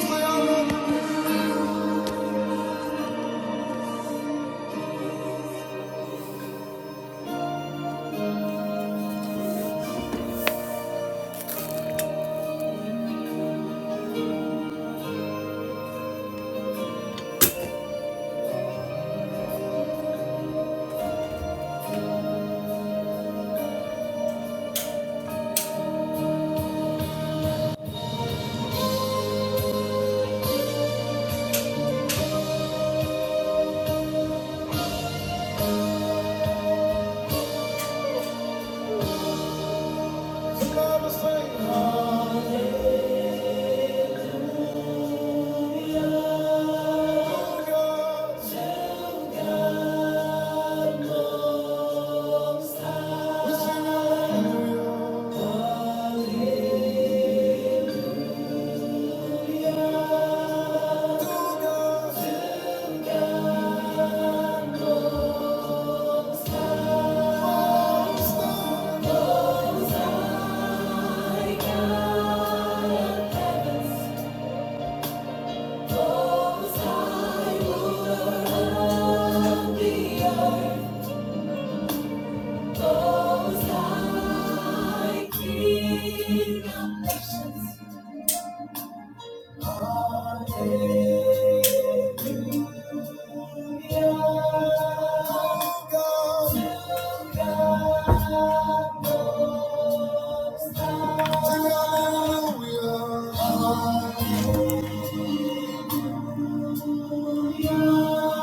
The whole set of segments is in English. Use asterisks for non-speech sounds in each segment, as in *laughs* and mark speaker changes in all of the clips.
Speaker 1: Hallelujah.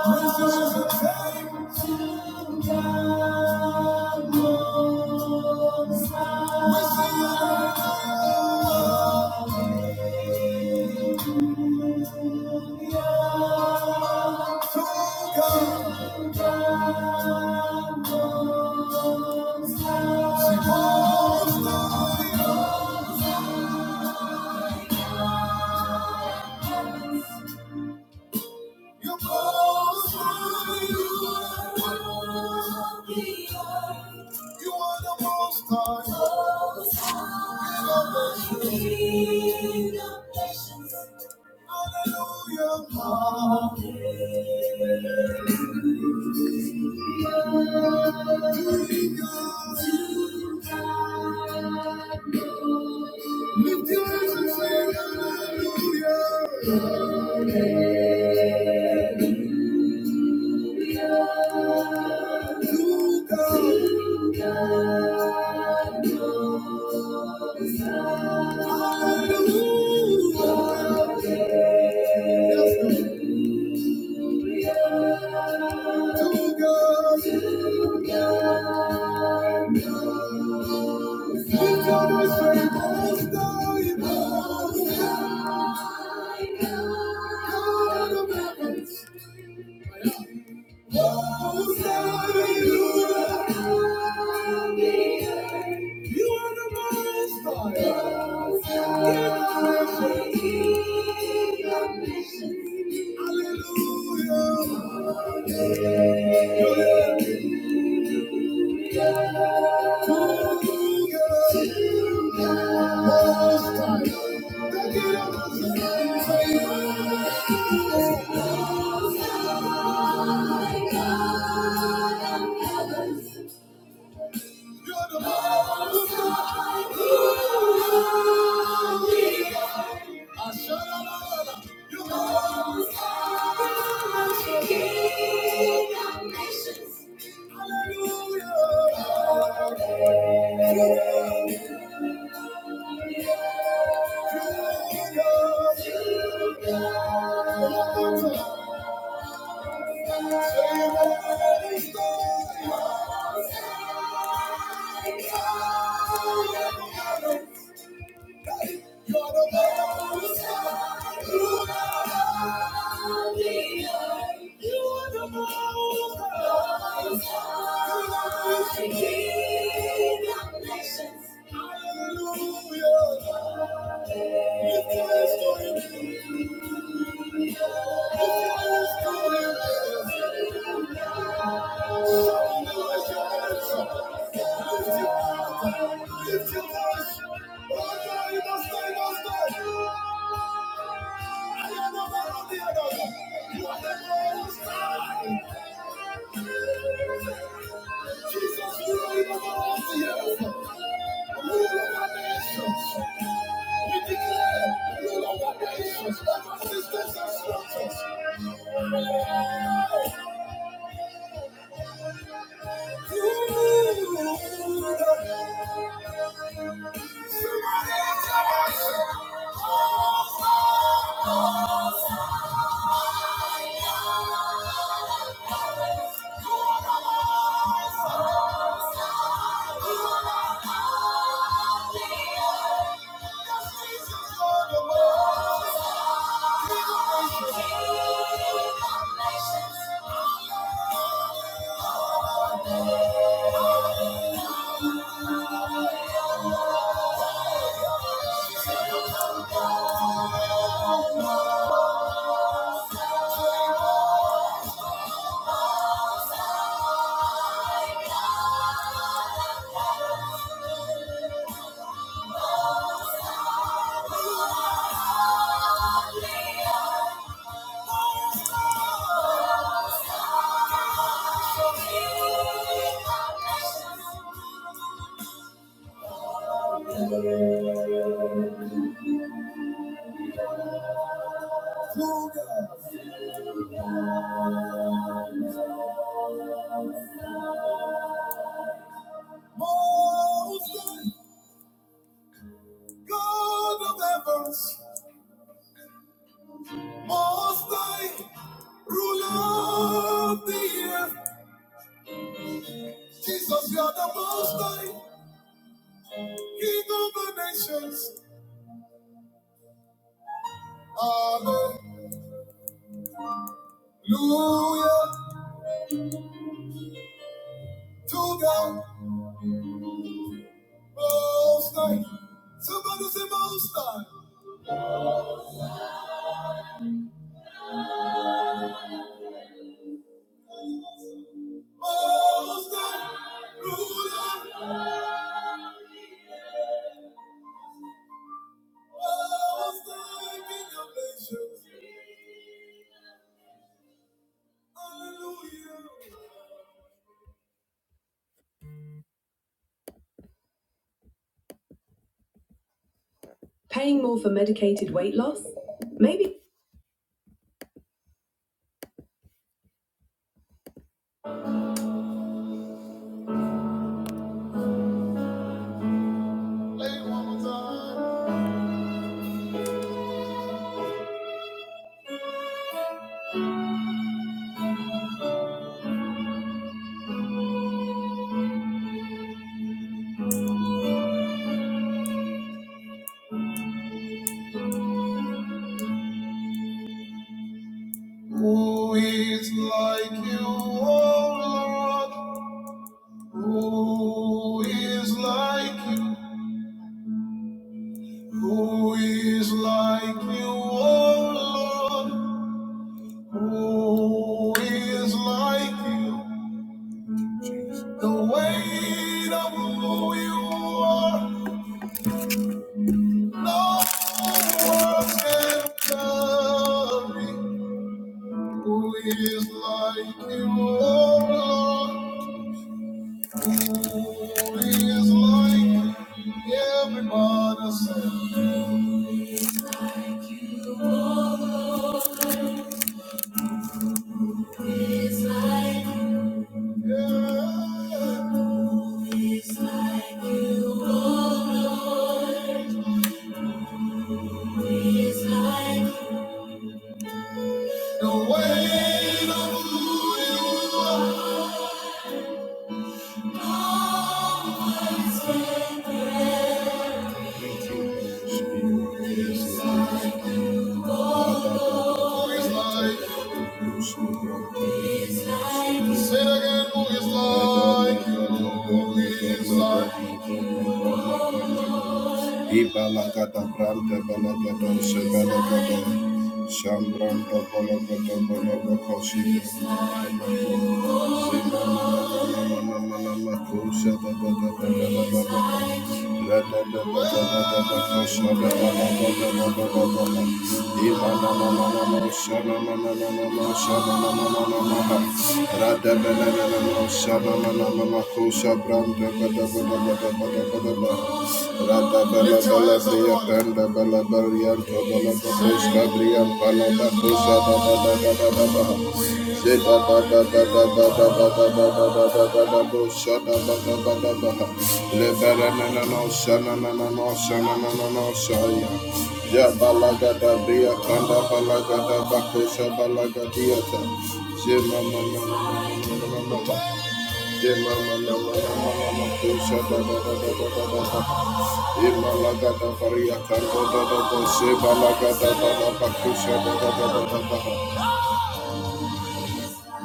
Speaker 1: You are the most high. King of nations. Hallelujah. Hallelujah. Lift your hands and say hallelujah. You are the master. Hallelujah. Hallelujah. Hallelujah. Jesus, we are in the world of the earth. Rule over nations. We declare rule over nations, over systems and structures. Rule over Thank you. Most high, God of heavens. Most High, ruler of the earth. Jesus, you are the Most High, King of the nations. Hallelujah to the Most High. Somebody say Most High. Most High, ruler, Most High, King of nations. Hallelujah. Paying more for medicated weight loss? Maybe. Play one more time. Who is like you, O Lord? Who is like you? Who is like you, O Lord? Who is like you? The weight of who you are, no words can carry. Who is like you, O Lord? is like everyone else. It's like, yeah. It's like you, oh Lord. It's like the weight of who you are. It's like, oh, it's like Say it again, who is like you? Who is like you? Ibalagada brante balagada shebalagada shambranda balagada balagada koshi. Rada Sheba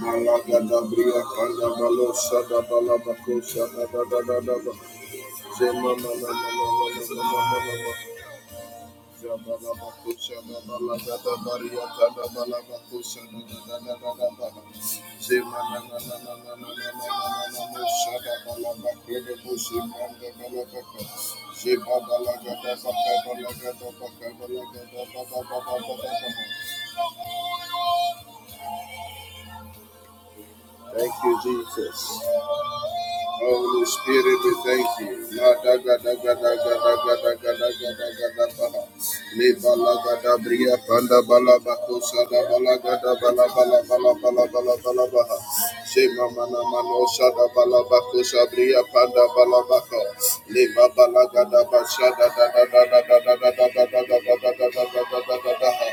Speaker 1: Malagadabria Pandabalo Sadabalabako Sadadadadaba Zemamanamanamanamanamanamanama Zabalabako Sadabalagadabaria Kadabalabako Sadadadadadaba Zemanananananananananananamo Sadabalabakrebo Zemandabalabakas Thank you, Jesus. Holy Spirit, we thank you. Madagadagadagadagadagadagadagadabaha. Lebalagadabriya pandabalabakosa dabalagadabalabalabalabalabalabalabaha. Shemamanamanoosa dabalabakosa briya pandabalabako. Lebabalagadabansha dadadadadadadadadadadadadadadadadadaha.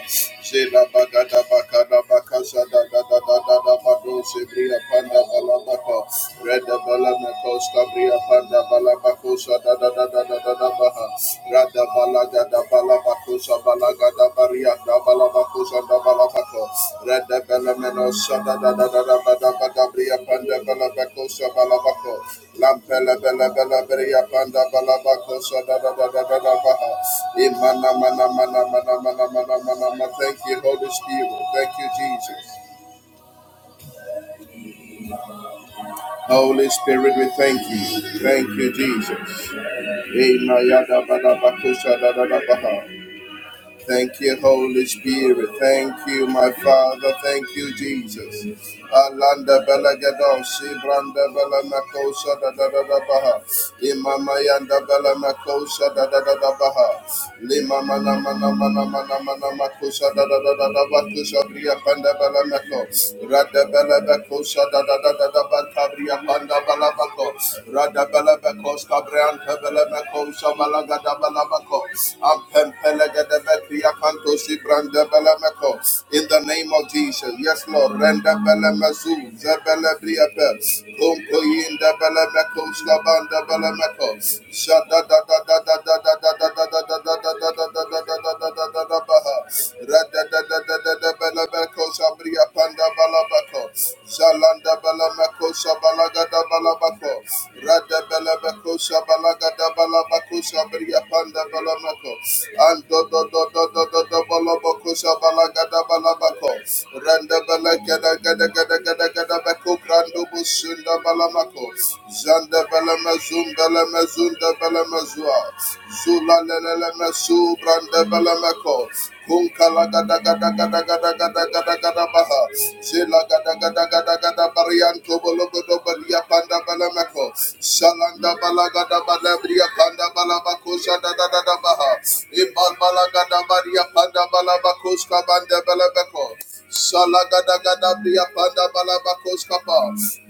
Speaker 1: Shelabagadabakanabakasa dadadadadadabadose briya panda balabako, reda balamako, stabria panda balabako, sada da da da da da da baha, rada balaga da balabako, sabalaga da baria da balabako, sada balabako, reda balameno, sada da da da da da da da da bria panda balabako, sabalabako, Lampela, bela, bela, bria panda balabako, sada da da da da da baha, imana mana mana mana mana mana mana mana, thank you Holy Spirit, thank you Jesus. Holy Spirit, we thank you. Thank you, Jesus. Amen. Yada bada bakusha da da da baha. Thank you, Holy Spirit. Thank you, my Father. Thank you, Jesus. Alanda belagadon, Sibranda bela makosa da da da da baha. Imama yanda bela makosa da da da da baha. Lima mana mana mana mana mana makosa da da da da da bakusa bria panda bela mako. Rada bela bakosa da da da da da banta panda bela mako. Rada bela bakosa brianta bela makosa malaga da bela mako. Balabakusha Briapanda Balamako, and Dodo Dodo Dodo Balabakusha Balagada Balabako, Randa Balagada Gada Gada Gada Gada Bako, Grando Bushunda Balamako, Zanda Balamazum Balamazunda Balamazua, Zula Lelele Masu Branda Balamako,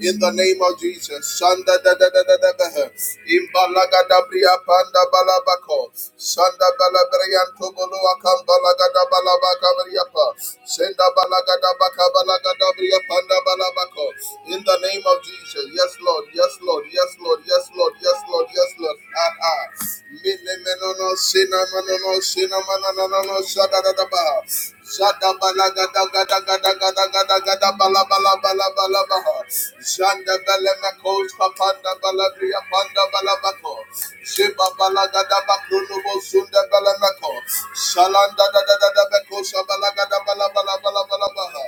Speaker 1: in the name of Jesus, Shanda da da da da da da Imbalaga da. Imbalagadabria panda balabako. Shanda balabrianto balagada balabaka briapa. Senda balagada baka balagada briapanda balabako. In the name of Jesus. Yes, Lord. Yes, Lord. Yes, Lord. Yes, Lord. Yes, Lord. Yes, Lord. Ah ah. Mene menono sina no sina mananono shadadadaba. Shada bala gada gada gada gada gada gada bala bala bala bala baha. Shanda bala makos kapanda bala bria panda bala bako. Shiba bala gada bakruno bosunda bala mako. Shalanda da da da da bako shabala gada bala bala bala bala baha.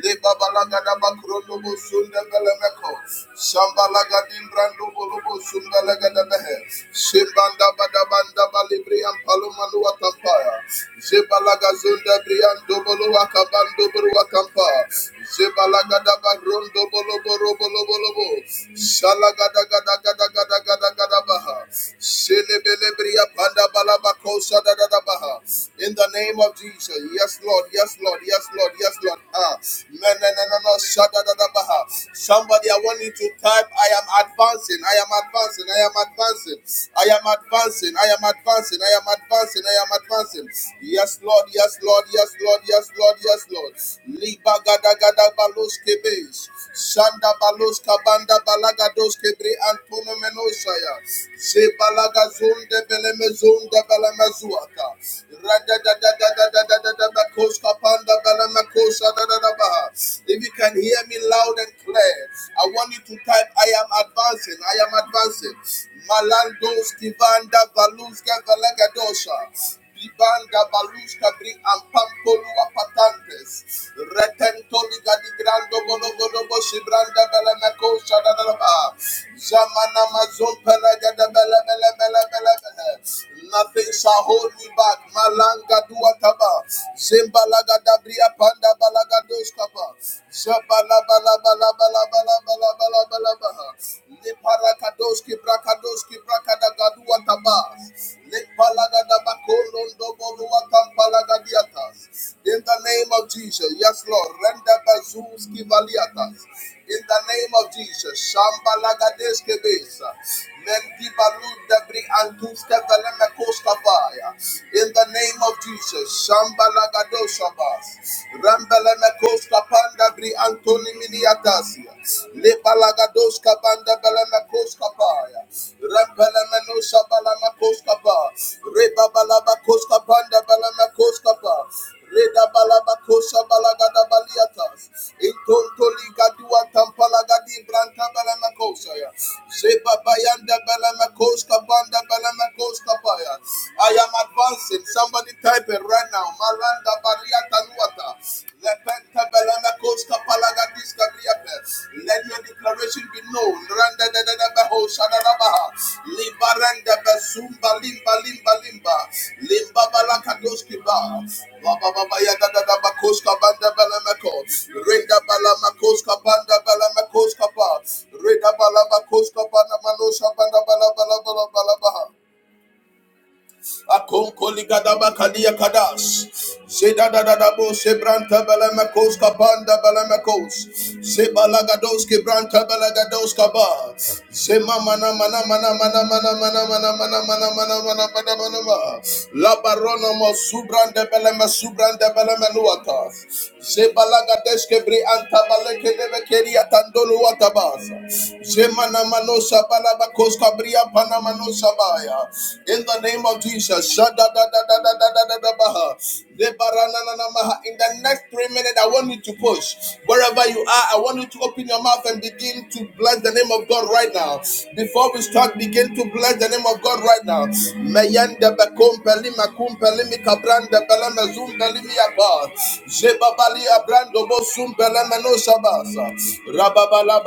Speaker 1: Liba bala gada bakruno bosunda bala mako. Shambala gadim brando bolo bosunda bala gada baha. Shimbanda bada banda bali bria Maluwa Kampaya, Jebalaga Zunda Brian Dobolowa Kabando Borua Kampa, Jebalaga Daba Rondo Bolo Gada Gada Gada Gada Gada Baha, Shelebelebria Panda Balaba Dada Baha, in the name of Jesus, yes Lord, yes Lord, yes Lord, yes Lord, ah, no no no no no, Shada Dada Baha, somebody I want you to type, I am advancing, I am advancing, I am advancing, I am advancing. I am advancing. I am advancing. I am advancing. Yes, Lord. Yes, Lord. Yes, Lord. Yes, Lord. Yes, Lord. Liba gada gada balos kebes. Shanda balos kabanda balaga dos kebre antono menosaya. Se balaga zonde beleme zonde beleme zuata. Rada da da da da da da da da bakos kapanda beleme kosa da da da baha. If you can hear me loud and clear, I want you to type. I am am advancing. I am advancing. Malandos kivanda valuska valegadosha. Libanda valuska bri ampankolua patantes. Retentoli gadigrando bonobonobo shibranda belemekosha dadalaba. Zamana mazon pelegade bele bele bele bele bele. Nothing shall hold me back. Malanga duataba. Zimbalaga dabria panda balaga doskaba. In the name of Jesus, yes, Lord. Renda bazuski valiatas. In the name of Jesus, Shambalagades Kebesa, Mendibalud Debri Antuska Valemekoskavaya. In the name of Jesus, Shambalagados Rambelemekoska Panda Bri Antoni Miniatasia, Lebalagadoska Banda Belemekoska Paya, Rambelemenosa Balamakoska Pa, Rebabalaba Koska Panda Belemekoska Pa, Reda balaba kosha balagada baliatas. Intontoli gadua tampalagadi branta balama kosha ya. Sheba bayanda balama koska banda balama koska baya. I am advancing. Somebody type it right now. Maranda bariata nuata. Lepenta balama koska palagadiska griape. Let your declaration be known. Randa da da da baho shadarabaha. Limba randa basumba limba limba limba. Limba balakadoski ba. Baba baba ya da da da bakoska banda balamako. Renda balamakoska banda balamakoska ba. Renda balamakoska banda manosha banda balabala balabaha. Akonkoli gadaba kadia kadas. Zeda da da da bo sebranta balamekos kapanda balamekos. Zebalagados kebranta balagados kaba. Zema mana mana mana mana mana mana mana mana mana mana mana mana mana mana. La barona mo subranda balame subranda balame nuata. Zebalagades kebri anta balake debe keria tandolo watabasa. Zemana mano sabala bakos kabria panamano sabaya. In the name of Jesus. In the next three minutes, I want you to push. Wherever you are, I want you to open your mouth and begin to bless the name of God right now. Before we start, begin to bless the name of God right now. no Rababala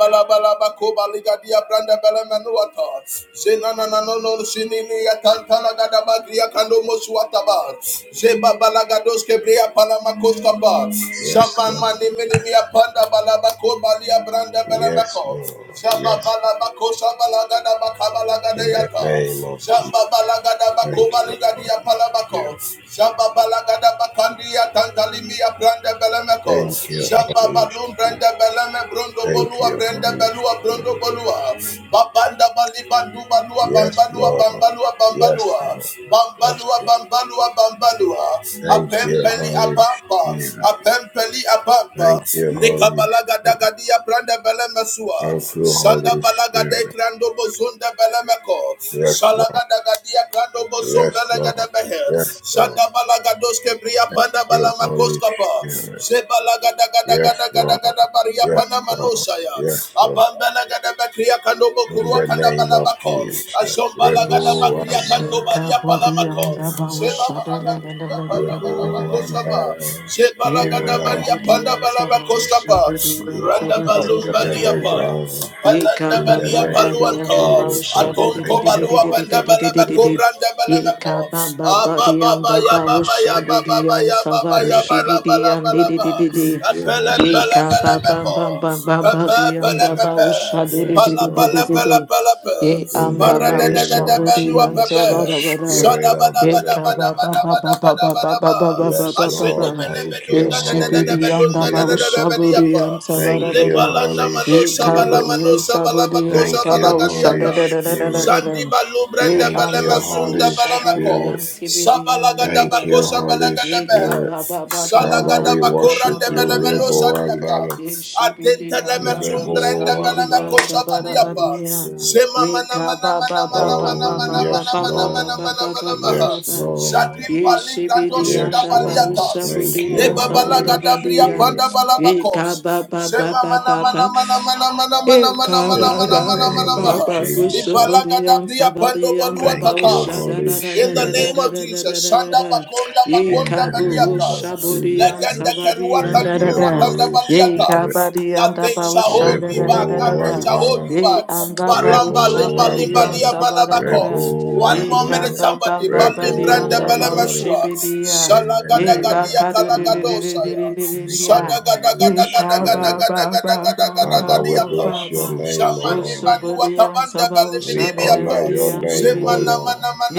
Speaker 1: no no sinini ya tantala gada mosu wataba. Zeba balagados kebri ya palama koskapa.
Speaker 2: Yes,
Speaker 1: Zaman
Speaker 2: Lord.
Speaker 1: mani mini ya panda balaba kobali ya branda
Speaker 2: Yes,
Speaker 1: belemeko.
Speaker 2: Lord.
Speaker 1: Zaba
Speaker 2: Yes.
Speaker 1: balaba kosa balagada bakabala gada
Speaker 2: In the
Speaker 1: yata.
Speaker 2: name of Jesus.
Speaker 1: Zamba balagada
Speaker 2: Thank you,
Speaker 1: bakobali gadi
Speaker 2: Holy
Speaker 1: ya
Speaker 2: Spirit.
Speaker 1: palabako. Jamba balagada bakandia tandalimia brande belemeko.
Speaker 2: Thank you,
Speaker 1: Jamba
Speaker 2: Holy
Speaker 1: balum brande
Speaker 2: Spirit.
Speaker 1: beleme brondo
Speaker 2: Thank
Speaker 1: bolua
Speaker 2: you,
Speaker 1: brande
Speaker 2: Holy
Speaker 1: belua brondo
Speaker 2: Spirit.
Speaker 1: bolua. Babanda bali bandu balua
Speaker 2: Yes,
Speaker 1: bambalua
Speaker 2: Lord.
Speaker 1: bambalua
Speaker 2: Yes,
Speaker 1: bambalua.
Speaker 2: Lord. Yes,
Speaker 1: Bambalua
Speaker 2: Lord.
Speaker 1: bambalua bambalua.
Speaker 2: Thank you,
Speaker 1: Apempeli
Speaker 2: Holy
Speaker 1: apampa.
Speaker 2: Spirit.
Speaker 1: Apempeli apampa.
Speaker 2: Thank you,
Speaker 1: Lika
Speaker 2: Holy
Speaker 1: balagada
Speaker 2: Spirit.
Speaker 1: gadia brande beleme sua.
Speaker 2: Thank you,
Speaker 1: Sanda
Speaker 2: Holy
Speaker 1: balagada
Speaker 2: Spirit.
Speaker 1: ikrando bozunda belemeko.
Speaker 2: Yes, Lord.
Speaker 1: Salagada gadia krando bozum
Speaker 2: Yes,
Speaker 1: belegada
Speaker 2: Lord. Yes,
Speaker 1: behe.
Speaker 2: Lord.
Speaker 1: Shanda balagadoske bria
Speaker 2: Thank
Speaker 1: panda
Speaker 2: you, Holy
Speaker 1: balamakoskapa.
Speaker 2: Spirit. Yes, Lord.
Speaker 1: Sebalagadagadagadagada baria
Speaker 2: Yes,
Speaker 1: pana
Speaker 2: Lord.
Speaker 1: manosaya.
Speaker 2: Yes, Lord.
Speaker 1: Abambalagada bakria kandobo
Speaker 2: In
Speaker 1: kurua
Speaker 2: the
Speaker 1: kanda
Speaker 2: name of
Speaker 1: balabako.
Speaker 2: Jesus.
Speaker 1: Ashombalagada
Speaker 3: Eshe
Speaker 2: Rebo
Speaker 1: bakria
Speaker 3: se
Speaker 1: kanto
Speaker 2: Ambara.
Speaker 1: baria
Speaker 3: kabodi
Speaker 1: palamako.
Speaker 2: Rebo
Speaker 3: anda ba
Speaker 2: Ambara.
Speaker 3: ushada na
Speaker 1: Sebalagada
Speaker 3: na
Speaker 1: bria panda
Speaker 2: Rebo
Speaker 1: balamakoskapa.
Speaker 2: Ambara.
Speaker 3: Yema
Speaker 2: Spirit
Speaker 1: Sebalagada
Speaker 2: of
Speaker 1: baria panda
Speaker 3: kadudiyan sabah
Speaker 1: balamakoskapa.
Speaker 3: shabudiyan
Speaker 1: Randa
Speaker 3: sabah sabah
Speaker 2: of
Speaker 1: balum
Speaker 2: the
Speaker 3: sabah
Speaker 2: living
Speaker 3: sabah.
Speaker 1: baliapa.
Speaker 2: God.
Speaker 3: Yeka
Speaker 1: Balanda
Speaker 2: In
Speaker 3: bam
Speaker 2: the
Speaker 1: balia
Speaker 3: bam
Speaker 2: name
Speaker 3: body
Speaker 2: of
Speaker 3: and the
Speaker 1: paluanto.
Speaker 3: bow
Speaker 2: Jesus.
Speaker 3: shadow di di
Speaker 1: Atonto
Speaker 3: di
Speaker 2: Thank you,
Speaker 3: di
Speaker 1: balua
Speaker 3: di di di
Speaker 1: banda
Speaker 2: Holy
Speaker 3: di di di di
Speaker 1: balabako
Speaker 3: di.
Speaker 2: Spirit.
Speaker 1: branda
Speaker 3: Yeka
Speaker 1: balamako.
Speaker 3: bam bam body
Speaker 1: Ababa
Speaker 3: and
Speaker 1: baba
Speaker 3: the
Speaker 1: ya
Speaker 3: bow
Speaker 1: baba ya
Speaker 2: Thank
Speaker 3: shadow
Speaker 1: baba
Speaker 3: di and
Speaker 1: ya baba
Speaker 3: sava
Speaker 1: ya
Speaker 2: you.
Speaker 1: bala
Speaker 3: ushibi di
Speaker 1: bala
Speaker 3: and di
Speaker 1: bala
Speaker 3: di
Speaker 1: ba.
Speaker 3: di di di.
Speaker 2: Thank you,
Speaker 1: Pele
Speaker 2: Holy
Speaker 1: pele
Speaker 3: Yeka
Speaker 1: pele
Speaker 3: bam
Speaker 2: Spirit.
Speaker 3: bam
Speaker 1: pepo.
Speaker 3: bam bam bam
Speaker 2: Yes,
Speaker 1: Pepe
Speaker 3: body and
Speaker 1: pele
Speaker 3: the
Speaker 2: Lord.
Speaker 3: bow
Speaker 1: pepe.
Speaker 3: shadow di
Speaker 2: Yes,
Speaker 3: di
Speaker 1: Pala
Speaker 3: di di di
Speaker 1: pala
Speaker 3: di
Speaker 2: Lord.
Speaker 3: di.
Speaker 1: pala pala pe.
Speaker 3: Ye
Speaker 2: In
Speaker 3: and
Speaker 2: the
Speaker 3: the
Speaker 1: Para de
Speaker 3: bow
Speaker 1: de de
Speaker 2: name
Speaker 1: de
Speaker 2: of
Speaker 3: shadow di
Speaker 1: belua
Speaker 3: and
Speaker 1: pepe.
Speaker 2: Jesus,
Speaker 3: sava da ba da.
Speaker 1: Shada
Speaker 2: Spirit of
Speaker 1: bada
Speaker 2: the
Speaker 1: bada
Speaker 3: Yeka
Speaker 2: living
Speaker 1: bada
Speaker 3: bam
Speaker 2: God.
Speaker 3: bam
Speaker 1: bada
Speaker 3: bam
Speaker 1: bada
Speaker 3: bam bam
Speaker 1: bada bada
Speaker 3: bam bam
Speaker 1: ba.
Speaker 3: bam bam
Speaker 2: Yes,
Speaker 3: bam bam
Speaker 1: Ashende
Speaker 3: bam.
Speaker 2: Lord.
Speaker 1: bele
Speaker 2: Thank you,
Speaker 1: bedunda da da de de
Speaker 2: Holy
Speaker 3: Yeshibidi
Speaker 1: da
Speaker 3: yanda
Speaker 1: da
Speaker 3: babu
Speaker 1: da de
Speaker 2: Spirit.
Speaker 1: de le
Speaker 3: shabudi
Speaker 1: bala
Speaker 3: yanta bada
Speaker 2: Thank you,
Speaker 3: bada.
Speaker 1: Lebala
Speaker 2: Holy
Speaker 1: namano
Speaker 3: Ye
Speaker 1: sabala
Speaker 2: Spirit.
Speaker 3: kabu
Speaker 1: mano
Speaker 3: ye
Speaker 1: sabala
Speaker 3: sabudi
Speaker 1: bakosa
Speaker 2: Thank
Speaker 3: yanta
Speaker 1: bala
Speaker 2: you,
Speaker 3: shada
Speaker 2: Holy
Speaker 3: da
Speaker 1: gadiatas.
Speaker 3: da da da da
Speaker 2: Spirit.
Speaker 3: da
Speaker 1: Shandi
Speaker 3: da.
Speaker 1: balu
Speaker 3: Ye
Speaker 1: brenda
Speaker 2: Thank
Speaker 1: bele
Speaker 2: you,
Speaker 3: anda babu
Speaker 1: mazunda
Speaker 2: Holy
Speaker 1: bele meko.
Speaker 3: shabudi
Speaker 2: Spirit.
Speaker 3: yanti
Speaker 1: sap
Speaker 3: bidi yanda da
Speaker 2: Thank
Speaker 3: da
Speaker 2: you,
Speaker 3: da.
Speaker 1: Kabalagadabakosha
Speaker 2: Holy
Speaker 3: Ye
Speaker 1: Balagadabel.
Speaker 2: Spirit.
Speaker 3: kaba ba ba ba ba
Speaker 2: Father,
Speaker 3: ba
Speaker 2: we
Speaker 3: ba ba ba
Speaker 1: Salagadabakorande
Speaker 2: worship
Speaker 3: ba
Speaker 2: you,
Speaker 3: ba ba
Speaker 1: belemeno
Speaker 3: ba.
Speaker 2: Rebo
Speaker 1: sadiata.
Speaker 2: Andana.
Speaker 1: Atente leme
Speaker 2: Rebo
Speaker 1: sundrende beleme
Speaker 2: Andana,
Speaker 1: kosa
Speaker 2: Holy
Speaker 1: baliapa.
Speaker 2: Spirit.
Speaker 1: Sema mana mana mana mana mana
Speaker 2: Oh,
Speaker 1: mana mana
Speaker 2: yes,
Speaker 1: mana mana
Speaker 2: Lord.
Speaker 1: mana mana maha.
Speaker 2: Yes, Lord.
Speaker 1: Zadim bali grando sinda
Speaker 2: Yes, Lord.
Speaker 1: baliatas.
Speaker 2: Thank you,
Speaker 1: Leba
Speaker 2: Holy
Speaker 1: balagada bria
Speaker 2: Spirit.
Speaker 1: panda balabakos. Sema mana mana
Speaker 3: Yeshibidi
Speaker 1: mana mana mana mana
Speaker 3: Ye
Speaker 1: mana mana
Speaker 2: In
Speaker 1: mana
Speaker 2: the
Speaker 1: mana mana
Speaker 2: name of
Speaker 1: maha.
Speaker 2: Jesus.
Speaker 1: Ibalagada bria pando
Speaker 2: Thank you,
Speaker 1: baluatatas.
Speaker 2: Holy
Speaker 1: In the
Speaker 2: Spirit,
Speaker 1: name of Jesus, Shanda Bakonda
Speaker 2: in
Speaker 1: Bakonda
Speaker 2: the name
Speaker 1: Baliakas,
Speaker 2: of
Speaker 1: Legenda
Speaker 2: Jesus.
Speaker 1: Keruata
Speaker 2: Thank you,
Speaker 1: Duruata
Speaker 2: Holy
Speaker 1: Baliata.
Speaker 2: Spirit.
Speaker 1: Nothing shall hold me back,
Speaker 2: Rebo
Speaker 1: nothing shall hold
Speaker 2: Wambara,
Speaker 1: you back.
Speaker 2: Rebo
Speaker 1: Balamba Limba Limba Lia
Speaker 2: Wambara,
Speaker 1: Balabako.
Speaker 2: Rebo
Speaker 1: One more minute,
Speaker 2: Wambara,
Speaker 1: somebody, Balim
Speaker 2: Rebo
Speaker 1: Branda
Speaker 2: Wambara,
Speaker 1: Belemesua,
Speaker 2: in the
Speaker 1: Shalagada
Speaker 2: name
Speaker 1: Gadia
Speaker 2: of Jesus.
Speaker 1: Kalagadosaya,
Speaker 2: Thank you,
Speaker 1: Shadagada Gada
Speaker 2: Holy
Speaker 1: Gada Gada Gada
Speaker 2: Spirit.
Speaker 1: Gada Gada Gada gada
Speaker 2: Father, we
Speaker 1: Gadiata,
Speaker 2: bless your
Speaker 3: Ikabababababababa.
Speaker 2: name, O
Speaker 1: Zamani
Speaker 2: Lord.
Speaker 3: Oshobodiyan
Speaker 1: Manuatabanda
Speaker 3: saba
Speaker 2: We honor your
Speaker 3: oshadadadadiyan
Speaker 2: name, O
Speaker 3: dibidi.
Speaker 2: Lord.
Speaker 1: Balimidibiapa,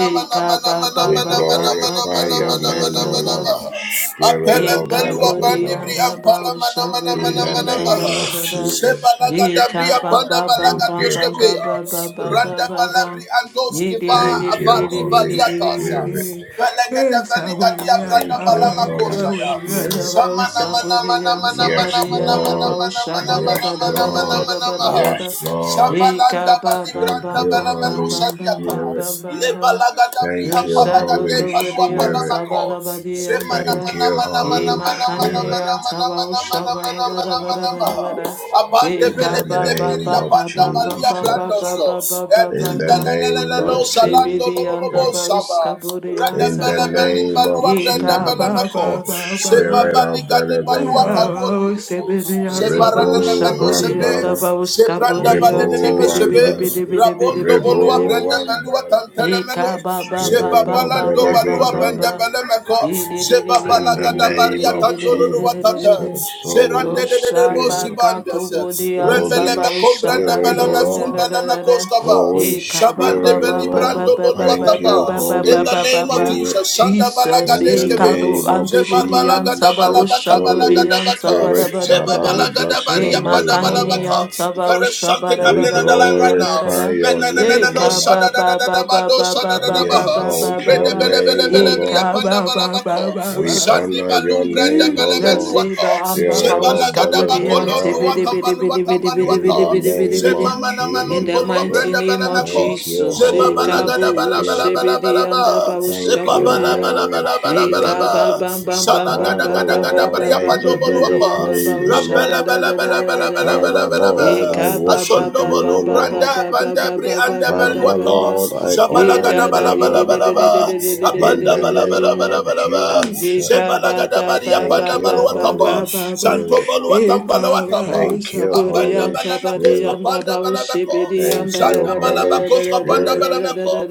Speaker 2: We glorify your name, O Lord, Spirit
Speaker 3: Eka
Speaker 2: of the
Speaker 1: Apelembelua
Speaker 2: living
Speaker 3: Ikabodi and
Speaker 1: bandibri
Speaker 2: God,
Speaker 1: ampala
Speaker 3: Baba
Speaker 1: mana mana
Speaker 2: in
Speaker 3: Shabodi
Speaker 1: mana
Speaker 2: the
Speaker 3: and
Speaker 1: mana
Speaker 2: name
Speaker 1: maha.
Speaker 3: Sabada
Speaker 2: of
Speaker 3: Bada.
Speaker 2: Jesus.
Speaker 1: Sebalaga dabria
Speaker 3: Ikaba
Speaker 1: panda
Speaker 3: Baba
Speaker 2: Thank
Speaker 1: balaga
Speaker 3: Baba
Speaker 2: you,
Speaker 1: dioskebea.
Speaker 2: Holy
Speaker 3: Baba
Speaker 2: Spirit.
Speaker 1: Randa balabri andoski ba
Speaker 2: Thank you,
Speaker 1: avali
Speaker 2: Holy
Speaker 1: valiatasa.
Speaker 2: Spirit.
Speaker 1: Velaga da veliga dia branda
Speaker 2: Thank you,
Speaker 1: balama
Speaker 2: Holy
Speaker 1: koshaya.
Speaker 2: Spirit.
Speaker 1: Samana mana mana mana mana
Speaker 2: Yes,
Speaker 1: mana mana
Speaker 2: Lord.
Speaker 1: mana mana mana
Speaker 2: Yes,
Speaker 1: mana mana
Speaker 2: Lord.
Speaker 1: mana maha.
Speaker 2: Yes, Lord.
Speaker 1: Shabalanda
Speaker 2: Thank
Speaker 1: balibranda
Speaker 2: you,
Speaker 3: Baba Baba
Speaker 2: Holy
Speaker 1: balamanusa
Speaker 2: Spirit.
Speaker 3: Baba.
Speaker 1: diata. Dabri
Speaker 2: Thank
Speaker 1: and
Speaker 2: you,
Speaker 1: Palaga
Speaker 3: Yoshabu
Speaker 1: de
Speaker 2: Holy
Speaker 1: Padua
Speaker 3: Kabadi on
Speaker 2: Spirit.
Speaker 1: Palamako.
Speaker 3: Sabada Badi and
Speaker 1: Semana
Speaker 3: Dada.
Speaker 2: Thank
Speaker 1: mana
Speaker 2: you,
Speaker 1: mana
Speaker 3: E
Speaker 1: mana
Speaker 2: Holy
Speaker 1: mana mana
Speaker 2: Spirit.
Speaker 1: mana
Speaker 3: makanirian
Speaker 1: mana
Speaker 3: sabao
Speaker 1: mana mana
Speaker 3: shabara
Speaker 1: mana
Speaker 3: bara
Speaker 1: mana
Speaker 3: bara
Speaker 1: mana
Speaker 3: bara
Speaker 1: mana.
Speaker 3: bara.
Speaker 1: Abande
Speaker 3: E
Speaker 2: In
Speaker 3: ka
Speaker 2: the
Speaker 1: belege
Speaker 3: ba
Speaker 1: de
Speaker 3: ba
Speaker 1: beri
Speaker 2: name
Speaker 3: ba
Speaker 2: of
Speaker 3: ba
Speaker 1: abanda
Speaker 3: ba ba
Speaker 1: balia
Speaker 3: ba ba
Speaker 2: Jesus.
Speaker 3: ba
Speaker 1: brandoso.
Speaker 3: ba ba ba ba
Speaker 2: In the
Speaker 1: Edinda
Speaker 3: ba.
Speaker 1: la la la
Speaker 2: name
Speaker 1: la no
Speaker 2: of
Speaker 1: salando lo
Speaker 3: Ushibidi
Speaker 1: lo lo lo
Speaker 3: anda
Speaker 2: Jesus.
Speaker 3: ba da
Speaker 1: saba.
Speaker 3: bauskaburian
Speaker 2: In the
Speaker 1: Radembele
Speaker 3: sabara.
Speaker 1: belim
Speaker 2: name of
Speaker 1: balua
Speaker 3: E
Speaker 1: brenda
Speaker 3: ka ba
Speaker 2: Jesus.
Speaker 3: ba
Speaker 1: belamako.
Speaker 3: ba ba
Speaker 1: Seba
Speaker 3: ba.
Speaker 2: Spirit of
Speaker 1: baliga
Speaker 2: the
Speaker 1: di
Speaker 2: living
Speaker 1: balua
Speaker 2: God.
Speaker 1: karuotus.
Speaker 3: Ushibidi yang sabau
Speaker 1: Sebaranana
Speaker 2: Rebo
Speaker 1: meno
Speaker 2: one
Speaker 3: shaburi
Speaker 1: sebe,
Speaker 3: anda ba da
Speaker 2: butter.
Speaker 1: sebranda
Speaker 3: bauskaburian
Speaker 1: balene
Speaker 2: Rebo
Speaker 1: meno
Speaker 3: tibidi
Speaker 2: one
Speaker 1: sebe,
Speaker 3: bidi
Speaker 2: butter.
Speaker 3: bidi bidi bidi
Speaker 1: rabondo
Speaker 3: bidi
Speaker 1: bolua
Speaker 3: bidi.
Speaker 2: Rebo
Speaker 1: brenda
Speaker 2: one
Speaker 1: balua
Speaker 2: butter.
Speaker 1: tantana
Speaker 3: E ka
Speaker 1: meno,
Speaker 3: ba ba ba
Speaker 2: Spirit
Speaker 3: ba
Speaker 2: of
Speaker 3: ba
Speaker 2: the
Speaker 1: Jebabalando
Speaker 3: ba ba
Speaker 2: living
Speaker 1: balua
Speaker 3: ba
Speaker 1: bende
Speaker 3: ba.
Speaker 2: God.
Speaker 1: belemeko.
Speaker 3: Yee, dee, dee, dee,
Speaker 2: In
Speaker 3: dee, dee,
Speaker 2: the
Speaker 3: dee,
Speaker 1: Jebabalagada
Speaker 3: dee,
Speaker 2: name
Speaker 3: dee, dee, dee, dee,
Speaker 1: baria
Speaker 2: of
Speaker 3: dee,
Speaker 1: tandodo
Speaker 3: dee, dee, dee,
Speaker 2: Jesus.
Speaker 1: watata.
Speaker 3: dee, dee.
Speaker 2: Holy
Speaker 1: Jerande de de de bosi
Speaker 2: Spirit.
Speaker 1: bandas.
Speaker 3: Roshabakato Bodi and
Speaker 2: Holy
Speaker 3: Saba
Speaker 1: Rembelebe kombrande
Speaker 2: Spirit,
Speaker 3: Ushabari
Speaker 2: O
Speaker 1: beleme
Speaker 3: and da
Speaker 2: Lord.
Speaker 3: da da
Speaker 1: sumbeleme
Speaker 3: da da.
Speaker 1: koskaba.
Speaker 2: Holy
Speaker 3: Eka ba
Speaker 1: Shabande
Speaker 3: ba
Speaker 2: Spirit, O
Speaker 3: ba
Speaker 1: beli
Speaker 3: ba ba
Speaker 1: brando
Speaker 2: Lord,
Speaker 3: ba ba
Speaker 1: bolua
Speaker 2: thank
Speaker 3: ba ba
Speaker 2: you,
Speaker 1: tapa.
Speaker 3: ba ba
Speaker 1: In
Speaker 3: ba
Speaker 2: Holy
Speaker 1: the
Speaker 3: ba
Speaker 1: name
Speaker 3: ba
Speaker 1: of
Speaker 2: Spirit.
Speaker 1: Jesus, Shanda
Speaker 3: Jesus,
Speaker 2: In the
Speaker 1: balagadeskebe.
Speaker 3: Ekado
Speaker 2: name
Speaker 3: and
Speaker 2: of
Speaker 3: the Bidi and
Speaker 1: Jebabalagada
Speaker 3: Saba
Speaker 2: Jesus,
Speaker 1: balabaka
Speaker 2: Holy
Speaker 3: Ushabari
Speaker 1: balagada
Speaker 3: and
Speaker 1: baka.
Speaker 3: Saba da
Speaker 2: Spirit,
Speaker 3: ba da
Speaker 2: Father,
Speaker 3: da.
Speaker 2: we
Speaker 1: Jebabalagada
Speaker 2: bless your
Speaker 3: E
Speaker 1: baria panda
Speaker 2: name, O
Speaker 3: Makanini
Speaker 2: Lord.
Speaker 1: balabaka.
Speaker 3: and Saba
Speaker 1: There is something
Speaker 3: Ushabara
Speaker 2: We
Speaker 3: ba
Speaker 1: happening
Speaker 3: da
Speaker 1: on the
Speaker 3: ba
Speaker 1: line
Speaker 3: di
Speaker 1: right
Speaker 3: da
Speaker 1: now.
Speaker 3: da
Speaker 2: glorify
Speaker 3: da.
Speaker 1: Men,
Speaker 2: your
Speaker 1: no, no, no, no,
Speaker 2: name,
Speaker 1: no,
Speaker 2: O
Speaker 3: Eka ba
Speaker 1: shada
Speaker 2: Lord.
Speaker 1: da da
Speaker 3: ba
Speaker 1: da
Speaker 3: ba
Speaker 1: da ba,
Speaker 3: ba
Speaker 1: no,
Speaker 3: ba
Speaker 1: shada
Speaker 3: ba
Speaker 1: da da
Speaker 3: ba
Speaker 2: We
Speaker 1: ba.
Speaker 3: ba
Speaker 1: Balabaha,
Speaker 3: ba ba
Speaker 2: exalt
Speaker 3: ba
Speaker 2: your
Speaker 1: Rede
Speaker 3: ba.
Speaker 1: Bele Bele
Speaker 2: name, O
Speaker 1: Bele Bria
Speaker 3: Eka
Speaker 2: Lord.
Speaker 1: Panda
Speaker 3: ba ba
Speaker 1: Balabako,
Speaker 3: ba
Speaker 2: We
Speaker 3: ba.
Speaker 1: Sandi
Speaker 2: honor your
Speaker 1: Balum Branda
Speaker 2: name, O
Speaker 1: Bele
Speaker 3: Jesus,
Speaker 2: Lord,
Speaker 3: Iba,
Speaker 1: Meduata,
Speaker 3: Anda,
Speaker 2: Spirit
Speaker 1: Zebala
Speaker 2: of
Speaker 3: Bawuska,
Speaker 2: the
Speaker 1: Gada
Speaker 3: Budi,
Speaker 2: living
Speaker 1: Bakolo
Speaker 3: Anti, Bidi,
Speaker 1: Luata
Speaker 2: God.
Speaker 3: Bidi, Bidi,
Speaker 1: Baluata
Speaker 3: Bidi, Bidi,
Speaker 2: In
Speaker 3: Bidi,
Speaker 2: the
Speaker 1: Baluata,
Speaker 3: Bidi,
Speaker 2: name
Speaker 3: Bidi.
Speaker 2: of
Speaker 1: Zemama
Speaker 3: In
Speaker 1: Namanun
Speaker 3: the
Speaker 1: Polua
Speaker 3: mighty
Speaker 2: Jesus,
Speaker 1: Branda
Speaker 3: name
Speaker 1: Bele
Speaker 3: of
Speaker 1: Mako,
Speaker 2: thank you,
Speaker 3: Jesus,
Speaker 1: Zebabala
Speaker 2: Holy
Speaker 1: Gada
Speaker 3: Ekabo
Speaker 1: Bala Bala
Speaker 2: Spirit.
Speaker 1: Bala
Speaker 3: Shebedi
Speaker 1: Bala
Speaker 3: and
Speaker 1: Ba,
Speaker 2: Thank
Speaker 1: Epa
Speaker 2: you,
Speaker 1: Bala
Speaker 3: Abauskaburia,
Speaker 1: Bala
Speaker 2: Holy
Speaker 1: Bala Bala Bala Ba,
Speaker 2: Spirit.
Speaker 3: Ekaba Bam Bam Bam
Speaker 1: Sala
Speaker 3: Bam
Speaker 1: Gada
Speaker 3: Bam
Speaker 2: Father,
Speaker 1: Gada
Speaker 3: Bam
Speaker 1: Gada
Speaker 3: Bam
Speaker 2: Lord,
Speaker 3: Bam
Speaker 1: Bria
Speaker 2: I
Speaker 3: Bam
Speaker 1: Pando
Speaker 3: Bam
Speaker 2: give you your
Speaker 3: Badi and
Speaker 1: Boluapa,
Speaker 2: praise, O
Speaker 3: Abaushala
Speaker 1: Rambala
Speaker 2: Lord.
Speaker 3: da
Speaker 1: Bala
Speaker 3: da da
Speaker 1: Bala
Speaker 3: da da
Speaker 1: Bala
Speaker 3: da
Speaker 1: Bala
Speaker 3: da.
Speaker 1: Bala
Speaker 2: Father,
Speaker 1: Bala Ba,
Speaker 2: Lord, I
Speaker 3: Ekaba Ba
Speaker 2: worship
Speaker 1: Asondo
Speaker 3: Ba
Speaker 2: you,
Speaker 3: Ba
Speaker 2: O
Speaker 1: Bolu
Speaker 3: Ba Ba
Speaker 2: Lord.
Speaker 1: Branda
Speaker 3: Ba
Speaker 1: Banda
Speaker 3: Ba Ba Ba Ba
Speaker 1: Brianda
Speaker 3: Ba Ba
Speaker 2: Father,
Speaker 3: Ba
Speaker 1: Beluata,
Speaker 3: Ba.
Speaker 2: Lord, I
Speaker 3: E
Speaker 1: Zabala
Speaker 2: honor
Speaker 1: Gada
Speaker 3: da
Speaker 2: you,
Speaker 3: da
Speaker 2: O
Speaker 1: Bala
Speaker 3: di di di
Speaker 2: Lord.
Speaker 3: di di di
Speaker 1: balabalaba,
Speaker 3: di di di
Speaker 2: In
Speaker 3: di
Speaker 1: apanda
Speaker 2: the
Speaker 3: di di di di
Speaker 2: name
Speaker 3: di.
Speaker 2: of
Speaker 1: balabalabalabalaba,
Speaker 3: And
Speaker 2: Jesus.
Speaker 3: Ekaba
Speaker 1: zebalagada
Speaker 3: Ba
Speaker 1: bari
Speaker 3: Ba Ba
Speaker 2: Thank
Speaker 1: apanda
Speaker 3: Ba
Speaker 2: you,
Speaker 3: Ba Ba
Speaker 1: baluatapa,
Speaker 2: Holy
Speaker 3: Ba Ba Ba.
Speaker 1: santo
Speaker 2: Spirit.
Speaker 3: Jesus,
Speaker 1: baluatampa luatapa.
Speaker 3: Ikabawo
Speaker 2: Thank you,
Speaker 3: Shibidi
Speaker 1: Apanda
Speaker 2: Holy
Speaker 1: balabakos
Speaker 2: Spirit.
Speaker 1: kapanda balabako,
Speaker 2: Thank you,
Speaker 1: zanda
Speaker 2: Holy
Speaker 1: balabakos kapanda
Speaker 2: Spirit.
Speaker 1: balamako.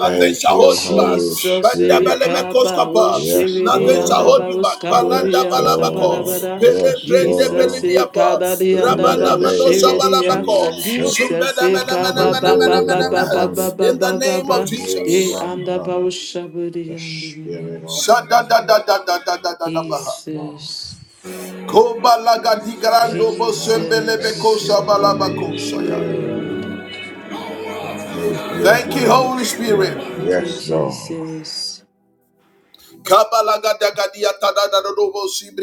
Speaker 1: Nothing
Speaker 2: Thank
Speaker 1: shall
Speaker 2: you,
Speaker 1: hold you back.
Speaker 2: Holy
Speaker 1: Panda
Speaker 2: Spirit.
Speaker 1: balamekos kapa.
Speaker 2: Yes,
Speaker 1: Nothing
Speaker 3: and
Speaker 1: shall hold
Speaker 2: Lord.
Speaker 1: you
Speaker 3: Abawo
Speaker 1: back. Palanda
Speaker 3: Skaburi
Speaker 2: Yes,
Speaker 3: and
Speaker 1: balabako,
Speaker 2: Lord.
Speaker 3: Sabadabada.
Speaker 1: pele
Speaker 2: Yes,
Speaker 1: prende
Speaker 3: Jesus,
Speaker 2: Lord.
Speaker 1: beliniapa,
Speaker 3: Ikadadi and
Speaker 2: In the
Speaker 1: rabanda
Speaker 3: Abawo
Speaker 2: name
Speaker 1: manosha
Speaker 2: of
Speaker 1: balabako,
Speaker 3: Shibidi.
Speaker 2: Jesus.
Speaker 3: Jesus,
Speaker 1: zumbeda mena mena
Speaker 3: Ikaba
Speaker 1: mena mena
Speaker 3: Baba
Speaker 2: Rebo
Speaker 1: mena
Speaker 3: Baba
Speaker 1: mena.
Speaker 3: Baba
Speaker 2: Wambara.
Speaker 1: In the
Speaker 3: Baba
Speaker 1: name of
Speaker 3: Baba.
Speaker 2: Rebo
Speaker 3: Ye
Speaker 1: Jesus.
Speaker 3: and
Speaker 2: Wambara.
Speaker 3: Abawo Shaburi
Speaker 2: The Spirit
Speaker 3: and
Speaker 2: of the
Speaker 1: Shada da
Speaker 2: Living.
Speaker 1: da da da da da da da baha.
Speaker 2: Yes, Lord.
Speaker 3: Jesus.
Speaker 2: Yes, Lord. Thank you,
Speaker 3: Jesus.
Speaker 2: Holy
Speaker 3: Yes,
Speaker 2: Spirit.
Speaker 3: Lord.
Speaker 2: Thank you,
Speaker 1: Thank you,
Speaker 2: Holy
Speaker 1: Holy Spirit.
Speaker 2: Spirit.
Speaker 3: Thank you,
Speaker 2: Yes, Lord.
Speaker 3: Jesus.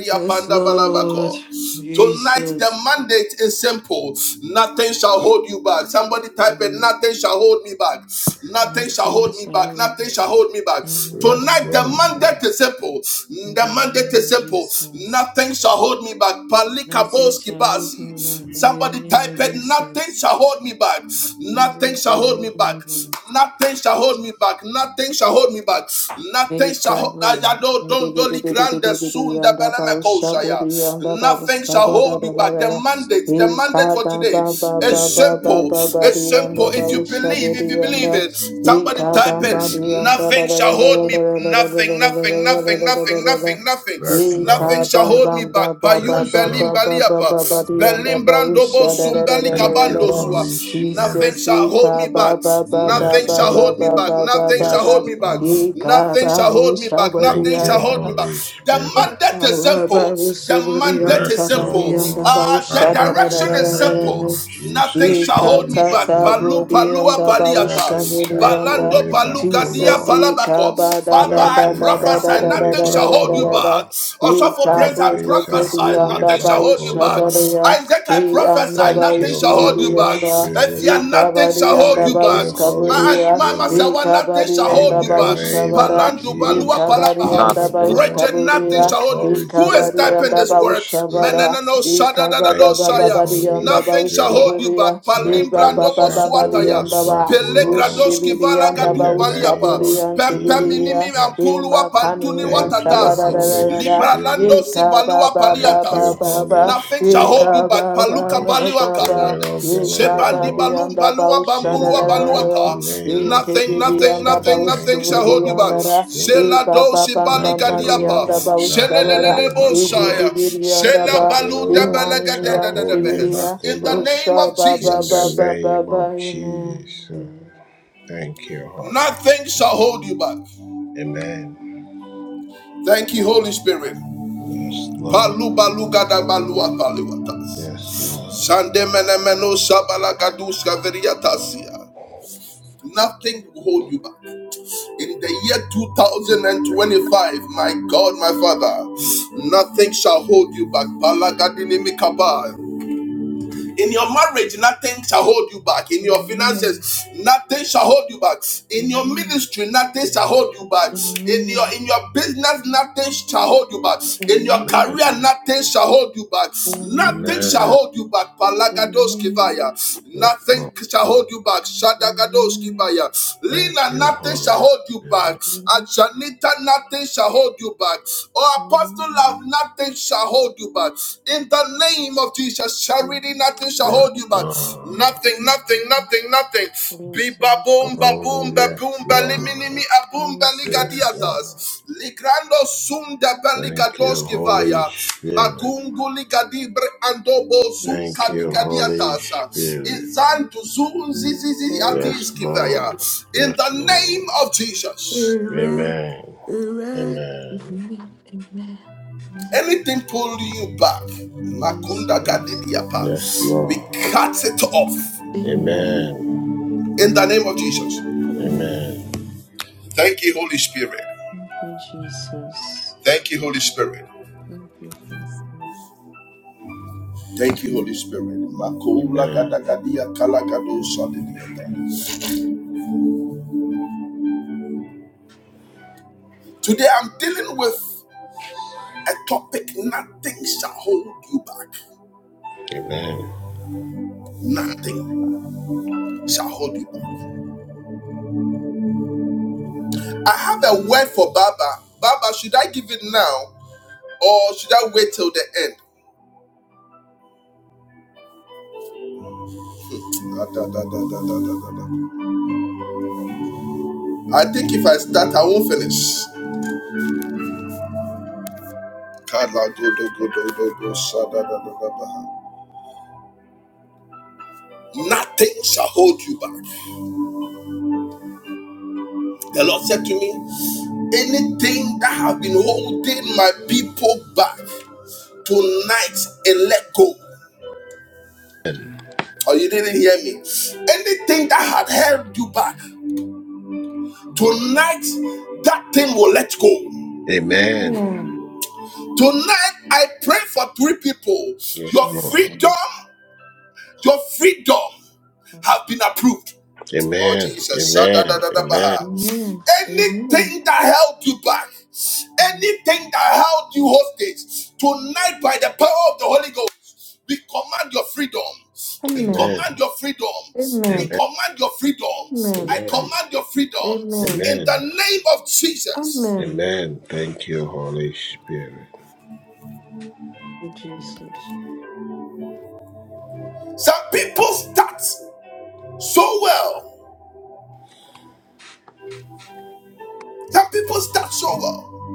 Speaker 3: Yes, Lord.
Speaker 1: Tonight, the
Speaker 3: Jesus.
Speaker 1: mandate is simple. Nothing shall hold you back. Somebody type it.
Speaker 3: Mm.
Speaker 1: Nothing shall hold me back. Nothing shall
Speaker 3: Nothing
Speaker 1: hold me
Speaker 3: shall
Speaker 1: back.
Speaker 3: hold
Speaker 1: Nothing shall
Speaker 3: me.
Speaker 1: hold me back.
Speaker 3: Nothing
Speaker 2: Yes,
Speaker 3: shall
Speaker 1: Tonight, the
Speaker 3: hold
Speaker 2: Lord.
Speaker 3: me back.
Speaker 1: mandate is simple.
Speaker 3: In
Speaker 1: The
Speaker 3: the
Speaker 1: mandate
Speaker 3: name
Speaker 1: is
Speaker 3: of
Speaker 1: simple.
Speaker 3: Jesus.
Speaker 1: Nothing shall hold me back.
Speaker 3: Nothing
Speaker 1: Palikaboski
Speaker 3: shall hold
Speaker 1: basi.
Speaker 3: me back. In the
Speaker 1: Somebody
Speaker 3: name
Speaker 1: type
Speaker 3: of
Speaker 1: it. Nothing
Speaker 3: Jesus.
Speaker 1: shall hold me back. Nothing
Speaker 3: Nothing
Speaker 1: shall
Speaker 3: shall
Speaker 1: hold me
Speaker 3: hold
Speaker 1: back.
Speaker 3: me back.
Speaker 1: Nothing shall hold me back. Nothing shall hold me back. Nothing.
Speaker 3: Jesus,
Speaker 1: Nothing shall hold Ayado Dondoli Grande Sunda Belemekosaya. Nothing shall hold you back. The mandate, the mandate for today is simple. It's simple. If you believe, if you believe it, somebody type it. Nothing shall hold me. Nothing, nothing, nothing, nothing, nothing, nothing.
Speaker 2: Yes, Lord.
Speaker 1: Nothing shall hold me back. Payum
Speaker 2: Yes,
Speaker 1: Belim
Speaker 2: Lord.
Speaker 1: Baliapa. Belim Brandobo Sumbeli
Speaker 2: Thank you, Holy
Speaker 1: Kabandosua. Nothing
Speaker 2: Spirit.
Speaker 1: Nothing shall hold me back.
Speaker 2: Yes,
Speaker 1: Nothing
Speaker 2: Lord.
Speaker 1: shall hold me back. Nothing shall
Speaker 2: Yes,
Speaker 1: hold me back.
Speaker 2: Lord.
Speaker 1: Nothing shall
Speaker 3: Ikabau
Speaker 1: hold me back.
Speaker 2: Thank
Speaker 1: Nothing shall
Speaker 2: you,
Speaker 1: hold
Speaker 3: sabadiyaya.
Speaker 1: me back.
Speaker 2: Holy
Speaker 1: The
Speaker 2: Spirit.
Speaker 1: mandate is simple.
Speaker 3: Ikabau
Speaker 1: The
Speaker 3: sabadiyam
Speaker 1: mandate is
Speaker 2: Yes,
Speaker 1: simple.
Speaker 3: sabadiyam
Speaker 2: Lord.
Speaker 3: dabau
Speaker 1: Uh, the
Speaker 2: Father, in
Speaker 1: direction
Speaker 2: the
Speaker 1: is
Speaker 2: name
Speaker 1: simple.
Speaker 3: shadadadadadadada.
Speaker 2: of
Speaker 1: Nothing
Speaker 2: Jesus,
Speaker 1: shall hold
Speaker 2: Holy
Speaker 1: me back.
Speaker 3: Ikatata
Speaker 2: Spirit.
Speaker 1: Palu
Speaker 3: budiyam
Speaker 1: palua
Speaker 3: dabau
Speaker 1: paliata.
Speaker 2: Nothing shall
Speaker 3: shabudiyam
Speaker 2: hold
Speaker 3: da.
Speaker 1: Balando
Speaker 2: me back, O
Speaker 1: balugadia
Speaker 3: Jesus,
Speaker 2: Lord.
Speaker 1: palabako. Baba, I
Speaker 2: Nothing shall
Speaker 1: prophesy.
Speaker 2: hold me
Speaker 1: Nothing
Speaker 2: back,
Speaker 1: shall
Speaker 2: O
Speaker 1: hold you
Speaker 3: ikabadadadadadadadadadadadada.
Speaker 2: Lord.
Speaker 1: back. Also for praise,
Speaker 3: Ikabadi
Speaker 1: I
Speaker 2: Nothing shall
Speaker 1: prophesy
Speaker 2: hold
Speaker 3: Ushibidi and
Speaker 1: prophesy,
Speaker 2: me
Speaker 1: nothing shall
Speaker 2: back,
Speaker 1: hold
Speaker 2: O
Speaker 1: you back.
Speaker 2: Lord.
Speaker 1: Isaac, I prophesy,
Speaker 2: Thank
Speaker 1: nothing
Speaker 2: you,
Speaker 1: shall hold you
Speaker 2: Holy
Speaker 1: back. If
Speaker 2: Spirit.
Speaker 1: you are nothing shall hold you
Speaker 2: Thank
Speaker 1: back.
Speaker 2: you,
Speaker 1: My
Speaker 2: Holy
Speaker 1: aunt Mama
Speaker 2: Spirit.
Speaker 1: Sawa, nothing shall hold
Speaker 2: In
Speaker 1: you
Speaker 2: the
Speaker 1: back.
Speaker 2: name of
Speaker 1: Palandu, Balua
Speaker 2: Jesus,
Speaker 1: Palabaha.
Speaker 2: by the
Speaker 4: Nothing.
Speaker 3: Baus
Speaker 2: power,
Speaker 1: Bridget,
Speaker 2: and
Speaker 1: nothing
Speaker 2: the
Speaker 1: shall hold you. Who
Speaker 2: authority
Speaker 1: is
Speaker 2: of the
Speaker 1: typing this
Speaker 2: Holy
Speaker 1: word?
Speaker 2: Spirit.
Speaker 1: Menenano shada, dadado,
Speaker 2: Thank you,
Speaker 1: Shaya.
Speaker 2: Holy
Speaker 1: Nothing shall hold
Speaker 2: Spirit.
Speaker 1: you back. Palim
Speaker 2: Nothing
Speaker 1: Brandobo
Speaker 2: shall hold
Speaker 1: Suataya.
Speaker 2: us back, O Lord.
Speaker 1: Pelegradoski
Speaker 2: In
Speaker 1: Valagadu
Speaker 2: the name
Speaker 3: Kabudi
Speaker 2: of
Speaker 1: Baliapa.
Speaker 3: and
Speaker 1: Pem Pem
Speaker 3: Diria,
Speaker 1: Inimi
Speaker 2: Jesus.
Speaker 1: ampulua
Speaker 3: Ima
Speaker 1: pantuniwa
Speaker 3: Kanian
Speaker 2: Thank you,
Speaker 1: tatasi.
Speaker 2: Holy
Speaker 3: Sabarada,
Speaker 1: Libralando
Speaker 2: Spirit.
Speaker 3: Ika
Speaker 1: sibalua
Speaker 3: Baba
Speaker 2: Thank you,
Speaker 3: Baba
Speaker 1: paliatas.
Speaker 2: Holy
Speaker 3: Baba,
Speaker 1: Nothing shall hold
Speaker 2: Spirit.
Speaker 1: you
Speaker 3: Ika
Speaker 1: back.
Speaker 3: Baba
Speaker 1: Paluka
Speaker 2: The
Speaker 3: Baba
Speaker 1: baliwan
Speaker 3: Baba,
Speaker 2: Spirit
Speaker 1: kadade.
Speaker 2: of the
Speaker 3: Ika
Speaker 2: living
Speaker 1: Sebandi
Speaker 3: Babi
Speaker 2: God.
Speaker 3: and
Speaker 1: balum
Speaker 3: the
Speaker 1: balua
Speaker 2: In the
Speaker 1: bambulua
Speaker 2: mighty
Speaker 1: baluata.
Speaker 3: Baushada,
Speaker 2: name of
Speaker 3: Ike
Speaker 1: Nothing,
Speaker 3: Bidi
Speaker 1: nothing,
Speaker 3: and the
Speaker 2: Jesus.
Speaker 1: nothing, nothing
Speaker 2: Thank
Speaker 1: shall
Speaker 2: you,
Speaker 3: Bauskudi
Speaker 1: hold you
Speaker 3: and
Speaker 1: back.
Speaker 2: Holy
Speaker 3: the
Speaker 2: Spirit.
Speaker 1: Zela
Speaker 3: Iba
Speaker 1: dosi
Speaker 3: Babam
Speaker 1: bali
Speaker 2: Nothing, O
Speaker 3: Bambani and
Speaker 1: gadiapa.
Speaker 3: the
Speaker 2: Lord, shall hold
Speaker 3: Bauskabara,
Speaker 2: me
Speaker 1: Zelelelele
Speaker 2: back, O
Speaker 3: Ibi
Speaker 1: bosaya.
Speaker 2: Lord.
Speaker 3: Bibidi and the
Speaker 1: Zela
Speaker 3: Ba,
Speaker 2: Nothing, O
Speaker 1: balu
Speaker 2: Lord,
Speaker 1: debelega
Speaker 3: Imani
Speaker 2: shall
Speaker 1: de-
Speaker 3: and
Speaker 2: hold me
Speaker 3: Tibiria,
Speaker 2: back, O
Speaker 1: In the
Speaker 2: Lord.
Speaker 1: name
Speaker 3: Usha
Speaker 1: of
Speaker 3: Baba
Speaker 2: In the
Speaker 1: Jesus,
Speaker 3: Baba
Speaker 2: name
Speaker 3: Baba,
Speaker 2: of
Speaker 3: Amen.
Speaker 2: Jesus. Thank you, Holy
Speaker 1: nothing shall
Speaker 2: Spirit.
Speaker 1: hold you back.
Speaker 2: Amen.
Speaker 1: Thank you, Holy Spirit.
Speaker 2: Yes, Lord.
Speaker 1: Palubalugadabaluapaluatas.
Speaker 2: Yes, Lord.
Speaker 1: Sandemenemeno shabalagaduska veriatasia. Nothing will hold you back. In the year 2025, my God, my Father, nothing shall hold you back. Balagadinimikaba. In your marriage, nothing shall hold you back. In your
Speaker 3: Amen.
Speaker 1: finances, nothing shall hold you back. In your
Speaker 3: Amen.
Speaker 1: ministry, nothing shall hold you back. In
Speaker 3: Amen.
Speaker 1: your in your business, nothing shall hold you back. In your
Speaker 3: Amen.
Speaker 1: career,
Speaker 2: Amen.
Speaker 1: nothing shall hold you back. Nothing
Speaker 3: Amen.
Speaker 1: shall
Speaker 2: Amen.
Speaker 1: hold you back. Palagados
Speaker 3: Amen.
Speaker 1: kivaya.
Speaker 2: Yes,
Speaker 1: Nothing
Speaker 2: Lord.
Speaker 1: shall hold you back. Shadagadoski
Speaker 3: Amen.
Speaker 1: baya.
Speaker 2: Thank
Speaker 1: Lina,
Speaker 2: you,
Speaker 1: nothing shall
Speaker 2: Holy
Speaker 1: hold you back.
Speaker 2: Spirit.
Speaker 3: Amen.
Speaker 1: Janita, nothing shall hold you back. Oh, Apostle Love, nothing shall hold you back. In the name of Jesus,
Speaker 3: Amen.
Speaker 1: charity,
Speaker 3: Amen.
Speaker 1: nothing shall
Speaker 2: Yes,
Speaker 1: hold you back.
Speaker 2: Lord.
Speaker 1: Nothing, nothing, nothing, nothing. Be
Speaker 3: Jesus.
Speaker 1: baboom,
Speaker 2: Oh,
Speaker 1: baboom,
Speaker 2: yes,
Speaker 1: baboom, baliminimi,
Speaker 2: Lord.
Speaker 1: aboom,
Speaker 2: Yes,
Speaker 3: Jesus.
Speaker 2: Lord.
Speaker 1: baligadiadas. Ligrando sum de
Speaker 2: Thank you,
Speaker 1: baligadoski
Speaker 2: Holy
Speaker 1: vaya.
Speaker 2: Spirit.
Speaker 1: Magunguli kadibre andobo sun
Speaker 2: Thank you,
Speaker 3: Jesus.
Speaker 2: Holy
Speaker 1: kadikadiatasa.
Speaker 2: Spirit.
Speaker 1: Izantu zun zizizi atis
Speaker 2: Yes,
Speaker 3: Jesus.
Speaker 1: kivaya.
Speaker 2: Lord.
Speaker 1: In
Speaker 2: Yes,
Speaker 1: the name
Speaker 2: Lord.
Speaker 1: of Jesus,
Speaker 3: Amen.
Speaker 2: Amen.
Speaker 3: Amen. Amen.
Speaker 2: Amen.
Speaker 3: Amen. Amen.
Speaker 1: anything pulling you back, Makunda
Speaker 3: Jesus.
Speaker 1: kadidiapa,
Speaker 2: Yes,
Speaker 1: we
Speaker 2: Lord.
Speaker 1: cut it off
Speaker 3: Amen.
Speaker 2: Amen.
Speaker 1: in the name of Jesus.
Speaker 3: Amen.
Speaker 2: Amen.
Speaker 1: Thank you, Holy Spirit.
Speaker 3: Thank you, Jesus.
Speaker 1: Thank you, Holy Spirit.
Speaker 3: Thank you, Jesus.
Speaker 1: Thank you, Holy Spirit. Makula
Speaker 2: Amen.
Speaker 1: gadagadia kalagado sadidiyata. Today I'm dealing with a topic nothing shall hold you back.
Speaker 2: Amen.
Speaker 1: Nothing shall hold you back. I have a word for Baba. Baba, should I give it now or should I wait till the end? Da, da, da, da, da, da, da, da, I think if I start, I won't finish. Kala do do da da da da da. Nothing shall hold you back. The Lord said to me, anything that has been holding my people back tonight and let go.
Speaker 2: Amen.
Speaker 1: Or oh, you didn't hear me. Anything that had held you back. Tonight, that thing will let go.
Speaker 2: Amen.
Speaker 3: Amen.
Speaker 1: Tonight, I pray for three people.
Speaker 2: Yes,
Speaker 1: Your
Speaker 2: Lord.
Speaker 1: freedom,
Speaker 3: Amen.
Speaker 1: your freedom have been approved. Oh,
Speaker 2: Amen.
Speaker 1: Jesus.
Speaker 2: Amen. Amen.
Speaker 3: Amen. Amen.
Speaker 1: Anything that held you back, anything that held you hostage, tonight, by the power of the Holy Ghost, we command your freedom. We
Speaker 3: Amen.
Speaker 1: command
Speaker 2: Amen.
Speaker 1: your freedom. We
Speaker 3: Amen.
Speaker 2: Amen.
Speaker 1: command your freedom.
Speaker 3: Amen.
Speaker 1: I
Speaker 2: Amen.
Speaker 1: command your freedom
Speaker 3: Amen.
Speaker 1: in the
Speaker 2: Amen.
Speaker 1: name of Jesus.
Speaker 3: Amen.
Speaker 2: Amen. Thank you, Holy Spirit.
Speaker 3: To Jesus.
Speaker 1: Some people start so well. Some people start so well.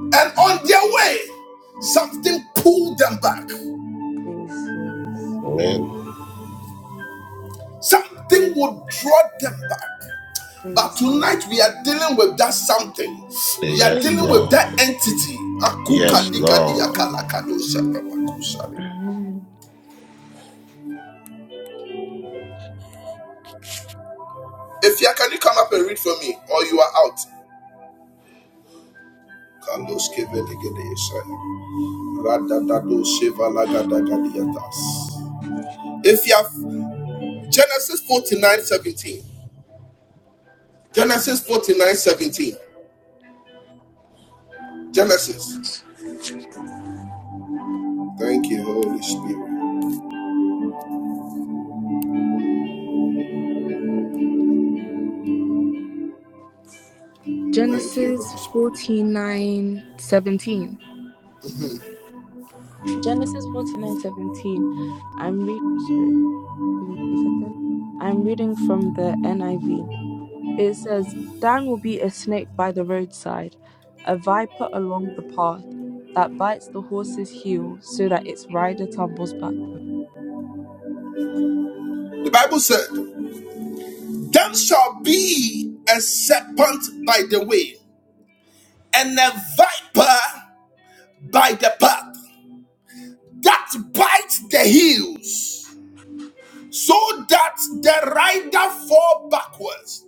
Speaker 1: And on their way, something pulled them back.
Speaker 3: Jesus.
Speaker 2: Amen.
Speaker 1: Something would draw them back. But tonight we
Speaker 3: Jesus.
Speaker 1: are dealing with that something. We are
Speaker 2: Yes,
Speaker 1: dealing
Speaker 3: Amen.
Speaker 1: with that
Speaker 2: Lord.
Speaker 1: entity.
Speaker 2: Yes,
Speaker 3: Amen.
Speaker 2: Lord.
Speaker 3: Amen.
Speaker 1: If you can you come up and read for me, or you are out. If you have Genesis 49 17. Genesis 49 17. Genesis. Thank you, Holy Spirit. Thank you,
Speaker 5: Genesis
Speaker 1: Holy Spirit.
Speaker 5: forty nine seventeen. Genesis forty nine seventeen. I'm read. Sorry, give me a second. I'm reading from the NIV. It says, "Dan will be a snake by the roadside, a viper along the path, that bites the horse's heel so that its rider tumbles back."
Speaker 1: The Bible said, Them shall be a serpent by the way, and a viper by the path, that bite the heels, so that the rider fall backwards.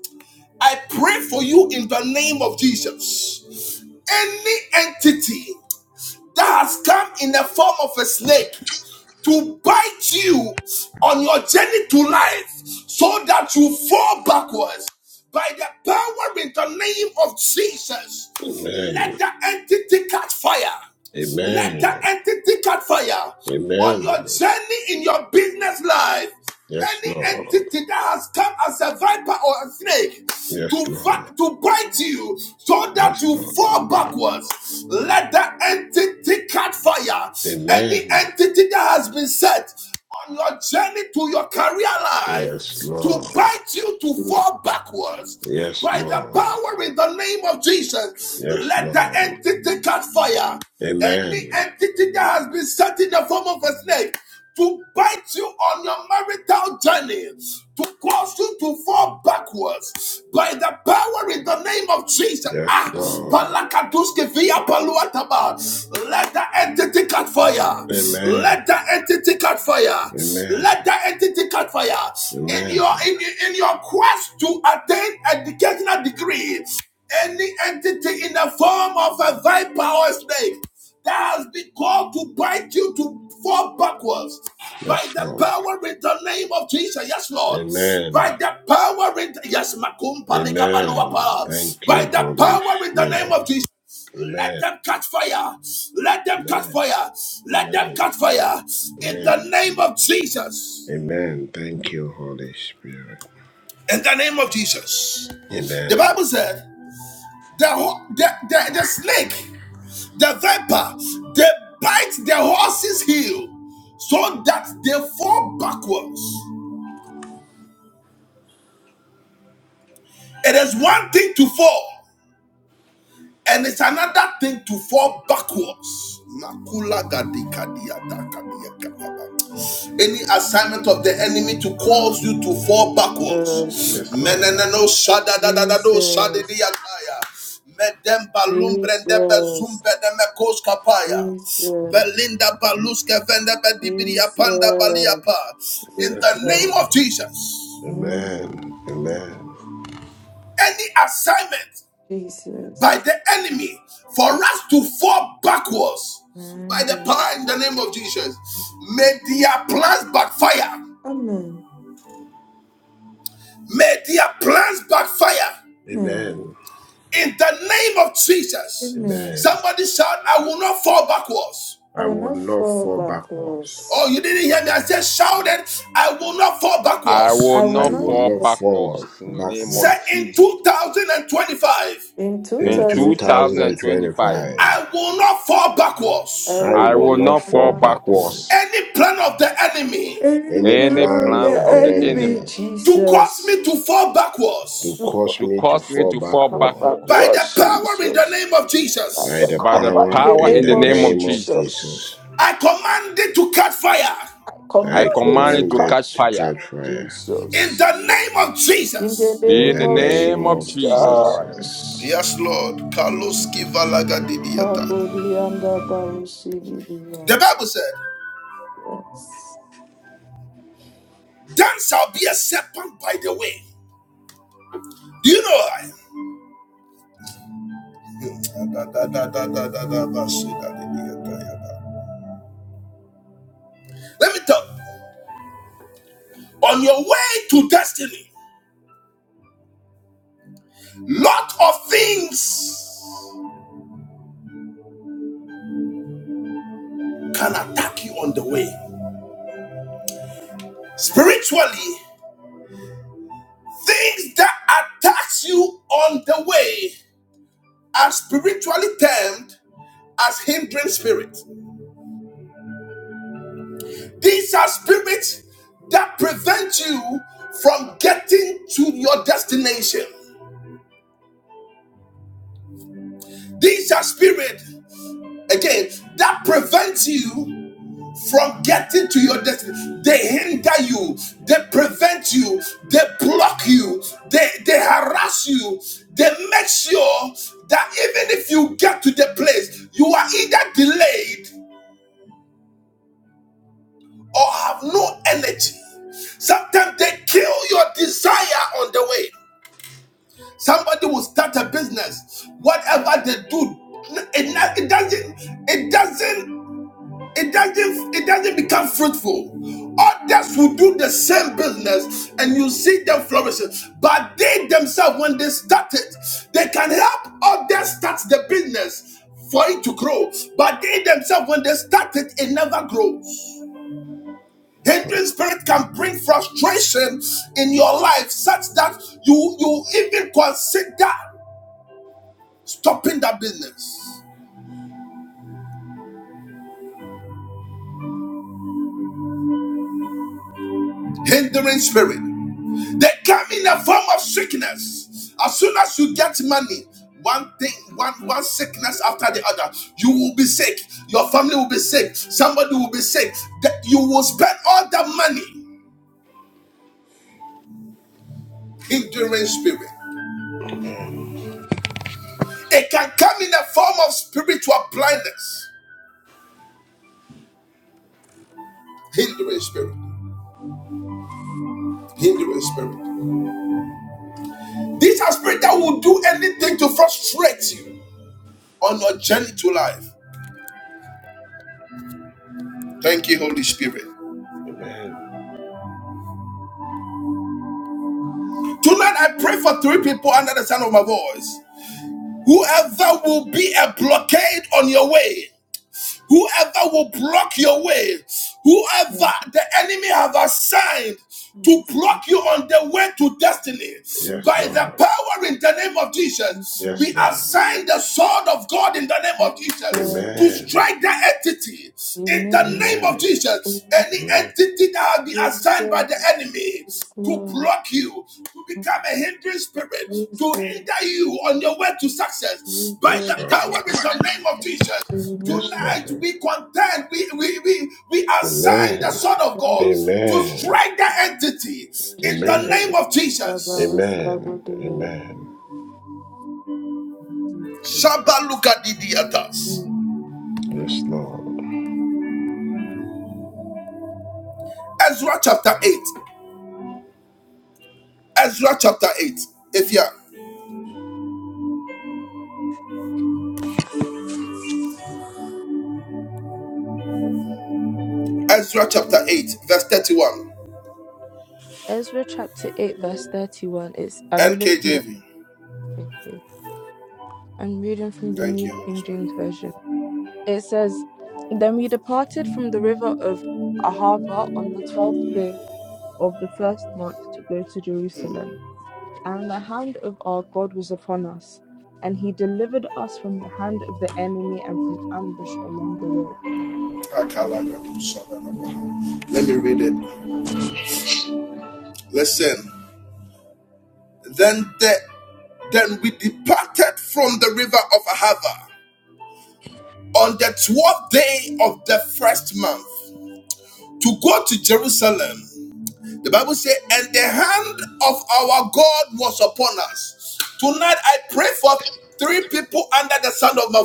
Speaker 1: I pray for you in the name of Jesus. Any entity that has come in the form of a snake to bite you on your journey to life so that you fall backwards by the power in the name of Jesus.
Speaker 2: Amen.
Speaker 1: Let the entity catch fire. Let the
Speaker 2: Amen.
Speaker 1: entity catch fire on
Speaker 2: Amen.
Speaker 1: your journey in your business life
Speaker 2: Yes,
Speaker 1: any
Speaker 2: Lord.
Speaker 1: entity that has come as a viper or a snake
Speaker 2: Yes,
Speaker 1: to va-
Speaker 2: Lord.
Speaker 1: to bite you so that
Speaker 2: Yes,
Speaker 1: you
Speaker 2: Lord.
Speaker 1: fall backwards let that entity catch fire any
Speaker 2: Amen.
Speaker 1: entity that has been set on your journey to your career life
Speaker 2: Yes,
Speaker 1: to
Speaker 2: Lord.
Speaker 1: bite you to fall backwards
Speaker 2: Yes,
Speaker 1: by the
Speaker 2: Lord.
Speaker 1: power in the name of Jesus,
Speaker 2: Yes,
Speaker 1: let the
Speaker 2: Lord.
Speaker 1: entity catch fire. Any
Speaker 2: Amen.
Speaker 1: entity that has been set in the form of a snake to bite you on your marital journey, to cause you to fall backwards by the power in the name of Jesus.
Speaker 2: Yes,
Speaker 1: Ah,
Speaker 2: Lord.
Speaker 1: palakaduske via paluataba. Let the entity cut fire.
Speaker 2: Amen.
Speaker 1: Let the entity cut fire. Let
Speaker 2: Amen.
Speaker 1: the entity cut fire. In your
Speaker 2: Amen.
Speaker 1: in, in your quest to attain educational degrees. any entity in the form of a viper or a snake that has been called to bind you to fall backwards. By
Speaker 2: Yes,
Speaker 1: the
Speaker 2: Lord.
Speaker 1: power in the name of Jesus, yes, Lord. By
Speaker 2: Amen.
Speaker 1: the power in the, yes, Makumpa
Speaker 2: Amen.
Speaker 1: legabaluapa.
Speaker 2: Thank
Speaker 1: By
Speaker 2: you,
Speaker 1: the
Speaker 2: Holy
Speaker 1: power in the name
Speaker 2: Spirit.
Speaker 1: of Jesus, let
Speaker 2: Amen.
Speaker 1: them catch fire. Let them catch
Speaker 2: Amen.
Speaker 1: fire. Let them
Speaker 2: Amen.
Speaker 1: catch fire. In
Speaker 2: Amen.
Speaker 1: the name of Jesus.
Speaker 2: Amen. Thank you, Holy Spirit.
Speaker 1: In the name of Jesus. The
Speaker 2: Amen.
Speaker 1: Bible said the, the, the, the snake. The viper, they bite the horse's heel so that they fall backwards. It is one thing to fall. And it's another thing to fall backwards. Any assignment of the enemy to cause you to fall
Speaker 3: Jesus.
Speaker 1: backwards.
Speaker 2: Yes, Lord.
Speaker 3: Jesus. Jesus. Jesus. Jesus.
Speaker 1: In
Speaker 2: Yes,
Speaker 1: the name
Speaker 2: Lord.
Speaker 3: Jesus.
Speaker 1: of Jesus.
Speaker 3: Amen.
Speaker 2: Amen. Amen.
Speaker 1: Any assignment by
Speaker 3: Jesus.
Speaker 1: the enemy for us to fall backwards by
Speaker 3: Amen.
Speaker 1: the
Speaker 3: God.
Speaker 1: power in the name of Jesus. May their plans backfire.
Speaker 3: Amen.
Speaker 1: May their plans backfire
Speaker 3: Amen.
Speaker 2: Amen.
Speaker 1: in the name of Jesus.
Speaker 3: Amen.
Speaker 2: Amen.
Speaker 1: Somebody shout, I will not fall backwards.
Speaker 3: I
Speaker 2: I
Speaker 3: will
Speaker 2: will
Speaker 3: not
Speaker 2: not
Speaker 3: fall
Speaker 2: fall backwards.
Speaker 1: Oh,
Speaker 3: backwards.
Speaker 1: you didn't hear me. I said, shouted, I will not fall
Speaker 4: I will
Speaker 3: I
Speaker 1: backwards.
Speaker 3: will
Speaker 2: I
Speaker 4: not
Speaker 3: not
Speaker 2: will
Speaker 4: fall
Speaker 2: not
Speaker 3: fall
Speaker 2: fall
Speaker 4: backwards in the name
Speaker 1: Say
Speaker 3: backwards.
Speaker 4: of
Speaker 2: backwards.
Speaker 1: in
Speaker 4: Jesus.
Speaker 1: 2025,
Speaker 3: In
Speaker 4: In
Speaker 2: In
Speaker 4: 2025,
Speaker 3: 2021,
Speaker 2: 2025,
Speaker 1: I will not fall
Speaker 3: I
Speaker 1: backwards.
Speaker 2: I
Speaker 3: will
Speaker 4: I
Speaker 2: will
Speaker 3: not
Speaker 4: will
Speaker 2: not
Speaker 4: not fall
Speaker 2: fall
Speaker 3: fall
Speaker 2: backwards.
Speaker 4: backwards.
Speaker 3: backwards.
Speaker 1: Any plan of the enemy
Speaker 3: Any
Speaker 2: Any
Speaker 4: Any
Speaker 3: power of
Speaker 2: plan
Speaker 4: plan
Speaker 3: the
Speaker 2: of
Speaker 4: of
Speaker 2: the
Speaker 4: the
Speaker 3: enemy,
Speaker 4: enemy
Speaker 2: enemy
Speaker 1: to cause
Speaker 3: Jesus.
Speaker 1: me to fall backwards
Speaker 2: to
Speaker 3: To
Speaker 2: cause
Speaker 4: to
Speaker 3: fall
Speaker 2: me to
Speaker 4: cause me
Speaker 3: to
Speaker 2: fall
Speaker 4: to fall
Speaker 3: fall
Speaker 2: backward
Speaker 1: By
Speaker 4: backwards
Speaker 1: the
Speaker 3: backwards,
Speaker 1: power in the
Speaker 3: Jesus.
Speaker 1: name of
Speaker 3: By
Speaker 2: by
Speaker 3: the
Speaker 1: Jesus,
Speaker 2: the
Speaker 4: by the
Speaker 3: cover in
Speaker 2: power
Speaker 3: the
Speaker 4: power
Speaker 2: in
Speaker 4: in
Speaker 3: name
Speaker 4: the
Speaker 2: the
Speaker 3: of
Speaker 4: name of
Speaker 2: name of
Speaker 4: Jesus,
Speaker 3: Jesus.
Speaker 2: Jesus.
Speaker 1: I command it to catch fire
Speaker 3: I
Speaker 4: I
Speaker 2: I
Speaker 3: command it
Speaker 4: command
Speaker 3: to
Speaker 4: it
Speaker 2: command
Speaker 4: to
Speaker 2: it
Speaker 4: catch
Speaker 3: catch
Speaker 2: to
Speaker 3: fire,
Speaker 4: fire
Speaker 2: catch fire
Speaker 1: in
Speaker 3: Jesus.
Speaker 1: the name of
Speaker 3: In the
Speaker 1: Jesus.
Speaker 2: in
Speaker 4: in
Speaker 3: name
Speaker 2: the
Speaker 4: the
Speaker 3: of
Speaker 2: name
Speaker 4: name of
Speaker 2: of
Speaker 4: Jesus Christ.
Speaker 2: Jesus.
Speaker 3: Jesus.
Speaker 1: Yes, Lord.
Speaker 3: Kabodianda
Speaker 1: The
Speaker 3: Barosibidia.
Speaker 1: Bible said,
Speaker 3: Yes.
Speaker 1: Then shall be a serpent by the way. Do you know why? Let me tell you, on your way to destiny, lot of things can attack you on the way. Spiritually, Things that attacks you on the way are spiritually termed as hindering spirits. These are spirits that prevent you from getting to your destination. These are spirits, again, that prevent you from getting to your destiny. They hinder you, they prevent you, they block you, they, they harass you, they make sure that even if you get to the place, you are either delayed or have no energy. Sometimes they kill your desire on the way. Somebody will start a business, whatever they do, it, it doesn't, it doesn't it doesn't it doesn't become fruitful others will do the same business and you see them flourishing but they themselves when they start it they can help others start the business for it to grow but they themselves when they start it it never grows hindering spirit can bring frustration in your life such that you you even consider stopping that business hindering spirit They come in a form of sickness. As soon as you get money, one thing, one one sickness after the other, you will be sick. Your family will be sick. Somebody will be sick. That you will spend all the money. Hindering spirit.
Speaker 2: Amen.
Speaker 1: It can come in a form of spiritual blindness. Hindering spirit. Hindering spirit. These are spirits that will do anything to frustrate you on your journey to life. Thank you, Holy Spirit.
Speaker 2: Amen.
Speaker 1: Tonight I pray for three people under the sound of my voice. Whoever will be a blockade on your way, Whoever will block your way, whoever
Speaker 3: Yes.
Speaker 1: the enemy have assigned to
Speaker 3: Yes.
Speaker 1: block you on the way to destiny, by
Speaker 2: Yes,
Speaker 1: the
Speaker 2: Lord.
Speaker 1: power in the name of Jesus,
Speaker 2: Yes,
Speaker 1: we
Speaker 2: Lord.
Speaker 1: assign the sword of God in the name of
Speaker 3: Yes.
Speaker 1: Jesus to
Speaker 3: Yes.
Speaker 2: Amen.
Speaker 1: strike the entity in the
Speaker 3: Amen.
Speaker 1: name of
Speaker 2: Amen.
Speaker 1: Jesus. Any
Speaker 3: Amen.
Speaker 2: Amen.
Speaker 1: entity that has been assigned by the
Speaker 3: Jesus.
Speaker 1: enemy to
Speaker 3: Islam.
Speaker 1: block you, to become a hindering spirit, to hinder
Speaker 3: Jesus.
Speaker 1: you on your way to success by
Speaker 2: Yes,
Speaker 1: the
Speaker 2: Lord.
Speaker 3: Jesus.
Speaker 1: power in the name of Jesus.
Speaker 2: Yes,
Speaker 3: Amen.
Speaker 1: Tonight
Speaker 2: Lord.
Speaker 1: we contend, we, we, we, we assign the
Speaker 2: Amen.
Speaker 1: Son of God to
Speaker 2: Amen.
Speaker 1: strike the entity in the
Speaker 2: Amen.
Speaker 1: name of
Speaker 3: Kabodianda
Speaker 1: Jesus.
Speaker 2: Amen.
Speaker 3: Barosabodia.
Speaker 2: Amen.
Speaker 3: Jesus.
Speaker 1: Shabba look at the theaters.
Speaker 3: Amen.
Speaker 2: Yes, Lord.
Speaker 1: Ezra chapter 8. Ezra chapter 8. If you are- Ezra chapter 8, verse 31.
Speaker 5: Ezra chapter eight verse thirty one. It's I'm reading from the.
Speaker 1: NKJV.
Speaker 5: Thank you. I'm reading from the
Speaker 1: Thank
Speaker 5: New
Speaker 1: you, Holy
Speaker 5: King
Speaker 1: Spirit.
Speaker 5: James Version. It says, Then we departed from the river of Ahava on the twelfth day of the first month to go to
Speaker 1: Mm.
Speaker 5: Jerusalem. And the hand of our God was upon us, and he delivered us from the hand of the enemy and from ambush along the road.
Speaker 1: Let me read it. Listen. Then the, then we departed from the river of Ahava on the 12th day of the first month to go to Jerusalem. The Bible says, and the hand of our God was upon us. Tonight I pray for three people under the sound of my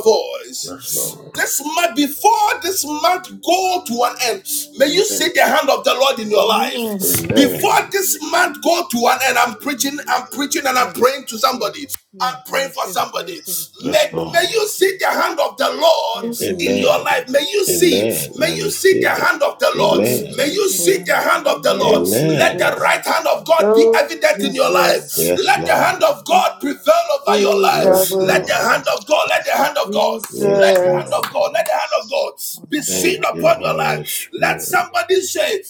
Speaker 2: Yes,
Speaker 1: voice.
Speaker 2: Lord.
Speaker 1: This month, before this month go to an end, may you see
Speaker 2: Amen.
Speaker 1: the hand of the Lord in your life. Before
Speaker 2: Amen.
Speaker 1: this month go to an end, I'm preaching.
Speaker 6: Yes, yes, yes. I receive it. I receive it.
Speaker 2: Yes,
Speaker 6: Father God, I
Speaker 2: Lord.
Speaker 6: receive it. Yes, in the
Speaker 3: Amen.
Speaker 6: name of
Speaker 2: Amen.
Speaker 6: Jesus.
Speaker 2: Amen. I receive it.
Speaker 3: Oh,
Speaker 6: I I
Speaker 2: Amen.
Speaker 6: see the
Speaker 3: Jesus.
Speaker 6: hand of God on my
Speaker 3: Oh,
Speaker 6: life, the
Speaker 2: Amen.
Speaker 3: Jesus.
Speaker 6: hand of this man.
Speaker 3: Oh,
Speaker 6: Yeah, blah, blah, blah, blah,
Speaker 3: Jesus.
Speaker 6: blah,
Speaker 2: Yes,
Speaker 6: blah, blah,
Speaker 2: Lord.
Speaker 6: blah.
Speaker 2: Yes,
Speaker 1: Let's,
Speaker 3: Recover.
Speaker 6: Yes,
Speaker 2: Lord.
Speaker 6: yes, yes, yes, yes,
Speaker 1: let's,
Speaker 6: yes.
Speaker 2: Yes,
Speaker 3: Jesus.
Speaker 2: Lord.
Speaker 6: yes. Oh,
Speaker 1: let's,
Speaker 6: blah, blah, blah, blah.
Speaker 2: Thank you, Holy Spirit.
Speaker 1: let's,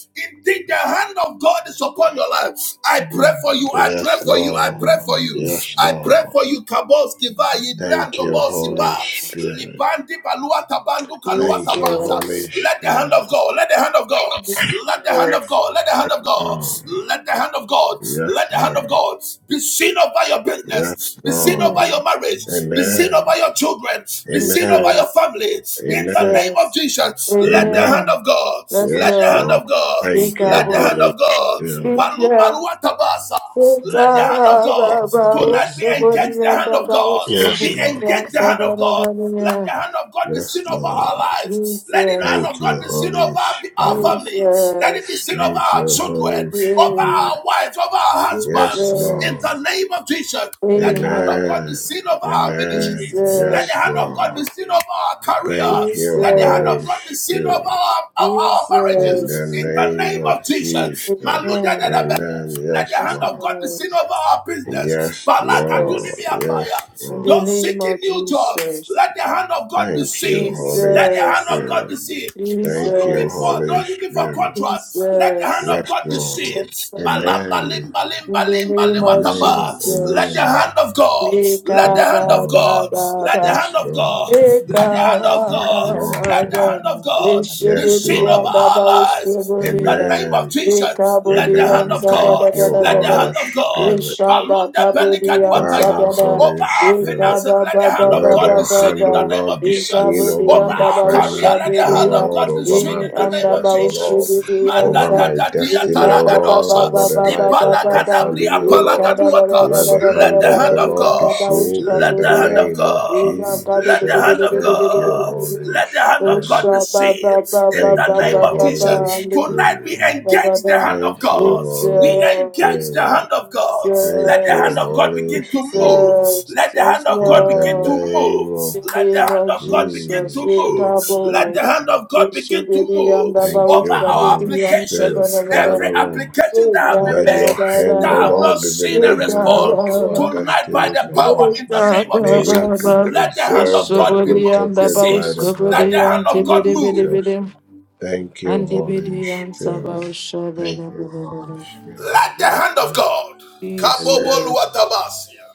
Speaker 1: hand of God is upon your life. I pray
Speaker 6: Mhm.
Speaker 1: for you. I pray
Speaker 2: Yes,
Speaker 1: for you. I
Speaker 6: Mhm,
Speaker 1: pray
Speaker 2: Lord.
Speaker 1: for
Speaker 6: mhm,
Speaker 1: you.
Speaker 2: Yes,
Speaker 1: I pray
Speaker 2: Lord.
Speaker 1: for you. Kabos kiva
Speaker 2: Thank
Speaker 1: ibrando
Speaker 2: you,
Speaker 1: bosi ba
Speaker 2: Holy
Speaker 3: Jesus.
Speaker 2: Spirit.
Speaker 1: libandi baluata bandu kaluata
Speaker 2: Thank you,
Speaker 1: basa.
Speaker 3: Jesus.
Speaker 2: Holy
Speaker 1: Let the hand of
Speaker 2: Spirit.
Speaker 1: God. Let the hand of God. Let the hand of
Speaker 3: Jesus.
Speaker 1: God. Let the hand of God.
Speaker 2: Lord.
Speaker 1: Let the hand of God. Let
Speaker 2: Yes,
Speaker 1: the hand of
Speaker 2: Lord.
Speaker 1: God be seen over your
Speaker 2: Yes,
Speaker 1: business, be seen
Speaker 2: Lord.
Speaker 1: over
Speaker 3: Amen.
Speaker 1: your marriage, be seen
Speaker 3: Amen.
Speaker 1: over
Speaker 2: Amen.
Speaker 1: your children, be seen over your
Speaker 2: Amen.
Speaker 3: Jesus.
Speaker 1: family. In the
Speaker 2: Amen.
Speaker 1: name of
Speaker 3: Jesus.
Speaker 1: Jesus, let the
Speaker 2: Amen.
Speaker 6: mhm,
Speaker 1: hand
Speaker 3: Amen.
Speaker 6: mhm,
Speaker 1: of God,
Speaker 3: Let's
Speaker 1: let
Speaker 2: Yes,
Speaker 1: the hand
Speaker 3: Lord.
Speaker 2: Lord.
Speaker 1: of God,
Speaker 2: Thank you,
Speaker 1: let the
Speaker 3: Recover.
Speaker 1: hand
Speaker 2: Holy
Speaker 1: of God.
Speaker 2: Spirit.
Speaker 1: Palu
Speaker 3: Jesus.
Speaker 1: Balua Tabasa. Let the hand of God
Speaker 6: mhm, blah, blah,
Speaker 3: Recover.
Speaker 1: tonight be
Speaker 6: blah, blah,
Speaker 3: Somebody
Speaker 6: blah.
Speaker 1: engaged. The
Speaker 3: and
Speaker 1: hand of
Speaker 3: about
Speaker 1: God
Speaker 2: Yes,
Speaker 6: Mhm.
Speaker 1: be
Speaker 2: Lord.
Speaker 3: somebody
Speaker 1: engaged. The hand of God. Let
Speaker 3: and
Speaker 1: the hand of God be
Speaker 2: Yes,
Speaker 1: seen over our
Speaker 2: Lord.
Speaker 1: lives. Let the hand
Speaker 3: Jesus,
Speaker 1: of
Speaker 2: Thank
Speaker 1: God
Speaker 2: you,
Speaker 1: be seen
Speaker 2: Holy
Speaker 1: over our our
Speaker 2: Spirit.
Speaker 1: family. Let it be
Speaker 3: Jesus,
Speaker 1: seen over
Speaker 2: Thank
Speaker 1: our
Speaker 2: you,
Speaker 1: children,
Speaker 2: Holy
Speaker 1: over
Speaker 3: yeah,
Speaker 2: Spirit.
Speaker 1: our wives, over our
Speaker 2: Yes,
Speaker 1: husbands. In
Speaker 2: Lord.
Speaker 1: the
Speaker 3: Jesus,
Speaker 1: name of Jesus. Let the hand of
Speaker 3: Amen,
Speaker 1: God be
Speaker 2: Amen.
Speaker 1: seen over our
Speaker 2: Amen.
Speaker 1: ministries. Let the
Speaker 2: Yes,
Speaker 3: Jesus,
Speaker 1: hand of God be
Speaker 2: Lord.
Speaker 1: seen over our career.
Speaker 2: Thank you,
Speaker 1: Let the hand of
Speaker 2: Holy
Speaker 1: God
Speaker 3: Jesus,
Speaker 1: be seen over
Speaker 2: Spirit.
Speaker 1: our, our, our
Speaker 2: In
Speaker 1: marriages.
Speaker 2: the
Speaker 3: Jesus,
Speaker 1: In the name
Speaker 2: name of
Speaker 1: of Jesus.
Speaker 2: Jesus.
Speaker 1: Maluda
Speaker 3: Amen,
Speaker 2: Amen.
Speaker 1: Let the
Speaker 2: Yes,
Speaker 3: yes,
Speaker 1: hand of
Speaker 2: Lord.
Speaker 1: God be
Speaker 3: Lord,
Speaker 1: seen
Speaker 6: Yes,
Speaker 1: over our business.
Speaker 2: Yes,
Speaker 1: Let the
Speaker 2: Lord.
Speaker 3: Jesus,
Speaker 2: Yes,
Speaker 3: in
Speaker 2: Lord.
Speaker 3: the
Speaker 1: those
Speaker 3: name
Speaker 1: seeking
Speaker 3: of
Speaker 1: new jobs,
Speaker 3: Jesus,
Speaker 1: let the hand of God be
Speaker 2: Thank you,
Speaker 1: seen.
Speaker 2: Holy
Speaker 1: Let the hand
Speaker 3: Jesus,
Speaker 1: of God be
Speaker 2: Spirit.
Speaker 1: seen. Don't
Speaker 2: Thank you,
Speaker 1: looking for,
Speaker 3: Jesus,
Speaker 2: Holy
Speaker 1: don't looking for
Speaker 2: Spirit.
Speaker 1: contracts. Let the hand
Speaker 3: Jesus,
Speaker 1: of
Speaker 2: Yes,
Speaker 1: God be
Speaker 3: yes,
Speaker 2: Lord.
Speaker 1: seen.
Speaker 3: Lord.
Speaker 1: Malamba
Speaker 2: Amen.
Speaker 1: limba limba
Speaker 3: in the
Speaker 1: limba
Speaker 3: name of
Speaker 2: Amen.
Speaker 1: liwataba. Let the
Speaker 3: Jesus,
Speaker 2: Amen.
Speaker 1: hand of God. Let the
Speaker 2: Yes,
Speaker 1: hand of
Speaker 2: Lord.
Speaker 1: God. Let the
Speaker 3: Rekabababa.
Speaker 6: yes,
Speaker 2: Yes,
Speaker 1: hand of
Speaker 6: yes,
Speaker 2: Lord.
Speaker 1: God.
Speaker 6: yes, yes,
Speaker 1: Let the
Speaker 6: yes,
Speaker 1: hand
Speaker 6: yes,
Speaker 1: of
Speaker 2: Yes,
Speaker 6: yes.
Speaker 1: God.
Speaker 2: Lord.
Speaker 1: Let the
Speaker 6: Blah, blah,
Speaker 3: Ekalaga,
Speaker 1: hand of
Speaker 6: blah,
Speaker 1: God
Speaker 6: blah,
Speaker 1: be
Speaker 2: Yes,
Speaker 6: blah, blah,
Speaker 1: seen of
Speaker 3: Leshebedia,
Speaker 2: Lord.
Speaker 1: our
Speaker 3: Baba
Speaker 1: lives in the
Speaker 3: Ustiburia,
Speaker 6: blah.
Speaker 1: name of
Speaker 2: Amen.
Speaker 6: Yes.
Speaker 1: Jesus. Let the
Speaker 3: Ekabudia,
Speaker 1: hand
Speaker 3: and
Speaker 2: Amen.
Speaker 1: of
Speaker 2: Thank
Speaker 1: God.
Speaker 3: Sabada,
Speaker 2: you,
Speaker 3: Bada,
Speaker 1: Let the hand
Speaker 2: Holy
Speaker 3: Bada,
Speaker 1: hand of God.
Speaker 2: Spirit.
Speaker 3: Ishaba
Speaker 1: Balunda
Speaker 3: kabudian
Speaker 1: pelikaduataya.
Speaker 2: Father,
Speaker 3: sabada.
Speaker 2: Holy
Speaker 1: Over our
Speaker 2: Spirit,
Speaker 1: finances,
Speaker 3: Ikaba
Speaker 1: let the hand
Speaker 3: baba
Speaker 1: of
Speaker 2: let
Speaker 1: God be
Speaker 2: your
Speaker 3: baba
Speaker 1: seen
Speaker 2: hand,
Speaker 1: in
Speaker 2: O
Speaker 1: the
Speaker 3: baba.
Speaker 1: name
Speaker 2: Lord,
Speaker 1: of
Speaker 2: be seen
Speaker 1: Jesus.
Speaker 2: over
Speaker 1: Over
Speaker 2: my
Speaker 3: Ikabudian
Speaker 1: our
Speaker 3: baba
Speaker 1: career, let the
Speaker 2: finances, O
Speaker 1: hand of
Speaker 3: ushabudian.
Speaker 1: God
Speaker 2: Lord,
Speaker 1: be
Speaker 2: over
Speaker 1: seen
Speaker 2: my
Speaker 1: in
Speaker 3: Imi
Speaker 1: the name
Speaker 3: anda
Speaker 1: of
Speaker 2: business, O Lord,
Speaker 1: Jesus.
Speaker 3: baushibudian
Speaker 2: over
Speaker 3: sa.
Speaker 2: my
Speaker 1: Malagadadia
Speaker 2: destiny, O
Speaker 3: Ikaba baba
Speaker 2: Lord,
Speaker 1: talagadosa.
Speaker 2: over
Speaker 3: baba
Speaker 2: the life
Speaker 3: baba
Speaker 2: of my
Speaker 3: baba.
Speaker 1: Ipalagadabria
Speaker 2: family, O Lord.
Speaker 3: Ikaba da da da
Speaker 2: Let
Speaker 1: palagaduata.
Speaker 3: da
Speaker 2: the
Speaker 3: da da
Speaker 1: Let
Speaker 2: hand
Speaker 3: da da
Speaker 1: the
Speaker 2: of
Speaker 3: da
Speaker 1: hand
Speaker 2: the
Speaker 1: of
Speaker 3: da.
Speaker 2: Lord be
Speaker 3: Anda
Speaker 1: God,
Speaker 2: seen in
Speaker 1: let the
Speaker 2: the
Speaker 1: hand of
Speaker 3: baushabudian.
Speaker 2: name of
Speaker 1: God,
Speaker 3: Ikaba da da
Speaker 1: let the
Speaker 2: Jesus.
Speaker 1: hand of
Speaker 2: Thank you,
Speaker 1: God,
Speaker 2: Holy
Speaker 1: let the hand of God
Speaker 2: Spirit.
Speaker 1: be
Speaker 3: Ushaba
Speaker 1: seen
Speaker 3: baba
Speaker 1: in
Speaker 3: baba
Speaker 1: the
Speaker 2: Thank
Speaker 1: name
Speaker 2: you,
Speaker 3: baba
Speaker 1: of
Speaker 2: Holy
Speaker 3: baba.
Speaker 1: Jesus.
Speaker 3: Anda
Speaker 1: Tonight
Speaker 2: Spirit.
Speaker 1: we engage
Speaker 3: baushabudian
Speaker 1: engage the
Speaker 3: sabada.
Speaker 1: hand of
Speaker 2: Thank
Speaker 1: God.
Speaker 2: you,
Speaker 1: We
Speaker 2: Holy
Speaker 1: engage the
Speaker 2: Spirit.
Speaker 1: hand of God. Let
Speaker 2: Thank
Speaker 1: the
Speaker 2: you,
Speaker 1: hand
Speaker 3: Jesus,
Speaker 1: of God
Speaker 2: Holy
Speaker 1: begin to move.
Speaker 2: Spirit.
Speaker 3: Jesus,
Speaker 1: Let the
Speaker 3: yes,
Speaker 1: hand of God
Speaker 2: In the
Speaker 1: begin to
Speaker 3: Lord.
Speaker 2: name
Speaker 1: move.
Speaker 3: In
Speaker 2: of
Speaker 3: the
Speaker 1: Let the
Speaker 3: name
Speaker 1: hand
Speaker 3: of
Speaker 1: of God begin
Speaker 3: Jesus,
Speaker 1: to
Speaker 2: Jesus.
Speaker 1: move. Let the
Speaker 3: Ekabo,
Speaker 1: hand of God begin to
Speaker 3: Ushibidi
Speaker 1: move
Speaker 3: Ambaba,
Speaker 2: Thank
Speaker 1: over
Speaker 2: you,
Speaker 6: Yes.
Speaker 1: our
Speaker 3: Ushabidi
Speaker 2: Holy Spirit.
Speaker 1: applications. Every
Speaker 2: Father,
Speaker 3: Antabara,
Speaker 2: Lord,
Speaker 1: application that have been
Speaker 2: let
Speaker 1: made
Speaker 2: your
Speaker 3: Ekaba,
Speaker 2: hand,
Speaker 1: that
Speaker 2: O
Speaker 1: have
Speaker 6: Yes. Yes. Yes.
Speaker 3: Baba,
Speaker 1: not
Speaker 2: Lord, be
Speaker 1: seen a
Speaker 6: Yes.
Speaker 2: released
Speaker 6: Yes. Yes. Yes.
Speaker 2: unto
Speaker 1: response
Speaker 2: our
Speaker 3: Ekaba,
Speaker 6: Yes.
Speaker 1: tonight by the
Speaker 2: destinies, O
Speaker 1: power
Speaker 2: Lord.
Speaker 1: in
Speaker 6: Yes.
Speaker 1: the name of
Speaker 2: May
Speaker 3: Ekaba,
Speaker 2: we be
Speaker 1: Jesus.
Speaker 3: Baba,
Speaker 1: Let the hand of
Speaker 2: preserved and
Speaker 1: God be,
Speaker 3: Ushibidi
Speaker 1: mo- be
Speaker 2: protected
Speaker 3: Ambaba,
Speaker 1: seen.
Speaker 2: by the
Speaker 1: Let
Speaker 2: blood
Speaker 3: Ushibidi
Speaker 1: the
Speaker 2: of
Speaker 1: hand of God
Speaker 3: Antibidi, Bidi,
Speaker 1: move.
Speaker 2: Jesus.
Speaker 3: Bidi,
Speaker 2: Thank you, Holy
Speaker 3: Antibidi,
Speaker 2: Spirit.
Speaker 3: Ansaba,
Speaker 2: Thank you, Holy
Speaker 3: Ushabidi,
Speaker 2: Spirit.
Speaker 1: Let the
Speaker 2: Yes,
Speaker 1: hand of
Speaker 2: Lord.
Speaker 1: God. Kabobo
Speaker 2: Amen.
Speaker 3: Jesus.
Speaker 1: luatabasia.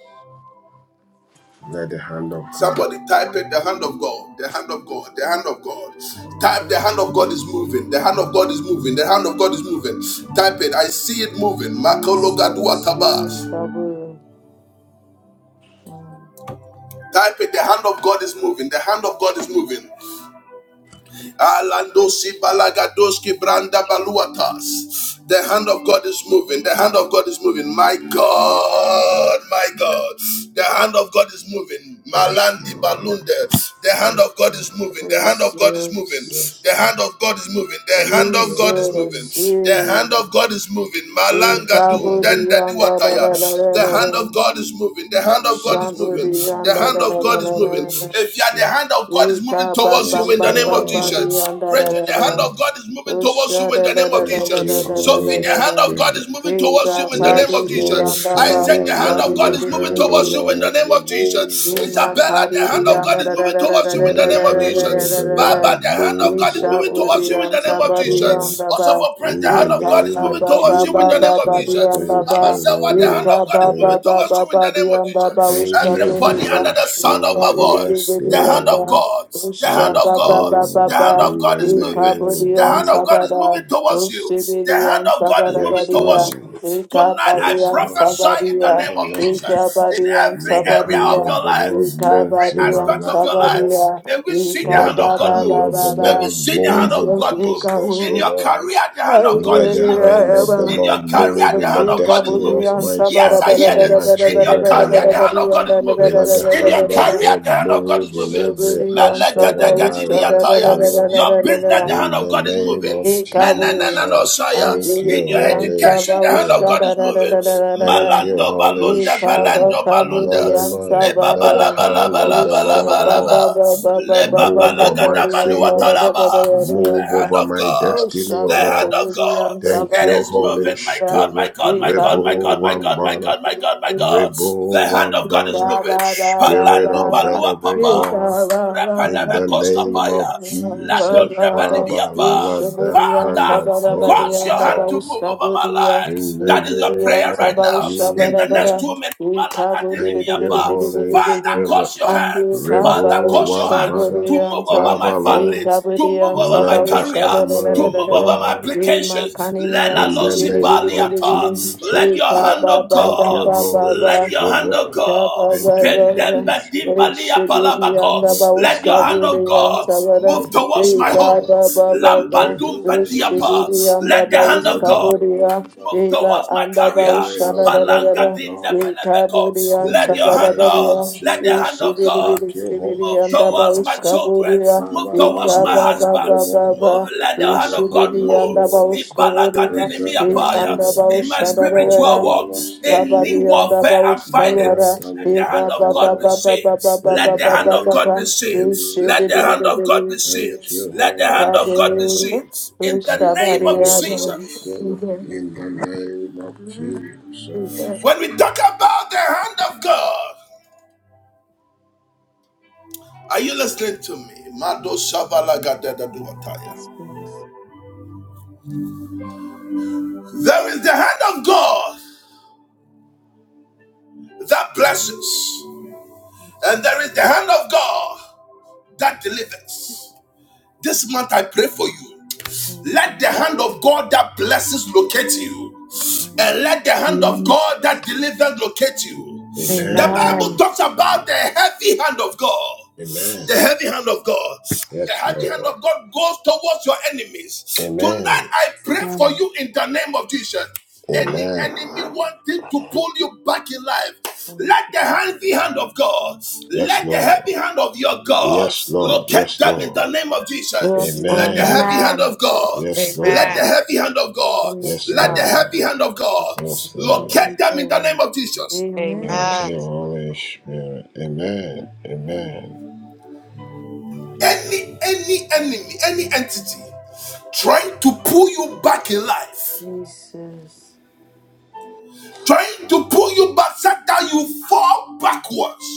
Speaker 2: Let the hand of God.
Speaker 1: Somebody type it the hand of God, the hand of God, the hand of God. Type the hand of God is moving, the hand of God is moving, the hand of God is moving. Type it, I see it moving.
Speaker 3: Jesus, you
Speaker 1: Makologaduatabas.
Speaker 3: cover.
Speaker 1: Type it, the hand of God is moving, the hand of God is moving. Alandosi balagadoski branda baluatas. The hand of God is moving. The hand of God is moving. My God, my God. The hand of God is moving.
Speaker 2: Yes,
Speaker 1: Malandi
Speaker 2: Lord.
Speaker 1: balunde. The hand
Speaker 2: Yes,
Speaker 1: of God
Speaker 2: Lord.
Speaker 1: is moving. The hand of God is moving.
Speaker 3: Jesus,
Speaker 2: Yes,
Speaker 1: The
Speaker 2: Lord.
Speaker 1: hand of God is moving. The hand
Speaker 2: Thank
Speaker 1: of
Speaker 2: you,
Speaker 1: God is
Speaker 2: Holy
Speaker 1: moving.
Speaker 3: Jesus,
Speaker 1: The
Speaker 2: Spirit.
Speaker 1: hand
Speaker 3: you
Speaker 1: of God is moving.
Speaker 3: you
Speaker 2: Yes,
Speaker 1: Malangadun.
Speaker 3: cover
Speaker 2: Lord.
Speaker 1: Then
Speaker 3: the
Speaker 1: the
Speaker 3: under, da
Speaker 1: duataya.
Speaker 3: da da
Speaker 2: Yes,
Speaker 3: da
Speaker 1: The hand
Speaker 2: Lord.
Speaker 3: da
Speaker 1: of
Speaker 3: da.
Speaker 1: God is moving. The hand of God is
Speaker 2: Yes,
Speaker 3: Shambu
Speaker 1: moving.
Speaker 2: Lord.
Speaker 3: the
Speaker 1: The
Speaker 3: under,
Speaker 1: hand
Speaker 3: da
Speaker 2: Thank
Speaker 1: of
Speaker 3: da
Speaker 2: you,
Speaker 3: da
Speaker 1: God is
Speaker 3: da
Speaker 1: moving
Speaker 3: da
Speaker 1: moving.
Speaker 2: Holy
Speaker 3: da.
Speaker 1: If you are the
Speaker 2: Spirit.
Speaker 1: hand of God is moving
Speaker 3: Lika ba
Speaker 1: towards you
Speaker 3: bam
Speaker 2: Yes,
Speaker 1: in the
Speaker 3: bam
Speaker 1: name of
Speaker 3: bam ba
Speaker 2: Lord.
Speaker 3: di
Speaker 1: Jesus.
Speaker 3: da da
Speaker 1: Bridget,
Speaker 3: da
Speaker 1: the
Speaker 2: Yes,
Speaker 1: hand
Speaker 3: da.
Speaker 1: of
Speaker 2: Lord.
Speaker 1: God is moving towards you
Speaker 3: Usha
Speaker 1: in
Speaker 3: da
Speaker 1: the
Speaker 3: da
Speaker 1: name
Speaker 3: da
Speaker 1: of
Speaker 2: Thank
Speaker 3: da da
Speaker 2: you,
Speaker 1: Jesus.
Speaker 3: da da da
Speaker 1: Sophie,
Speaker 3: da
Speaker 2: Holy
Speaker 1: the
Speaker 3: da
Speaker 1: hand
Speaker 3: da.
Speaker 1: of God is
Speaker 2: Spirit.
Speaker 1: moving towards you
Speaker 3: Lika
Speaker 1: in the
Speaker 3: sa
Speaker 1: name of
Speaker 2: Yes,
Speaker 3: di di
Speaker 2: Lord.
Speaker 1: Jesus.
Speaker 3: anda ba
Speaker 1: Isaac,
Speaker 2: Father,
Speaker 1: the hand
Speaker 3: usha
Speaker 2: let
Speaker 1: of
Speaker 3: di
Speaker 1: God
Speaker 2: your
Speaker 3: di
Speaker 1: is
Speaker 3: di di
Speaker 1: moving
Speaker 3: di
Speaker 2: hand,
Speaker 3: di
Speaker 2: O
Speaker 3: di
Speaker 1: towards you
Speaker 3: di.
Speaker 1: in the
Speaker 2: Lord,
Speaker 1: name
Speaker 2: be
Speaker 1: of
Speaker 2: moved
Speaker 1: Jesus.
Speaker 2: over
Speaker 3: Lima
Speaker 2: our
Speaker 1: Isabella, the
Speaker 2: lives,
Speaker 3: kari
Speaker 2: O
Speaker 1: hand
Speaker 3: di
Speaker 1: of
Speaker 2: Lord.
Speaker 3: anda
Speaker 1: God is
Speaker 3: da da
Speaker 1: moving
Speaker 3: da da
Speaker 1: towards
Speaker 3: da
Speaker 1: you
Speaker 3: da
Speaker 1: in
Speaker 2: Let
Speaker 1: the
Speaker 3: da
Speaker 2: the
Speaker 1: name of
Speaker 3: da
Speaker 2: hand
Speaker 3: da
Speaker 2: of
Speaker 3: da
Speaker 2: the
Speaker 1: Jesus.
Speaker 3: da da.
Speaker 1: Baba,
Speaker 2: Lord
Speaker 1: the hand of
Speaker 2: move
Speaker 1: God is moving
Speaker 2: over our
Speaker 1: towards you in
Speaker 3: Sabadia,
Speaker 1: the name of
Speaker 2: destinies, O Lord.
Speaker 1: Jesus. Also for Prince, the
Speaker 2: In the
Speaker 1: hand of God is
Speaker 2: name
Speaker 1: moving
Speaker 2: of
Speaker 1: towards you in the name of
Speaker 2: Jesus,
Speaker 1: Jesus.
Speaker 2: thank
Speaker 1: Mama
Speaker 2: you,
Speaker 1: said, What the
Speaker 2: Holy
Speaker 1: hand of God is moving
Speaker 2: Spirit.
Speaker 1: towards touch you in the name of Jesus.
Speaker 2: Thank you,
Speaker 1: Everybody under
Speaker 2: Holy
Speaker 1: the sound of
Speaker 2: Spirit.
Speaker 1: my
Speaker 2: Yes,
Speaker 1: voice, the hand of
Speaker 2: Lord.
Speaker 1: God, the hand of
Speaker 2: Yes,
Speaker 1: God, the
Speaker 2: Lord.
Speaker 1: hand of
Speaker 2: In
Speaker 1: God
Speaker 2: the
Speaker 1: is moving.
Speaker 3: Eka
Speaker 2: name
Speaker 1: The
Speaker 2: of
Speaker 3: Badian
Speaker 1: hand of God is
Speaker 2: Jesus.
Speaker 1: moving towards you. The hand of God is moving
Speaker 2: Yes,
Speaker 1: towards
Speaker 3: Sabadia,
Speaker 2: Lord.
Speaker 1: you. Tonight,
Speaker 3: Eka
Speaker 1: I
Speaker 2: Yes, Lord.
Speaker 1: prophesy in the
Speaker 2: Father,
Speaker 1: name of
Speaker 2: Lord,
Speaker 1: Jesus. In
Speaker 3: Badian
Speaker 1: every
Speaker 2: let the
Speaker 1: area
Speaker 2: hand
Speaker 1: of
Speaker 3: Sabadia,
Speaker 1: your
Speaker 2: of the
Speaker 1: life,
Speaker 2: Lord move
Speaker 1: every
Speaker 2: in my
Speaker 1: aspect of
Speaker 2: life,
Speaker 1: your
Speaker 2: O
Speaker 1: life,
Speaker 2: Lord.
Speaker 1: may we see the
Speaker 2: Let
Speaker 1: hand
Speaker 2: the
Speaker 1: of God
Speaker 2: hand
Speaker 1: move.
Speaker 2: of the
Speaker 1: May we
Speaker 2: Lord
Speaker 1: see the hand
Speaker 2: move
Speaker 1: of
Speaker 2: in my
Speaker 1: God move.
Speaker 2: business, O
Speaker 1: In your
Speaker 2: Lord.
Speaker 1: career, the hand of God
Speaker 2: Let
Speaker 1: is
Speaker 2: the
Speaker 1: moving.
Speaker 2: hand of the
Speaker 1: In your
Speaker 2: Lord
Speaker 1: career,
Speaker 2: move
Speaker 1: the
Speaker 2: in the
Speaker 1: hand of God is
Speaker 2: destiny of
Speaker 1: moving.
Speaker 2: my
Speaker 1: Yes, I
Speaker 2: spouse
Speaker 1: hear
Speaker 2: and my
Speaker 1: this. In your
Speaker 2: children, O
Speaker 1: career, the
Speaker 2: Lord.
Speaker 1: hand of God is moving.
Speaker 2: Let the
Speaker 1: In your
Speaker 2: hand of
Speaker 1: career,
Speaker 2: God
Speaker 1: the hand of God is
Speaker 2: move in
Speaker 1: moving.
Speaker 2: every aspect of our lives, O Lord.
Speaker 1: Your business, the hand
Speaker 2: In
Speaker 1: of
Speaker 2: the
Speaker 1: God is
Speaker 2: name
Speaker 1: moving.
Speaker 2: of
Speaker 3: Yekabu
Speaker 2: Jesus,
Speaker 3: and
Speaker 2: thank
Speaker 1: In
Speaker 2: you,
Speaker 3: David
Speaker 1: your
Speaker 3: and
Speaker 2: Holy
Speaker 1: education, the
Speaker 3: Sabah
Speaker 1: hand of
Speaker 2: Spirit.
Speaker 1: God is
Speaker 3: Shada da da
Speaker 1: moving.
Speaker 3: da da da
Speaker 2: Thank
Speaker 3: da.
Speaker 2: you,
Speaker 1: Malando
Speaker 2: Holy
Speaker 3: Di
Speaker 1: balunda
Speaker 3: Kabu
Speaker 2: Spirit.
Speaker 1: balando
Speaker 2: Let
Speaker 3: the
Speaker 1: balunda.
Speaker 2: the man,
Speaker 1: Leba
Speaker 2: let the
Speaker 3: Ansabada.
Speaker 2: hand of the Lord,
Speaker 3: Usha
Speaker 2: O
Speaker 3: ba
Speaker 2: Lord,
Speaker 3: ba
Speaker 1: balabalabalabalaba.
Speaker 3: ba ba ba ba
Speaker 1: Leba
Speaker 3: ba
Speaker 2: move
Speaker 3: ba
Speaker 2: on
Speaker 3: ba
Speaker 2: my
Speaker 3: the Anda da
Speaker 2: favor,
Speaker 3: da da da
Speaker 1: balagadabaluatalaba
Speaker 3: da
Speaker 2: move
Speaker 3: Anda.
Speaker 2: over
Speaker 1: of
Speaker 2: my
Speaker 1: God,
Speaker 2: destiny,
Speaker 3: Usha
Speaker 2: O
Speaker 1: the
Speaker 3: ba
Speaker 1: hand
Speaker 2: Lord.
Speaker 1: of
Speaker 3: Kabu the
Speaker 1: God.
Speaker 2: Thank
Speaker 1: It
Speaker 3: Ansaba
Speaker 2: you,
Speaker 1: is
Speaker 2: Holy
Speaker 1: moving. My
Speaker 3: Uchibidia.
Speaker 1: God, my
Speaker 2: Spirit.
Speaker 1: God, my God, my
Speaker 3: Yekabu
Speaker 2: Rebo
Speaker 1: God, my God, my
Speaker 2: Wambara.
Speaker 1: God, my God, my
Speaker 3: the
Speaker 1: God. The
Speaker 2: Rebo
Speaker 1: hand of God is
Speaker 2: Wambara.
Speaker 3: Ba
Speaker 1: moving.
Speaker 3: ba ba ba
Speaker 2: Spirit
Speaker 3: ba
Speaker 1: Palandu
Speaker 2: of
Speaker 3: ba.
Speaker 2: the
Speaker 1: balua
Speaker 2: living
Speaker 1: papa.
Speaker 2: God.
Speaker 3: Ika ba ba
Speaker 2: In
Speaker 3: ba.
Speaker 2: the name
Speaker 1: Repenemekoskapaya.
Speaker 2: of
Speaker 3: Ba
Speaker 2: Jesus,
Speaker 3: ba ba.
Speaker 2: Father, let
Speaker 1: Latondebelibiapa.
Speaker 2: the
Speaker 3: Ushabudiyan
Speaker 2: hand
Speaker 1: Father,
Speaker 2: of
Speaker 3: sabara
Speaker 1: cause
Speaker 3: badiyan
Speaker 2: God
Speaker 1: your
Speaker 3: da
Speaker 1: hand
Speaker 3: ba
Speaker 1: to
Speaker 2: Lord.
Speaker 3: ushabudiya.
Speaker 2: In the name
Speaker 3: Libidiyan
Speaker 2: of
Speaker 3: saba ushabara
Speaker 2: Jesus.
Speaker 3: bara. Ika budi di
Speaker 2: Thank
Speaker 3: di di di
Speaker 2: you,
Speaker 3: di di di
Speaker 2: Holy
Speaker 3: di di.
Speaker 2: Spirit.
Speaker 3: Andi kaba
Speaker 2: Rebo Wambara.
Speaker 3: ushabudiyan sa.
Speaker 2: Father, Lord.
Speaker 3: Ika budiyan saba
Speaker 2: Let the
Speaker 3: ushabara
Speaker 2: armor
Speaker 3: bara
Speaker 2: of
Speaker 3: bara bara.
Speaker 2: God.
Speaker 3: Ima kaniniyan
Speaker 2: In the
Speaker 3: sibidi bidi
Speaker 2: name of
Speaker 3: bidi bidi.
Speaker 2: Jesus.
Speaker 3: Ika ba ba
Speaker 2: Thank
Speaker 3: ba
Speaker 2: you,
Speaker 3: ba ba
Speaker 2: Holy
Speaker 3: ba.
Speaker 2: Spirit.
Speaker 3: Baba,
Speaker 2: Thank you, Holy Spirit. Rebu-wamba, rebu-wamba, rebu-wamba, rebu-wamba. Give it all, benefit God. In the name of
Speaker 1: let
Speaker 2: Jesus, thank you, Holy
Speaker 1: move towards
Speaker 2: Spirit.
Speaker 1: my children.
Speaker 2: Father, let your
Speaker 3: baba,
Speaker 2: hand, O Lord,
Speaker 3: baba
Speaker 2: come upon
Speaker 1: Toward
Speaker 2: us, O Lord.
Speaker 1: Mokadiapa.
Speaker 2: Preserve us, O Lord. Order
Speaker 3: baba,
Speaker 2: our steps, O
Speaker 3: Kabari
Speaker 2: Lord.
Speaker 3: yanda baus
Speaker 2: Direct
Speaker 3: kabara,
Speaker 2: our
Speaker 3: e ba
Speaker 2: path, O
Speaker 3: ba ba
Speaker 2: Lord.
Speaker 3: ba ba ba ba ba ba
Speaker 2: In the
Speaker 3: ba ba ba ba,
Speaker 2: name of
Speaker 3: e she
Speaker 1: Let
Speaker 3: de
Speaker 1: the
Speaker 3: de
Speaker 2: Jesus,
Speaker 3: de
Speaker 1: hand
Speaker 3: de de
Speaker 1: of God
Speaker 3: de de,
Speaker 1: be seen.
Speaker 2: thank you,
Speaker 3: e
Speaker 1: Let the
Speaker 2: Holy
Speaker 1: hand of God be
Speaker 2: Spirit.
Speaker 1: seen.
Speaker 3: kabo,
Speaker 1: In
Speaker 3: e
Speaker 1: the
Speaker 2: Thank
Speaker 1: name
Speaker 3: shabari
Speaker 2: you,
Speaker 1: of
Speaker 3: yanda.
Speaker 2: Holy
Speaker 1: Jesus.
Speaker 3: We
Speaker 2: Spirit.
Speaker 3: give,
Speaker 2: In the name of Jesus.
Speaker 3: we give
Speaker 1: When we talk about the hand of God, are you listening to me? Mado
Speaker 3: this
Speaker 1: shavalagadadaduataya.
Speaker 3: peace,
Speaker 1: There is the hand of God that blesses, and there is the hand of God that delivers. This month I pray for you.
Speaker 3: and the
Speaker 1: Let the hand of God that blesses locate you, and
Speaker 3: honor,
Speaker 1: let the hand of
Speaker 7: Amen.
Speaker 1: God that delivers locate you. The
Speaker 2: Amen.
Speaker 1: Bible
Speaker 7: Amen.
Speaker 1: talks about the heavy hand of God.
Speaker 2: Amen.
Speaker 1: The heavy hand of God. The
Speaker 2: Yes,
Speaker 1: heavy hand
Speaker 2: Lord.
Speaker 1: of God goes towards your enemies. Tonight,
Speaker 2: Amen.
Speaker 1: I pray for you in the name of Jesus.
Speaker 3: and
Speaker 1: Any
Speaker 2: Amen.
Speaker 1: enemy wanting to pull you back in life, let the
Speaker 3: the
Speaker 1: heavy hand of God,
Speaker 2: Yes,
Speaker 1: let the heavy
Speaker 2: Lord.
Speaker 1: hand of your God
Speaker 2: Yes, Lord.
Speaker 1: locate
Speaker 2: Yes,
Speaker 1: them in
Speaker 2: Lord.
Speaker 1: the name of Jesus.
Speaker 7: Yes,
Speaker 1: Let
Speaker 7: Lord.
Speaker 1: the heavy
Speaker 2: Amen.
Speaker 1: hand
Speaker 7: Amen.
Speaker 1: of God,
Speaker 2: Yes,
Speaker 1: let the
Speaker 2: Lord.
Speaker 7: Amen.
Speaker 1: heavy hand of God,
Speaker 7: Yes,
Speaker 2: Yes,
Speaker 1: let the
Speaker 3: blessing.
Speaker 7: God.
Speaker 1: heavy
Speaker 2: Lord.
Speaker 1: hand of God
Speaker 2: Yes, Lord.
Speaker 1: locate
Speaker 3: Jesus,
Speaker 7: Amen.
Speaker 1: them in the name of Jesus.
Speaker 3: Amen.
Speaker 2: Thank you, Holy Spirit. Amen. Amen.
Speaker 1: Any, any enemy, any entity trying to pull you back in life,
Speaker 3: Jesus,
Speaker 1: trying to set you up backwards,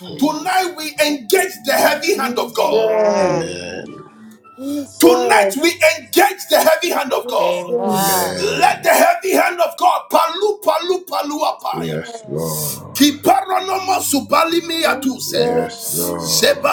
Speaker 3: Amen.
Speaker 1: get the heavy hand of God.
Speaker 3: Jesus.
Speaker 2: Amen.
Speaker 1: Tonight we
Speaker 3: Jesus.
Speaker 1: get the heavy hand of
Speaker 7: Amen. Amen.
Speaker 3: Jesus.
Speaker 1: God.
Speaker 8: Mm,
Speaker 7: Amen.
Speaker 1: Land
Speaker 2: Amen.
Speaker 1: of God, Palu Paluapaya.
Speaker 2: Yes,
Speaker 3: Yes.
Speaker 2: Lord. Yes,
Speaker 3: Jesus.
Speaker 2: Lord.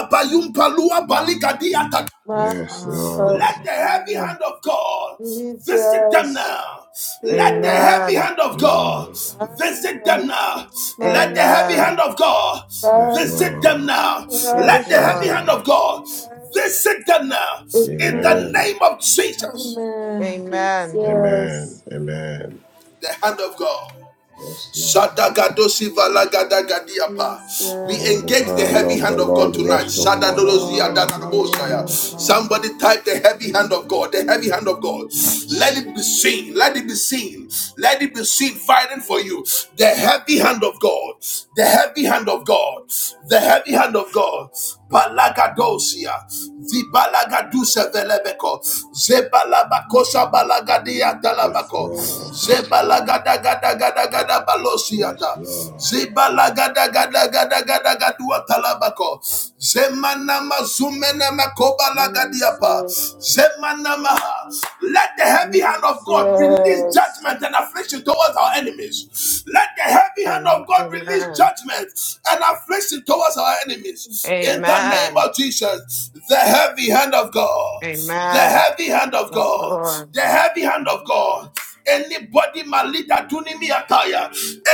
Speaker 3: My
Speaker 7: Yes,
Speaker 2: Yes,
Speaker 7: God.
Speaker 3: God.
Speaker 1: Let the
Speaker 2: Lord.
Speaker 1: heavy
Speaker 7: Amen.
Speaker 1: God visit them
Speaker 3: Jesus.
Speaker 1: now. Let the
Speaker 3: Jesus.
Speaker 1: heavy
Speaker 7: Amen.
Speaker 1: hand of God
Speaker 2: Mm.
Speaker 3: My
Speaker 1: visit them
Speaker 3: God.
Speaker 1: now.
Speaker 3: My
Speaker 1: Let the heavy
Speaker 3: God.
Speaker 1: hand
Speaker 7: Amen.
Speaker 1: of God
Speaker 2: Yes,
Speaker 3: Father,
Speaker 1: visit them
Speaker 2: Lord.
Speaker 1: now. Let
Speaker 3: Father,
Speaker 7: Yes,
Speaker 2: Yes,
Speaker 1: the heavy
Speaker 7: Lord.
Speaker 1: hand
Speaker 2: Lord.
Speaker 1: of God
Speaker 3: Father.
Speaker 1: visit them now. In
Speaker 3: Amen.
Speaker 1: the
Speaker 2: Amen.
Speaker 1: name of Jesus,
Speaker 3: Amen.
Speaker 7: Amen.
Speaker 2: Amen.
Speaker 3: Jesus.
Speaker 2: Amen.
Speaker 1: the hand of God.
Speaker 2: Yes, Lord.
Speaker 1: Shatagadosi valagadagadiapa. We
Speaker 2: May the
Speaker 1: engage
Speaker 3: Jesus.
Speaker 1: the
Speaker 2: hand
Speaker 1: heavy
Speaker 2: of the
Speaker 1: hand of God
Speaker 2: Lord
Speaker 1: tonight.
Speaker 2: rest
Speaker 7: Yes,
Speaker 2: upon our
Speaker 1: Shadadodosi
Speaker 7: Lord.
Speaker 2: destinies, O
Speaker 1: adanaboskaya.
Speaker 7: Hallelujah,
Speaker 2: Lord.
Speaker 7: God.
Speaker 1: Somebody type the heavy
Speaker 7: Thank
Speaker 1: hand
Speaker 7: you.
Speaker 1: of God, the heavy hand of God. Let it be seen, let it be seen, let it be seen fighting for you. The heavy hand of God, the heavy hand of God, the heavy hand of God. Balagadosia, the Balagadusa Velebeko, zebalaba Talabakosa balagadia
Speaker 2: Yes,
Speaker 1: talabako.
Speaker 2: Lord.
Speaker 1: Zebalagada gada gada gada
Speaker 2: Yes,
Speaker 1: balosiata.
Speaker 2: Lord.
Speaker 1: Zibalagada gada gada gada gadua talabako. Zemana mazumena makoba
Speaker 3: Jesus.
Speaker 1: lagadiapa. Zemana maha. Let the heavy hand of God release
Speaker 3: Jesus.
Speaker 1: judgment and affliction towards our enemies. Let the heavy hand
Speaker 7: Amen.
Speaker 1: of God release
Speaker 7: Amen.
Speaker 1: judgment and affliction towards our enemies. In the name
Speaker 7: Amen.
Speaker 3: Jesus.
Speaker 1: of Jesus, the heavy hand of God. The
Speaker 7: Amen.
Speaker 1: heavy hand of
Speaker 7: Yes,
Speaker 1: God.
Speaker 7: Lord.
Speaker 1: The heavy hand of God. Anybody, Malita Tunimi Ataya,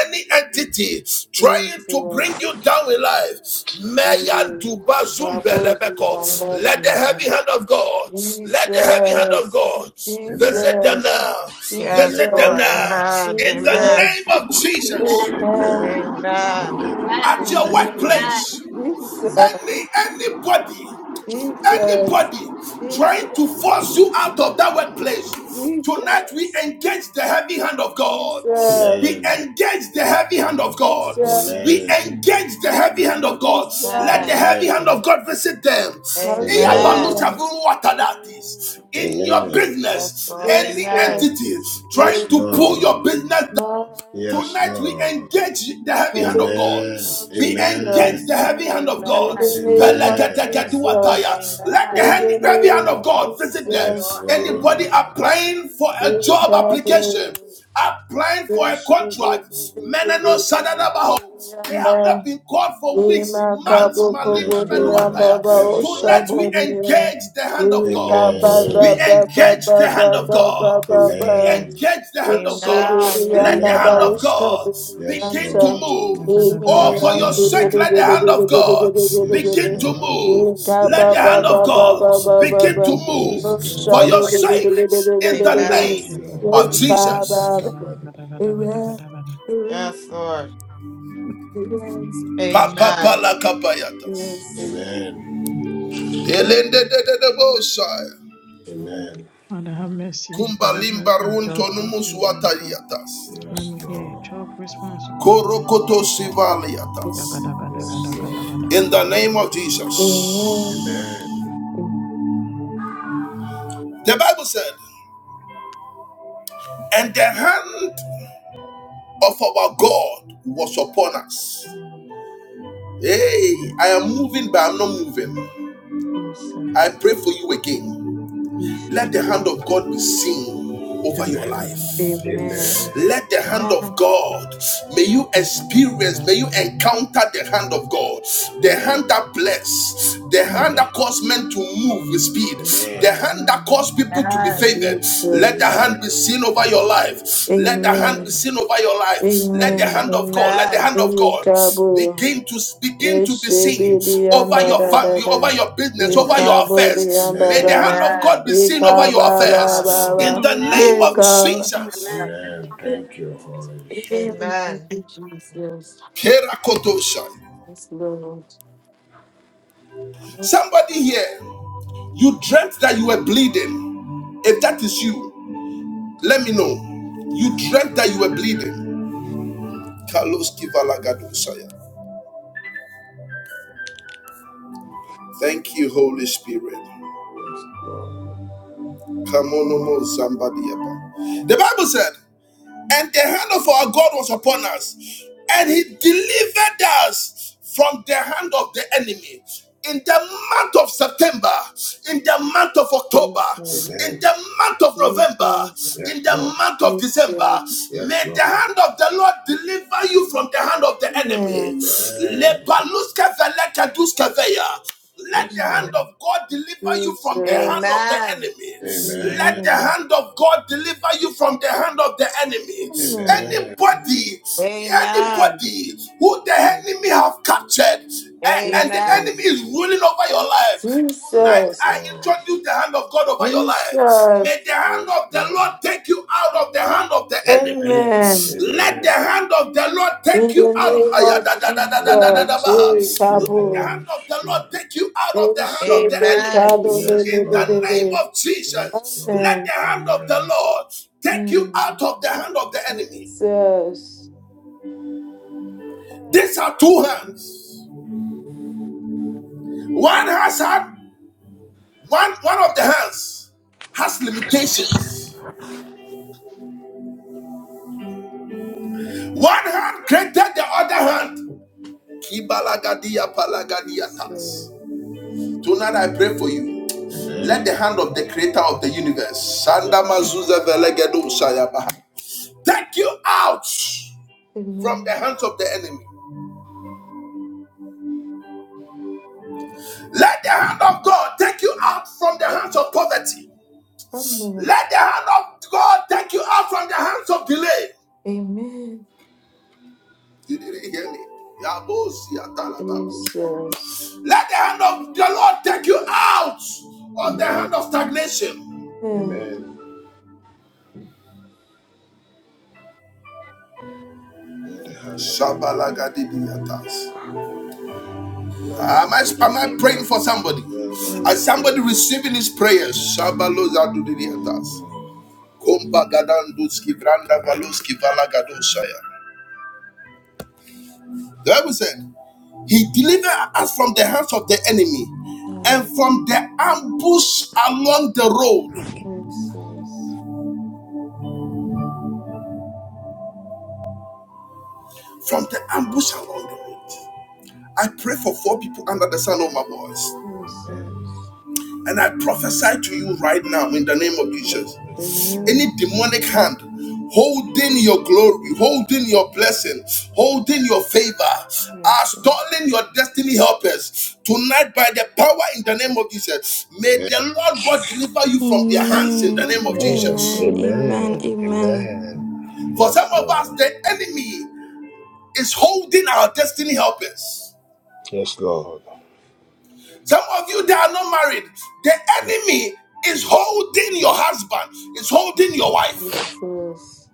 Speaker 1: any entity trying to bring
Speaker 3: Jesus.
Speaker 1: you down in life, Mayan
Speaker 3: Jesus,
Speaker 1: Tuba Zumbelebeko.
Speaker 7: Yes,
Speaker 1: let the heavy
Speaker 7: Jesus.
Speaker 1: hand of God, let the heavy hand of
Speaker 3: Jesus,
Speaker 1: God
Speaker 2: Amen.
Speaker 1: visit them now,
Speaker 2: Amen.
Speaker 7: Yes,
Speaker 1: visit them
Speaker 7: Lord.
Speaker 3: Jesus,
Speaker 1: now,
Speaker 7: Amen.
Speaker 1: in the
Speaker 2: Amen.
Speaker 7: Amen.
Speaker 3: Jesus,
Speaker 1: name of Jesus,
Speaker 2: Amen.
Speaker 3: Amen,
Speaker 7: Amen.
Speaker 2: Amen.
Speaker 1: at your
Speaker 2: Thank
Speaker 3: Amen.
Speaker 2: you.
Speaker 9: Amen.
Speaker 1: workplace,
Speaker 3: Jesus,
Speaker 1: any anybody
Speaker 3: Jesus,
Speaker 1: Anybody trying to
Speaker 3: Jesus,
Speaker 1: force you out of that workplace, tonight we
Speaker 3: Jesus,
Speaker 1: engage the heavy hand of
Speaker 3: Jesus,
Speaker 1: God. We
Speaker 2: Amen.
Speaker 1: engage the heavy hand of
Speaker 3: Jesus,
Speaker 1: God. We
Speaker 2: Amen.
Speaker 1: engage the heavy hand of God. Let the
Speaker 7: Amen.
Speaker 3: Jesus,
Speaker 1: heavy
Speaker 2: Amen.
Speaker 1: hand of God visit them.
Speaker 2: Amen.
Speaker 7: Amen.
Speaker 1: Eyabalusa vuwatadatis. In your
Speaker 2: Amen.
Speaker 7: Yes,
Speaker 1: business,
Speaker 7: Lord.
Speaker 3: Yes,
Speaker 1: any
Speaker 7: Amen.
Speaker 3: Lord.
Speaker 1: entity
Speaker 3: Jesus,
Speaker 1: trying
Speaker 2: Yes,
Speaker 1: to pull
Speaker 3: yeah.
Speaker 1: your
Speaker 2: Lord.
Speaker 1: business
Speaker 3: My
Speaker 2: Yes,
Speaker 3: God,
Speaker 1: Tonight we
Speaker 2: Lord.
Speaker 1: engage the heavy
Speaker 3: in
Speaker 1: hand of
Speaker 3: the
Speaker 1: God.
Speaker 3: name
Speaker 2: Amen.
Speaker 3: of
Speaker 1: We
Speaker 2: Amen.
Speaker 1: engage the
Speaker 3: Jesus,
Speaker 1: heavy hand of
Speaker 3: in
Speaker 1: God.
Speaker 3: the
Speaker 7: Amen. Amen.
Speaker 3: name of
Speaker 2: Amen.
Speaker 3: Jesus,
Speaker 1: Let the
Speaker 3: in
Speaker 7: Yes,
Speaker 3: the
Speaker 1: heavy hand
Speaker 3: name
Speaker 1: of
Speaker 3: of
Speaker 1: God visit them.
Speaker 2: Yes,
Speaker 3: Jesus,
Speaker 7: Lord.
Speaker 3: in
Speaker 1: Anybody
Speaker 2: Lord.
Speaker 1: applying for a
Speaker 3: in the
Speaker 1: job
Speaker 3: power of the
Speaker 1: application,
Speaker 3: Holy
Speaker 1: applying for a
Speaker 3: Ghost,
Speaker 1: contract,
Speaker 3: I
Speaker 1: they have not
Speaker 3: declare.
Speaker 1: been called for weeks,
Speaker 6: Yes.
Speaker 1: months.
Speaker 2: Yes,
Speaker 3: Imakabukuburia
Speaker 2: Lord.
Speaker 3: Baba
Speaker 2: Yes,
Speaker 1: Tonight
Speaker 2: Lord.
Speaker 1: we
Speaker 3: Oshaburia.
Speaker 1: engage the hand of God.
Speaker 3: Ikababa
Speaker 1: We
Speaker 2: Amen.
Speaker 3: Baba
Speaker 1: engage the hand
Speaker 3: Baba
Speaker 1: of
Speaker 3: Baba
Speaker 1: God. We
Speaker 3: Baba.
Speaker 2: Amen.
Speaker 1: engage the hand of God.
Speaker 7: Amen.
Speaker 3: Ikshibiriya
Speaker 7: Yes,
Speaker 1: Let the
Speaker 3: Baba
Speaker 1: hand
Speaker 7: Lord.
Speaker 1: of
Speaker 2: Amen.
Speaker 1: God
Speaker 2: Yes,
Speaker 1: begin to
Speaker 3: Oshkaburianta.
Speaker 2: Lord.
Speaker 1: move. Oh, for
Speaker 2: Yes,
Speaker 1: your
Speaker 3: Iminianti
Speaker 2: Lord.
Speaker 1: sake,
Speaker 3: Bidi
Speaker 1: let the
Speaker 7: Amen.
Speaker 3: Bidi
Speaker 1: hand
Speaker 3: Bidi
Speaker 1: of
Speaker 3: Bidi
Speaker 1: God
Speaker 3: Bidi Bidi
Speaker 2: Yes,
Speaker 3: Bidi.
Speaker 1: begin to
Speaker 2: Lord.
Speaker 1: move.
Speaker 6: Yes.
Speaker 1: Let the
Speaker 2: Yes,
Speaker 3: Ikababa
Speaker 1: hand of
Speaker 3: Baba
Speaker 2: Lord.
Speaker 1: God
Speaker 3: Baba
Speaker 1: begin
Speaker 3: Baba.
Speaker 1: to move
Speaker 2: Yes,
Speaker 1: for
Speaker 3: Oshadu
Speaker 2: Lord.
Speaker 1: your
Speaker 6: Yes.
Speaker 3: Bidi
Speaker 1: sake
Speaker 3: Bidi Bidi
Speaker 1: in
Speaker 3: Bidi
Speaker 1: the
Speaker 3: Bidi.
Speaker 2: Thank
Speaker 7: Amen.
Speaker 1: name
Speaker 2: you, Lord.
Speaker 1: of
Speaker 2: We we
Speaker 1: Jesus.
Speaker 3: Ikababa.
Speaker 2: talk about it.
Speaker 3: Amen. Amen.
Speaker 7: Yes, Lord.
Speaker 1: Papa
Speaker 7: Amen.
Speaker 1: pala palakapayatas.
Speaker 3: Yes.
Speaker 2: Amen.
Speaker 1: Helende de de de bosaya.
Speaker 3: Yes.
Speaker 2: Amen.
Speaker 6: Father, have mercy, O God. Let
Speaker 1: Kumbalimba
Speaker 6: my
Speaker 1: runto
Speaker 6: job
Speaker 1: numus
Speaker 6: interview, O God.
Speaker 1: watayatas.
Speaker 6: When
Speaker 2: Yes,
Speaker 6: we
Speaker 2: Lord.
Speaker 6: hear job response, oh God, in the name of
Speaker 1: Korokoto
Speaker 6: Jesus.
Speaker 1: sivaliatas.
Speaker 6: Gada, gada, gada,
Speaker 2: Yes,
Speaker 6: gada, gada,
Speaker 3: Jesus.
Speaker 2: Lord.
Speaker 6: gada, gada,
Speaker 1: In the
Speaker 6: gada,
Speaker 1: name of
Speaker 6: gada, gada, gada,
Speaker 1: Jesus.
Speaker 6: gada.
Speaker 3: Amen.
Speaker 2: Amen.
Speaker 1: The Bible said. and the hand of our God was upon us.
Speaker 3: Amen.
Speaker 1: Hey, I am moving, but I'm not moving. I
Speaker 3: Jesus.
Speaker 1: pray for you again.
Speaker 3: Jesus.
Speaker 1: Let the hand of God be seen over your
Speaker 3: Amen.
Speaker 6: In
Speaker 2: Amen.
Speaker 6: the name
Speaker 1: life.
Speaker 6: of Jesus.
Speaker 3: Amen.
Speaker 2: Amen.
Speaker 1: Let the hand
Speaker 7: Amen.
Speaker 1: of God may you
Speaker 6: Shaka, gada,
Speaker 1: experience,
Speaker 6: gada,
Speaker 1: may
Speaker 6: gada,
Speaker 1: you
Speaker 6: gada.
Speaker 1: encounter the hand of God, the
Speaker 2: Amen.
Speaker 1: hand that bless, the hand that
Speaker 2: Amen.
Speaker 1: caused men to move with speed, the
Speaker 2: Amen.
Speaker 1: hand that
Speaker 3: Amen.
Speaker 1: caused people to be
Speaker 7: Amen.
Speaker 1: favored. Let the
Speaker 3: Jesus.
Speaker 1: hand
Speaker 2: Amen.
Speaker 1: be seen over your life.
Speaker 2: Amen.
Speaker 1: Let the hand be
Speaker 3: Amen.
Speaker 2: Amen.
Speaker 1: seen over your life. Let the
Speaker 3: Amen.
Speaker 1: hand of God, let the
Speaker 7: Amen.
Speaker 1: hand of God
Speaker 3: Ikabo.
Speaker 1: begin to begin to be seen
Speaker 3: Yeshebi
Speaker 1: over
Speaker 3: dianda
Speaker 1: your
Speaker 2: Amen.
Speaker 3: da da
Speaker 1: family, over
Speaker 3: da.
Speaker 1: your business, over your
Speaker 2: Amen.
Speaker 3: Ikabo
Speaker 1: affairs.
Speaker 3: dianda
Speaker 1: May the
Speaker 2: Amen.
Speaker 3: ba.
Speaker 1: hand of God
Speaker 7: Amen.
Speaker 1: be seen over
Speaker 3: Ikaba
Speaker 1: your
Speaker 7: Yes,
Speaker 2: Yes,
Speaker 3: ba
Speaker 7: God.
Speaker 3: ba
Speaker 1: affairs
Speaker 3: ba.
Speaker 1: in
Speaker 2: Lord.
Speaker 1: the name
Speaker 9: Amen. Amen.
Speaker 1: of
Speaker 3: Ikaba.
Speaker 1: Jesus.
Speaker 9: Amen.
Speaker 7: Amen.
Speaker 2: Amen. Thank you, Holy Spirit.
Speaker 3: Amen.
Speaker 7: Amen.
Speaker 3: Thank you, Jesus.
Speaker 1: Kerakotosha.
Speaker 3: Yes, Lord.
Speaker 1: Somebody here, you dreamt that you were bleeding. If that is you, let me know. You dreamt that you were bleeding. Kalos Kivalagadosaya. Thank you, Holy Spirit.
Speaker 2: Yes, Lord.
Speaker 1: Kamonomo Zambadiaba. The Bible said. and the hand of our God was upon us, and He delivered us from the hand of the enemy. In the month of September, in the month of October,
Speaker 3: Yes, Lord.
Speaker 1: in
Speaker 2: Amen.
Speaker 1: the month of November,
Speaker 3: Jesus,
Speaker 2: Yes,
Speaker 1: in the
Speaker 2: Lord.
Speaker 1: month of December,
Speaker 3: Jesus,
Speaker 2: Yes,
Speaker 1: may the
Speaker 2: Lord.
Speaker 1: hand of the Lord deliver you from the hand of the
Speaker 3: Amen.
Speaker 1: enemy.
Speaker 2: Amen.
Speaker 1: Let
Speaker 2: Yes,
Speaker 1: the hand
Speaker 2: Lord.
Speaker 1: of God deliver you from the hand of
Speaker 3: Jesus,
Speaker 1: the
Speaker 7: Amen.
Speaker 1: enemy. Let
Speaker 2: Amen.
Speaker 1: the
Speaker 3: Amen.
Speaker 1: hand of God deliver you from the hand of the enemy.
Speaker 3: Amen.
Speaker 2: Amen.
Speaker 1: Anybody,
Speaker 7: Amen.
Speaker 1: anybody who the enemy have captured a-
Speaker 2: Yes,
Speaker 1: and the
Speaker 2: Lord.
Speaker 1: enemy
Speaker 7: Amen.
Speaker 3: Jesus,
Speaker 1: is ruling over your life.
Speaker 2: Yes,
Speaker 1: Tonight
Speaker 3: Jesus,
Speaker 1: I
Speaker 2: Lord.
Speaker 1: introduce the hand of God over your life. May
Speaker 3: Jesus,
Speaker 1: the hand
Speaker 2: Yes,
Speaker 1: of the
Speaker 2: Lord.
Speaker 1: Lord take you out of the hand of the enemy.
Speaker 2: Amen.
Speaker 3: Amen.
Speaker 1: Let the
Speaker 2: Amen.
Speaker 1: hand of the Lord take
Speaker 3: In
Speaker 1: you
Speaker 3: the
Speaker 1: out.
Speaker 3: name of Jesus,
Speaker 2: Amen.
Speaker 1: Ayadadadadadadadabaha.
Speaker 2: Thank you,
Speaker 1: The
Speaker 3: Shekabo,
Speaker 1: hand
Speaker 2: Holy
Speaker 1: of the Lord
Speaker 2: Spirit.
Speaker 1: take you out of the hand of the enemy.
Speaker 7: Amen.
Speaker 3: Shebekado,
Speaker 2: Yes,
Speaker 1: In the
Speaker 2: Lord.
Speaker 1: name
Speaker 3: Lelebelebe.
Speaker 1: of
Speaker 2: Yes,
Speaker 1: Jesus,
Speaker 2: Lord.
Speaker 1: let the
Speaker 3: Amen.
Speaker 1: hand of the
Speaker 2: Amen.
Speaker 1: Lord take you
Speaker 3: Mm.
Speaker 1: out of the hand of the enemy.
Speaker 3: Jesus. Ah,
Speaker 1: These are two hands. One has had one one of the hands has limitations. One hand created the other hand.
Speaker 3: Jesus.
Speaker 1: And I pray for you,
Speaker 3: Mhm.
Speaker 2: Amen.
Speaker 1: the hand of the creator of the universe.
Speaker 2: Yes, Lord.
Speaker 1: Sandamazuza velegedo You out.
Speaker 3: Amen.
Speaker 1: Enemy.
Speaker 3: Amen. Amen. Jesus.
Speaker 1: of the Lord take you out of the
Speaker 2: Amen.
Speaker 1: hand of him.
Speaker 3: Amen.
Speaker 2: Amen. Let the hand of the let the
Speaker 1: Am I,
Speaker 2: hand
Speaker 1: am
Speaker 2: of
Speaker 1: I
Speaker 2: the
Speaker 1: praying
Speaker 2: Lord
Speaker 1: for you?
Speaker 2: preserve us.
Speaker 1: As somebody
Speaker 3: Jesus.
Speaker 2: Yes, Lord.
Speaker 1: The Bible said, He delivered us from the hands of the enemy
Speaker 2: Yes.
Speaker 1: and
Speaker 3: amen,
Speaker 1: from the ambush along the
Speaker 3: Jesus.
Speaker 1: road. I pray for four people under the sound of my voice.
Speaker 2: Amen.
Speaker 3: Jesus.
Speaker 1: And I prophesy to you right now in the name
Speaker 3: Lord,
Speaker 2: Amen.
Speaker 1: any
Speaker 3: amen.
Speaker 1: demonic hand holding your glory, holding your blessing, holding your favor, are
Speaker 3: Jesus.
Speaker 1: stalling your destiny helpers tonight by the power in the name of Jesus. May the Lord God deliver you from their hands in the
Speaker 9: Amen. Amen.
Speaker 1: name of
Speaker 3: Amen.
Speaker 2: Amen.
Speaker 1: Jesus.
Speaker 3: Amen.
Speaker 9: Amen.
Speaker 2: Amen.
Speaker 9: Amen.
Speaker 2: Amen.
Speaker 1: For
Speaker 2: Yes,
Speaker 1: some of us,
Speaker 2: Lord.
Speaker 1: the enemy is holding our destiny helpers.
Speaker 2: Yes, Lord.
Speaker 1: Some of you that are not married, the enemy is holding your husband, is holding your wife.
Speaker 3: Jesus.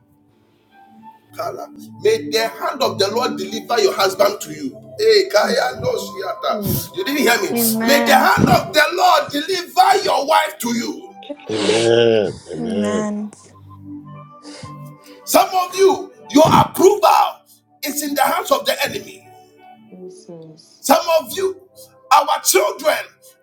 Speaker 1: May the hand of
Speaker 3: Amen.
Speaker 1: the Lord deliver your husband to you. Hey, Kaya, no,
Speaker 3: Amen.
Speaker 1: Shiata. You didn't hear
Speaker 9: Amen.
Speaker 1: me. May the
Speaker 9: Amen.
Speaker 1: hand of the Lord deliver your wife to you.
Speaker 3: Amen.
Speaker 2: Amen. Amen.
Speaker 9: Amen.
Speaker 1: Some of you, your approval is in the hands of the enemy.
Speaker 3: Jesus.
Speaker 1: Some of you, our children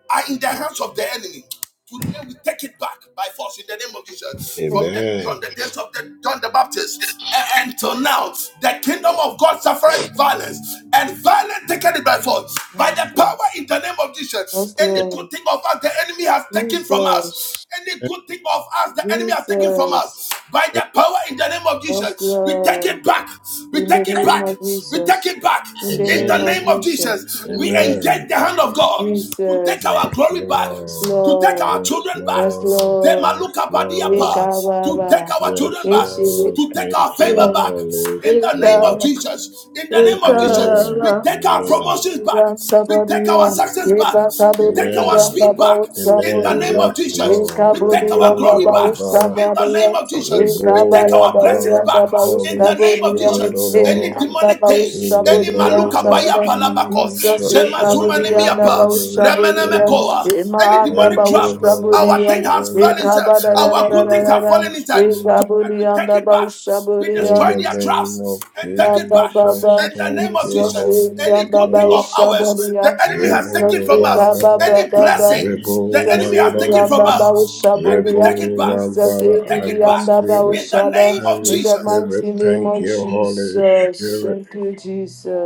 Speaker 1: are in the hands of the enemy. Today we take it back by force in the name of Jesus. From
Speaker 3: Amen.
Speaker 1: the
Speaker 2: Amen.
Speaker 1: from the days of the John the Baptist and until now, the kingdom of God suffered violence, and violence taken it by force. By the
Speaker 3: Jesus.
Speaker 1: power in the name of Jesus,
Speaker 3: Yes,
Speaker 1: any
Speaker 2: *laughs*
Speaker 1: good
Speaker 3: Lord.
Speaker 1: thing of us the enemy has taken from us.
Speaker 3: Jesus.
Speaker 1: Any good thing of us the enemy has taken from
Speaker 3: Jesus.
Speaker 1: us by the power in the name of
Speaker 3: Yes,
Speaker 1: Jesus. We take
Speaker 3: Lord.
Speaker 1: it back. We
Speaker 3: In the
Speaker 1: take it
Speaker 3: name
Speaker 1: back.
Speaker 3: of
Speaker 1: We take
Speaker 3: Jesus.
Speaker 1: it back
Speaker 3: In the
Speaker 1: in the
Speaker 3: name of
Speaker 1: name
Speaker 2: Amen.
Speaker 1: of
Speaker 3: Jesus.
Speaker 1: Jesus. We
Speaker 3: Amen.
Speaker 2: Amen.
Speaker 1: engage the hand of God to take
Speaker 3: Jesus.
Speaker 1: our
Speaker 2: Yes,
Speaker 1: glory back,
Speaker 3: Yes,
Speaker 2: Lord.
Speaker 1: to take
Speaker 3: Lord.
Speaker 1: our
Speaker 2: Yes,
Speaker 1: children
Speaker 3: Yes,
Speaker 1: back,
Speaker 2: Lord.
Speaker 3: Lord.
Speaker 2: Yes, Lord.
Speaker 1: Temalukapadiapa, to take
Speaker 3: Yekababa.
Speaker 1: our children
Speaker 2: Yes,
Speaker 1: back,
Speaker 3: Yeshe-
Speaker 2: Lord.
Speaker 1: to take our
Speaker 2: Thank
Speaker 1: favor
Speaker 2: you,
Speaker 1: back
Speaker 2: Holy
Speaker 1: in the name of
Speaker 2: Spirit.
Speaker 3: Yekababa.
Speaker 1: Jesus. In the name of Jesus,
Speaker 2: Amen.
Speaker 1: we
Speaker 3: Ekara,
Speaker 1: take our
Speaker 2: Amen.
Speaker 1: promotions back,
Speaker 3: Saburiya,
Speaker 1: we take our
Speaker 3: Saburiya,
Speaker 1: success back,
Speaker 3: Eka
Speaker 1: we take our
Speaker 3: Kaburiya,
Speaker 2: Amen.
Speaker 1: speed back
Speaker 3: Baba
Speaker 1: in the
Speaker 2: Amen.
Speaker 1: name
Speaker 3: Saburiya,
Speaker 1: of
Speaker 2: Yes,
Speaker 1: Jesus.
Speaker 2: Lord.
Speaker 3: Eka
Speaker 1: We take our
Speaker 3: Buriya,
Speaker 2: Rebo
Speaker 1: glory
Speaker 3: Baba
Speaker 1: back
Speaker 2: Wambara.
Speaker 1: in the name
Speaker 3: Saburiya,
Speaker 1: of Jesus. We
Speaker 3: Eka
Speaker 1: take
Speaker 3: Bala
Speaker 1: our
Speaker 2: Rebo
Speaker 1: blessings
Speaker 3: Buriya,
Speaker 1: back
Speaker 2: Wambara.
Speaker 3: Baba
Speaker 1: in the
Speaker 2: Holy
Speaker 1: name of
Speaker 2: Spirit,
Speaker 3: Saburiya,
Speaker 2: O
Speaker 1: Jesus.
Speaker 3: Emi
Speaker 1: Any
Speaker 2: Lord.
Speaker 1: demonic
Speaker 3: Baba
Speaker 1: thing,
Speaker 2: In the
Speaker 1: any
Speaker 3: Saburiya,
Speaker 2: name
Speaker 1: maluka
Speaker 2: of
Speaker 1: baya
Speaker 3: Sabara.
Speaker 1: palabako,
Speaker 3: Jesus,
Speaker 2: Jesus,
Speaker 1: zema
Speaker 3: Eka
Speaker 1: zuma
Speaker 2: thank you,
Speaker 3: Buriya,
Speaker 1: nemiapa,
Speaker 3: Baba
Speaker 2: Holy Spirit.
Speaker 3: Saburiya,
Speaker 1: remenemekoa, any
Speaker 3: Ema Baba
Speaker 1: demonic
Speaker 2: Thank
Speaker 1: trap,
Speaker 2: you, Holy
Speaker 1: our thing
Speaker 3: Saburiya,
Speaker 1: has
Speaker 2: Spirit.
Speaker 1: fallen
Speaker 3: Eka
Speaker 1: inside,
Speaker 2: Thank
Speaker 1: our
Speaker 2: you,
Speaker 1: good things have
Speaker 3: Bala
Speaker 2: Holy
Speaker 1: fallen inside.
Speaker 2: Spirit.
Speaker 1: Tonight we
Speaker 3: Buriya,
Speaker 1: take it
Speaker 3: Baba
Speaker 1: back. We
Speaker 2: In
Speaker 1: destroy
Speaker 2: the
Speaker 3: Saburiya,
Speaker 1: their
Speaker 2: name
Speaker 1: traps
Speaker 2: of
Speaker 1: and take it back.
Speaker 2: Jesus,
Speaker 3: Baba,
Speaker 1: In the
Speaker 2: thank
Speaker 1: name of
Speaker 2: you,
Speaker 3: Jesus,
Speaker 1: Jesus,
Speaker 2: Holy
Speaker 1: any
Speaker 3: Baba,
Speaker 1: good thing
Speaker 3: Baba,
Speaker 2: Spirit.
Speaker 1: of ours the
Speaker 3: Shabaria,
Speaker 1: enemy has
Speaker 3: Jesus,
Speaker 1: taken
Speaker 2: Rebel
Speaker 1: from
Speaker 2: one
Speaker 1: us,
Speaker 3: Baba,
Speaker 2: brother,
Speaker 3: Baba,
Speaker 1: any
Speaker 3: Baba,
Speaker 1: blessing
Speaker 2: rebel
Speaker 1: the
Speaker 3: Jesus,
Speaker 1: enemy
Speaker 2: one
Speaker 1: has taken
Speaker 2: brother,
Speaker 1: from
Speaker 3: Baba,
Speaker 1: us,
Speaker 3: Baba,
Speaker 1: tonight we
Speaker 3: Shabaria,
Speaker 1: take it
Speaker 2: rebel
Speaker 1: back.
Speaker 2: one
Speaker 3: Jesus,
Speaker 2: brother.
Speaker 1: We take
Speaker 2: I
Speaker 1: it back
Speaker 3: Baba,
Speaker 2: receive
Speaker 3: Baba,
Speaker 2: it.
Speaker 1: in the
Speaker 2: I
Speaker 3: Shada,
Speaker 1: name of
Speaker 3: in the
Speaker 1: Jesus.
Speaker 2: receive it.
Speaker 3: mighty name
Speaker 2: Thank
Speaker 3: of
Speaker 2: you, Holy
Speaker 3: Jesus,
Speaker 2: Spirit.
Speaker 3: thank you,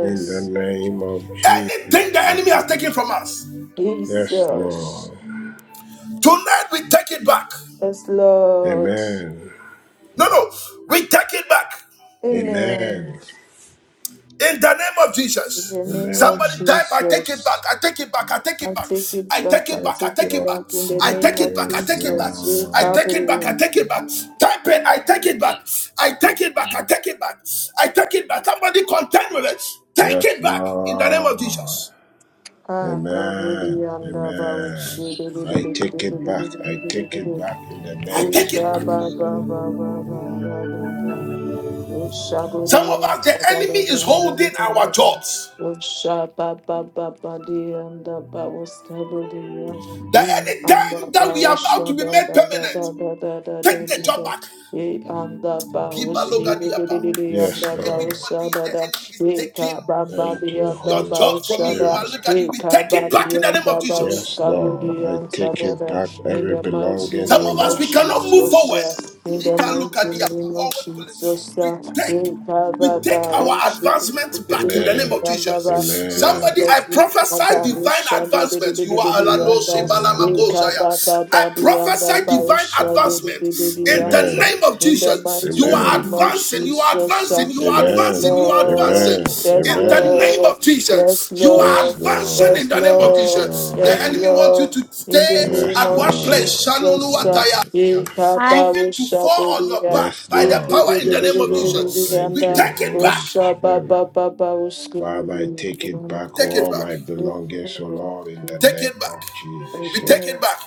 Speaker 2: In the name of Jesus.
Speaker 1: Anything the enemy has taken from us,
Speaker 2: Yes,
Speaker 3: Jesus,
Speaker 2: Lord.
Speaker 1: tonight we take it back.
Speaker 3: yes, Lord,
Speaker 2: Amen.
Speaker 1: No, no, we take it back.
Speaker 3: Amen,
Speaker 2: Amen.
Speaker 1: In the name of
Speaker 3: in
Speaker 1: Jesus.
Speaker 3: the name of
Speaker 1: Somebody
Speaker 2: Amen.
Speaker 1: type, I take it back,
Speaker 3: Jesus.
Speaker 1: I take it back, I take it
Speaker 3: I
Speaker 1: back,
Speaker 3: take it
Speaker 1: I
Speaker 3: back.
Speaker 1: take it
Speaker 3: I
Speaker 2: Yes,
Speaker 1: back, I
Speaker 3: take
Speaker 1: take
Speaker 3: it
Speaker 1: it
Speaker 2: Lord.
Speaker 1: back,
Speaker 3: back in the
Speaker 1: I take
Speaker 3: name
Speaker 1: it
Speaker 3: of
Speaker 1: back, I
Speaker 2: Yes,
Speaker 1: take it back,
Speaker 3: Jesus. Ye
Speaker 1: I
Speaker 2: Lord.
Speaker 1: take it back, I
Speaker 3: kabu.
Speaker 1: take it back. Type it, I take it back, I take it back, I take it back, I take it back. Somebody contend with it. Take
Speaker 2: Yes,
Speaker 1: it back in the name of
Speaker 2: Lord.
Speaker 1: Jesus.
Speaker 3: Ah, kabu
Speaker 2: Amen.
Speaker 3: di anda ba u
Speaker 2: Amen.
Speaker 3: shi di di di
Speaker 2: I
Speaker 3: di di
Speaker 2: take
Speaker 3: di
Speaker 2: it
Speaker 3: di di di
Speaker 2: back.
Speaker 3: di
Speaker 2: I
Speaker 3: di di
Speaker 2: take
Speaker 3: di
Speaker 2: it
Speaker 3: di.
Speaker 2: back in the
Speaker 1: I
Speaker 2: name
Speaker 3: Di
Speaker 2: of
Speaker 1: take it
Speaker 3: ka
Speaker 1: back.
Speaker 3: ba
Speaker 2: Jesus.
Speaker 3: ba ba ba ba ba ba ba.
Speaker 1: Some of
Speaker 3: Shaburia,
Speaker 1: us, the enemy
Speaker 3: Sabada,
Speaker 1: is holding our jobs.
Speaker 3: Shabababadi, and the Babu Staburia,
Speaker 1: That
Speaker 3: In
Speaker 1: any
Speaker 3: and the
Speaker 1: time that we
Speaker 3: Babu
Speaker 1: are about to be made
Speaker 3: Shabada, and the
Speaker 1: permanent, take the
Speaker 6: Yes.
Speaker 1: job back.
Speaker 6: Gada, gada,
Speaker 3: Babu
Speaker 1: Kiba
Speaker 6: gada,
Speaker 1: loga
Speaker 6: gada,
Speaker 1: diapa.
Speaker 6: gada.
Speaker 3: Sibidi, and
Speaker 2: Yes,
Speaker 3: the Babu
Speaker 2: Lord.
Speaker 1: Anybody the
Speaker 3: Sabada,
Speaker 1: enemy is taking
Speaker 3: Eka
Speaker 6: Shaka, gada, gada,
Speaker 2: Thank
Speaker 3: Babadi,
Speaker 2: you,
Speaker 3: and
Speaker 6: gada,
Speaker 3: the
Speaker 1: your
Speaker 2: Holy
Speaker 6: gada,
Speaker 3: Babu
Speaker 1: job from
Speaker 6: gada.
Speaker 1: you,
Speaker 3: Shada,
Speaker 1: man,
Speaker 2: Spirit.
Speaker 1: look at you. We
Speaker 3: Eka
Speaker 1: take it back
Speaker 3: Babadi,
Speaker 1: in the name
Speaker 3: and
Speaker 1: of
Speaker 3: the Babu
Speaker 1: Jesus.
Speaker 2: Yes,
Speaker 6: Fifty-five
Speaker 2: Lord.
Speaker 3: Stabudi,
Speaker 2: I
Speaker 6: over
Speaker 3: and
Speaker 2: take
Speaker 6: six
Speaker 2: it
Speaker 3: Sabada,
Speaker 2: back
Speaker 6: eleven.
Speaker 3: in
Speaker 2: every
Speaker 3: the mighty
Speaker 2: belongings,
Speaker 1: Some
Speaker 2: O
Speaker 1: of
Speaker 3: name of
Speaker 1: us we
Speaker 2: Lord.
Speaker 6: three,
Speaker 1: cannot move
Speaker 3: Jesus,
Speaker 6: three,
Speaker 1: forward.
Speaker 3: in
Speaker 1: We
Speaker 3: the
Speaker 6: Five
Speaker 1: can look at
Speaker 3: mighty
Speaker 1: the
Speaker 3: name of Jesus,
Speaker 1: we
Speaker 3: uh,
Speaker 1: take
Speaker 3: in
Speaker 1: we take
Speaker 3: Kababa, we
Speaker 1: our
Speaker 3: should
Speaker 1: advancement
Speaker 3: be
Speaker 1: back in the name of
Speaker 2: Amen.
Speaker 3: Randaba,
Speaker 1: Jesus. Somebody,
Speaker 2: Amen.
Speaker 1: I
Speaker 3: Jesus, in
Speaker 1: prophesy
Speaker 3: Kaba, we
Speaker 1: divine
Speaker 3: should be
Speaker 1: advancement. You are
Speaker 2: Yes,
Speaker 1: Alano
Speaker 3: Randaba,
Speaker 6: foot.
Speaker 1: shibalama
Speaker 3: in
Speaker 2: Lord.
Speaker 1: Shaya. I
Speaker 3: Kababa,
Speaker 1: prophesy divine
Speaker 3: Diambaba, we
Speaker 1: divine
Speaker 3: should
Speaker 1: advancement
Speaker 3: be
Speaker 1: in the
Speaker 2: Amen.
Speaker 1: name
Speaker 3: Randaba,
Speaker 1: of
Speaker 3: in the
Speaker 1: Jesus. You
Speaker 3: mighty
Speaker 8: mm,
Speaker 1: are
Speaker 2: Amen.
Speaker 3: name of
Speaker 8: mm.
Speaker 1: advancing, you are
Speaker 3: Jesus, uh,
Speaker 1: advancing, you are
Speaker 3: yes,
Speaker 1: advancing,
Speaker 2: Amen.
Speaker 1: you are advancing
Speaker 3: Lord,
Speaker 2: Amen.
Speaker 3: yes,
Speaker 1: in the
Speaker 2: Amen.
Speaker 1: name
Speaker 3: Lord,
Speaker 1: of
Speaker 3: yes,
Speaker 1: Jesus. You are
Speaker 2: Yes,
Speaker 3: Lord,
Speaker 1: advancing
Speaker 2: Lord.
Speaker 1: in
Speaker 3: yes,
Speaker 1: the name of
Speaker 2: Yes,
Speaker 3: Lord,
Speaker 1: Jesus. The
Speaker 3: yes,
Speaker 2: Lord.
Speaker 1: enemy wants you
Speaker 3: Lord,
Speaker 1: to stay
Speaker 3: in the name
Speaker 2: Yes,
Speaker 1: at
Speaker 3: of
Speaker 1: one
Speaker 2: Lord.
Speaker 1: place. Shanunu
Speaker 3: Jesus, uh,
Speaker 1: Atayasia.
Speaker 9: I.
Speaker 1: Even to fall on your
Speaker 3: Yekabaushabelia,
Speaker 1: back
Speaker 2: Yes,
Speaker 1: by the
Speaker 2: Lord.
Speaker 1: power in the name
Speaker 2: Yes,
Speaker 1: of
Speaker 2: Lord.
Speaker 1: Jesus. We
Speaker 2: Thank
Speaker 3: yekebebebebebebeyanda,
Speaker 2: you,
Speaker 1: take it back.
Speaker 2: Holy Spirit. Father, I
Speaker 3: oshababababauskubuya.
Speaker 2: take it
Speaker 1: We
Speaker 2: back
Speaker 1: take it
Speaker 2: all my
Speaker 1: back.
Speaker 2: belongings, O
Speaker 3: Amen.
Speaker 2: Lord, in the
Speaker 1: Take
Speaker 2: name
Speaker 1: it
Speaker 2: of
Speaker 1: back. We
Speaker 2: Jesus.
Speaker 1: take
Speaker 3: Amen.
Speaker 1: it back.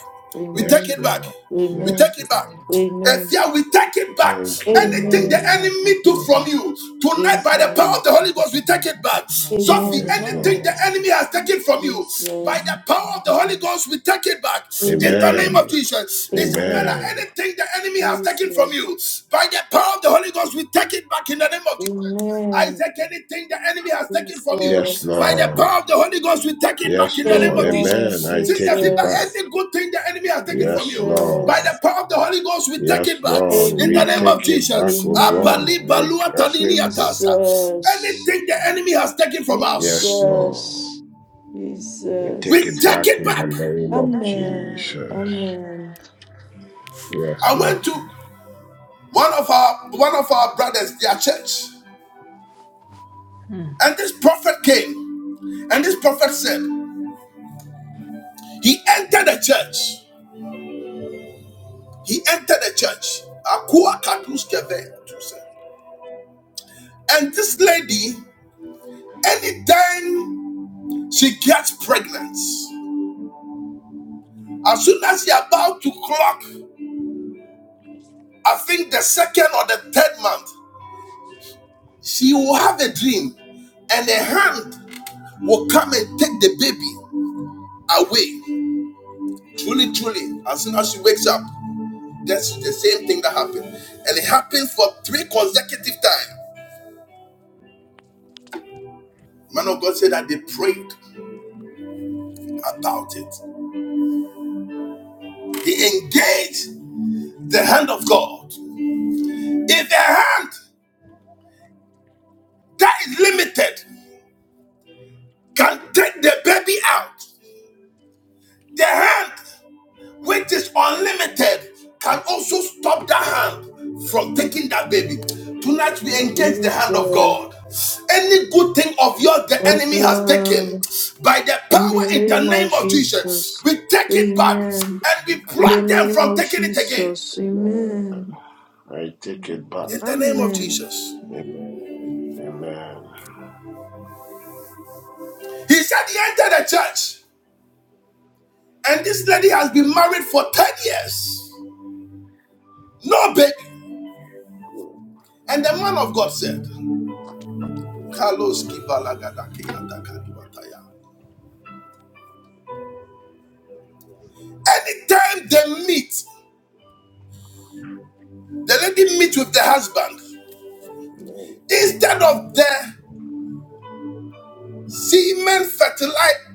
Speaker 1: We
Speaker 2: Yes,
Speaker 1: take it
Speaker 3: Amen.
Speaker 1: back.
Speaker 2: Lord.
Speaker 1: We
Speaker 3: Amen.
Speaker 2: Yes,
Speaker 1: take it back.
Speaker 2: Lord.
Speaker 1: If
Speaker 3: Amen.
Speaker 1: yeah, we take it back.
Speaker 2: Thank you,
Speaker 1: Anything
Speaker 6: take
Speaker 3: Amen.
Speaker 1: the
Speaker 6: it
Speaker 2: Holy
Speaker 6: back. I
Speaker 1: enemy
Speaker 6: take
Speaker 1: took
Speaker 6: it
Speaker 2: Spirit.
Speaker 1: from
Speaker 6: back.
Speaker 1: you
Speaker 6: I
Speaker 1: tonight by
Speaker 6: take
Speaker 1: the
Speaker 6: it
Speaker 3: Jesus.
Speaker 6: back.
Speaker 1: power of the
Speaker 6: I
Speaker 1: Holy
Speaker 6: take
Speaker 1: Ghost, we
Speaker 6: it
Speaker 1: take
Speaker 6: back. I
Speaker 1: it
Speaker 6: take
Speaker 1: back.
Speaker 6: it back. I take
Speaker 1: Sophie,
Speaker 6: it back.
Speaker 2: Yes,
Speaker 3: Amen.
Speaker 6: I
Speaker 5: Man,
Speaker 6: don't
Speaker 1: anything the
Speaker 6: know what
Speaker 2: Lord.
Speaker 6: you
Speaker 1: enemy
Speaker 6: said.
Speaker 1: has taken from you by the
Speaker 3: Jesus.
Speaker 1: power of the Holy
Speaker 6: *laughs*
Speaker 1: Ghost, we take it back in the name of
Speaker 3: Amen.
Speaker 2: Amen.
Speaker 1: Jesus. Isabella,
Speaker 3: Amen.
Speaker 2: Amen.
Speaker 1: anything the enemy has taken from
Speaker 3: Jesus.
Speaker 1: you by the power of the Holy Ghost, we take it back in the name of Jesus. I
Speaker 3: Amen.
Speaker 1: take anything the enemy has taken from you
Speaker 2: Yes,
Speaker 1: by
Speaker 3: Jesus.
Speaker 1: the
Speaker 2: Lord.
Speaker 1: power of the Holy Ghost, we take it back
Speaker 2: Yes,
Speaker 1: in the name
Speaker 2: Lord.
Speaker 1: of
Speaker 3: Amen.
Speaker 2: Amen.
Speaker 1: Jesus.
Speaker 2: I
Speaker 1: Since Sister
Speaker 2: take it
Speaker 1: Fiba,
Speaker 2: back.
Speaker 3: Jesus.
Speaker 1: any good thing the enemy has taken from
Speaker 2: Yes,
Speaker 1: you by
Speaker 3: Jesus.
Speaker 1: the
Speaker 2: Lord.
Speaker 1: power of the Holy Ghost, we take
Speaker 2: Yes,
Speaker 1: it back
Speaker 2: Lord.
Speaker 1: in the
Speaker 2: We
Speaker 1: name of
Speaker 2: take
Speaker 3: Amen.
Speaker 2: it back,
Speaker 1: Jesus.
Speaker 2: O
Speaker 3: Amen.
Speaker 2: Lord.
Speaker 1: Abali
Speaker 2: We
Speaker 1: balua
Speaker 2: grab it with,
Speaker 3: Jesus.
Speaker 1: Anything the enemy has taken from
Speaker 2: yes,
Speaker 1: us,
Speaker 2: Lord.
Speaker 3: Jesus.
Speaker 2: We take
Speaker 1: we
Speaker 3: Jesus.
Speaker 2: it
Speaker 1: take
Speaker 2: back
Speaker 1: it
Speaker 2: in the
Speaker 1: back.
Speaker 2: name of
Speaker 3: Amen.
Speaker 2: Jesus.
Speaker 3: Amen.
Speaker 2: Yes,
Speaker 1: I
Speaker 2: Lord.
Speaker 1: went to one of our one of our brothers, their church,
Speaker 6: Hmm.
Speaker 1: and this prophet came, and this prophet said he entered the church. He entered the church. Akua Kadruskeve, Tusa. And this lady, anytime she gets pregnant, as soon as you're about to clock, I think the second or the third month, she will have a dream and a hand will come and take the baby away. Truly, truly, as soon as she wakes up, that's the same thing that happened. And it happened for three consecutive times. Man of God said that they prayed about it. They engaged The hand of God. If the hand that is limited can take the baby out, the hand which is unlimited can also stop that hand from taking that baby. Tonight we engage the hand of
Speaker 3: Jesus.
Speaker 1: God. Any good thing of yours the
Speaker 3: Yes,
Speaker 1: enemy has taken,
Speaker 3: Lord.
Speaker 1: by the
Speaker 3: In the
Speaker 1: power in the
Speaker 3: name of
Speaker 1: name of Jesus,
Speaker 3: Jesus.
Speaker 1: we take it back
Speaker 3: Amen.
Speaker 1: and we
Speaker 3: In the
Speaker 1: block them
Speaker 3: name
Speaker 1: from
Speaker 3: of
Speaker 1: taking it again.
Speaker 3: Jesus.
Speaker 2: Amen.
Speaker 3: Amen.
Speaker 2: I take it back.
Speaker 1: In the name of
Speaker 3: Amen.
Speaker 1: Jesus.
Speaker 2: Amen. Amen.
Speaker 1: He said he entered the church. And this lady has been married for 10 years. No baby. And the man of God said, anytime they meet, the lady meet with the husband. Instead of the semen fertilize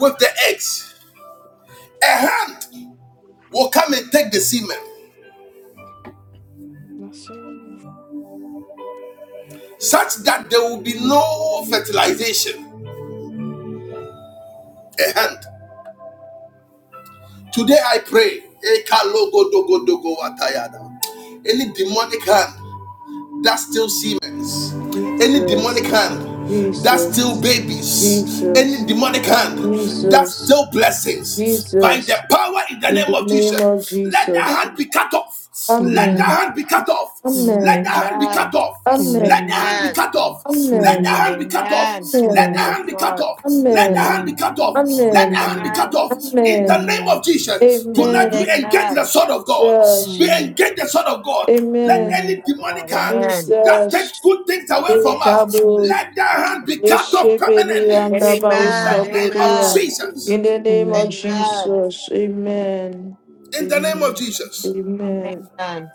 Speaker 1: with the eggs, a hand will come and take the semen
Speaker 5: that's so.
Speaker 1: such that there will be no fertilization. A hand. Today I pray. Any demonic hand that still Siemens, any
Speaker 3: Jesus.
Speaker 1: demonic hand that still
Speaker 3: Jesus.
Speaker 1: babies, any
Speaker 3: Jesus.
Speaker 1: demonic hand that
Speaker 3: Jesus.
Speaker 1: still blessings, by the
Speaker 3: Jesus.
Speaker 1: power in the
Speaker 3: In
Speaker 1: name
Speaker 3: the
Speaker 1: of
Speaker 3: name of
Speaker 1: Jesus, let that
Speaker 3: Jesus.
Speaker 1: hand be cut off. Let that
Speaker 8: Amen.
Speaker 3: Amen.
Speaker 1: hand be cut off.
Speaker 8: Amen.
Speaker 1: Let
Speaker 3: Amen.
Speaker 1: that hand be cut
Speaker 7: Amen.
Speaker 1: off.
Speaker 3: Amen.
Speaker 1: Let the
Speaker 8: Amen.
Speaker 1: hand be
Speaker 7: Amen.
Speaker 1: cut off. Let the
Speaker 3: Amen.
Speaker 8: Amen.
Speaker 1: hand be cut off.
Speaker 7: Amen.
Speaker 1: Let the
Speaker 3: Amen.
Speaker 7: Yes,
Speaker 8: Amen.
Speaker 1: hand be cut
Speaker 7: Lord.
Speaker 1: off. Let the
Speaker 3: Amen.
Speaker 1: hand be
Speaker 8: Amen.
Speaker 1: cut off. Let the
Speaker 3: Amen.
Speaker 1: hand be
Speaker 8: Amen.
Speaker 1: cut
Speaker 7: Amen.
Speaker 1: off. In the
Speaker 3: Amen.
Speaker 1: name of
Speaker 8: Amen.
Speaker 1: Jesus, tonight we
Speaker 8: Amen.
Speaker 3: Amen.
Speaker 1: engage the
Speaker 7: Amen.
Speaker 1: sword of God. We
Speaker 3: Jesus.
Speaker 8: Amen.
Speaker 1: engage the sword of God let
Speaker 3: Amen.
Speaker 1: any
Speaker 8: Amen.
Speaker 7: Yes,
Speaker 1: demonic
Speaker 7: Lord,
Speaker 1: hand
Speaker 7: amen.
Speaker 1: that takes
Speaker 3: Jesus.
Speaker 1: good things away from us,
Speaker 8: Jesus.
Speaker 3: Ikabo.
Speaker 1: let that hand be cut off
Speaker 3: Ishebeli
Speaker 1: permanently. In
Speaker 7: Amen.
Speaker 3: andaba
Speaker 1: the
Speaker 8: Amen.
Speaker 1: name of
Speaker 3: usaboria.
Speaker 7: Amen.
Speaker 1: Jesus.
Speaker 3: In the name of
Speaker 8: Amen.
Speaker 7: Amen.
Speaker 3: Jesus. Amen.
Speaker 1: In the name of
Speaker 3: Amen.
Speaker 1: Jesus.
Speaker 3: Amen.
Speaker 7: Amen.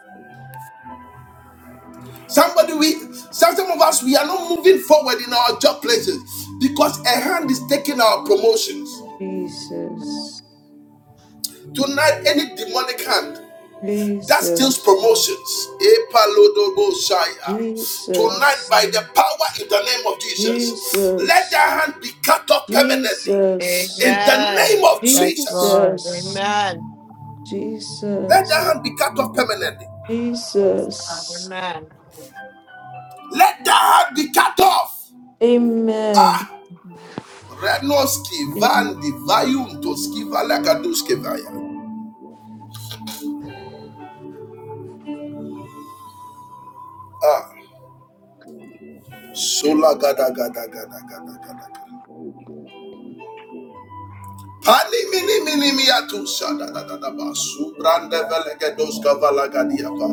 Speaker 1: Somebody we some, some of us we are not moving forward in our job places because a hand is taking our promotions.
Speaker 3: Jesus.
Speaker 1: Tonight, any demonic hand that steals
Speaker 3: Jesus.
Speaker 7: Lord,
Speaker 1: promotions.
Speaker 7: thank
Speaker 1: Tonight,
Speaker 3: Jesus,
Speaker 1: by the
Speaker 7: you.
Speaker 1: power in the name of Jesus, let
Speaker 3: Jesus,
Speaker 1: that hand be
Speaker 3: Jesus,
Speaker 2: Amen.
Speaker 7: Amen. Yes, Lord.
Speaker 3: Jesus,
Speaker 7: Amen.
Speaker 3: Jesus,
Speaker 7: Yes, Lord.
Speaker 3: Jesus.
Speaker 7: Amen.
Speaker 2: Amen.
Speaker 3: Amen.
Speaker 7: Mhm.
Speaker 1: cut.
Speaker 3: Amen.
Speaker 2: Yes,
Speaker 1: Vayuntos
Speaker 2: Lord.
Speaker 1: kivalagadaya.
Speaker 2: Yes, Lord. Yes, Lord. Thank you, Holy
Speaker 1: Sola
Speaker 2: Spirit.
Speaker 1: gada gada gada gada gada gada.
Speaker 2: Thank you, Holy Spirit.
Speaker 1: Pani mini mini miatu sada
Speaker 2: Yes,
Speaker 1: da da da ba.
Speaker 2: Lord.
Speaker 1: Subrande
Speaker 2: Yes,
Speaker 1: velege dos
Speaker 2: Lord.
Speaker 1: kavala ba.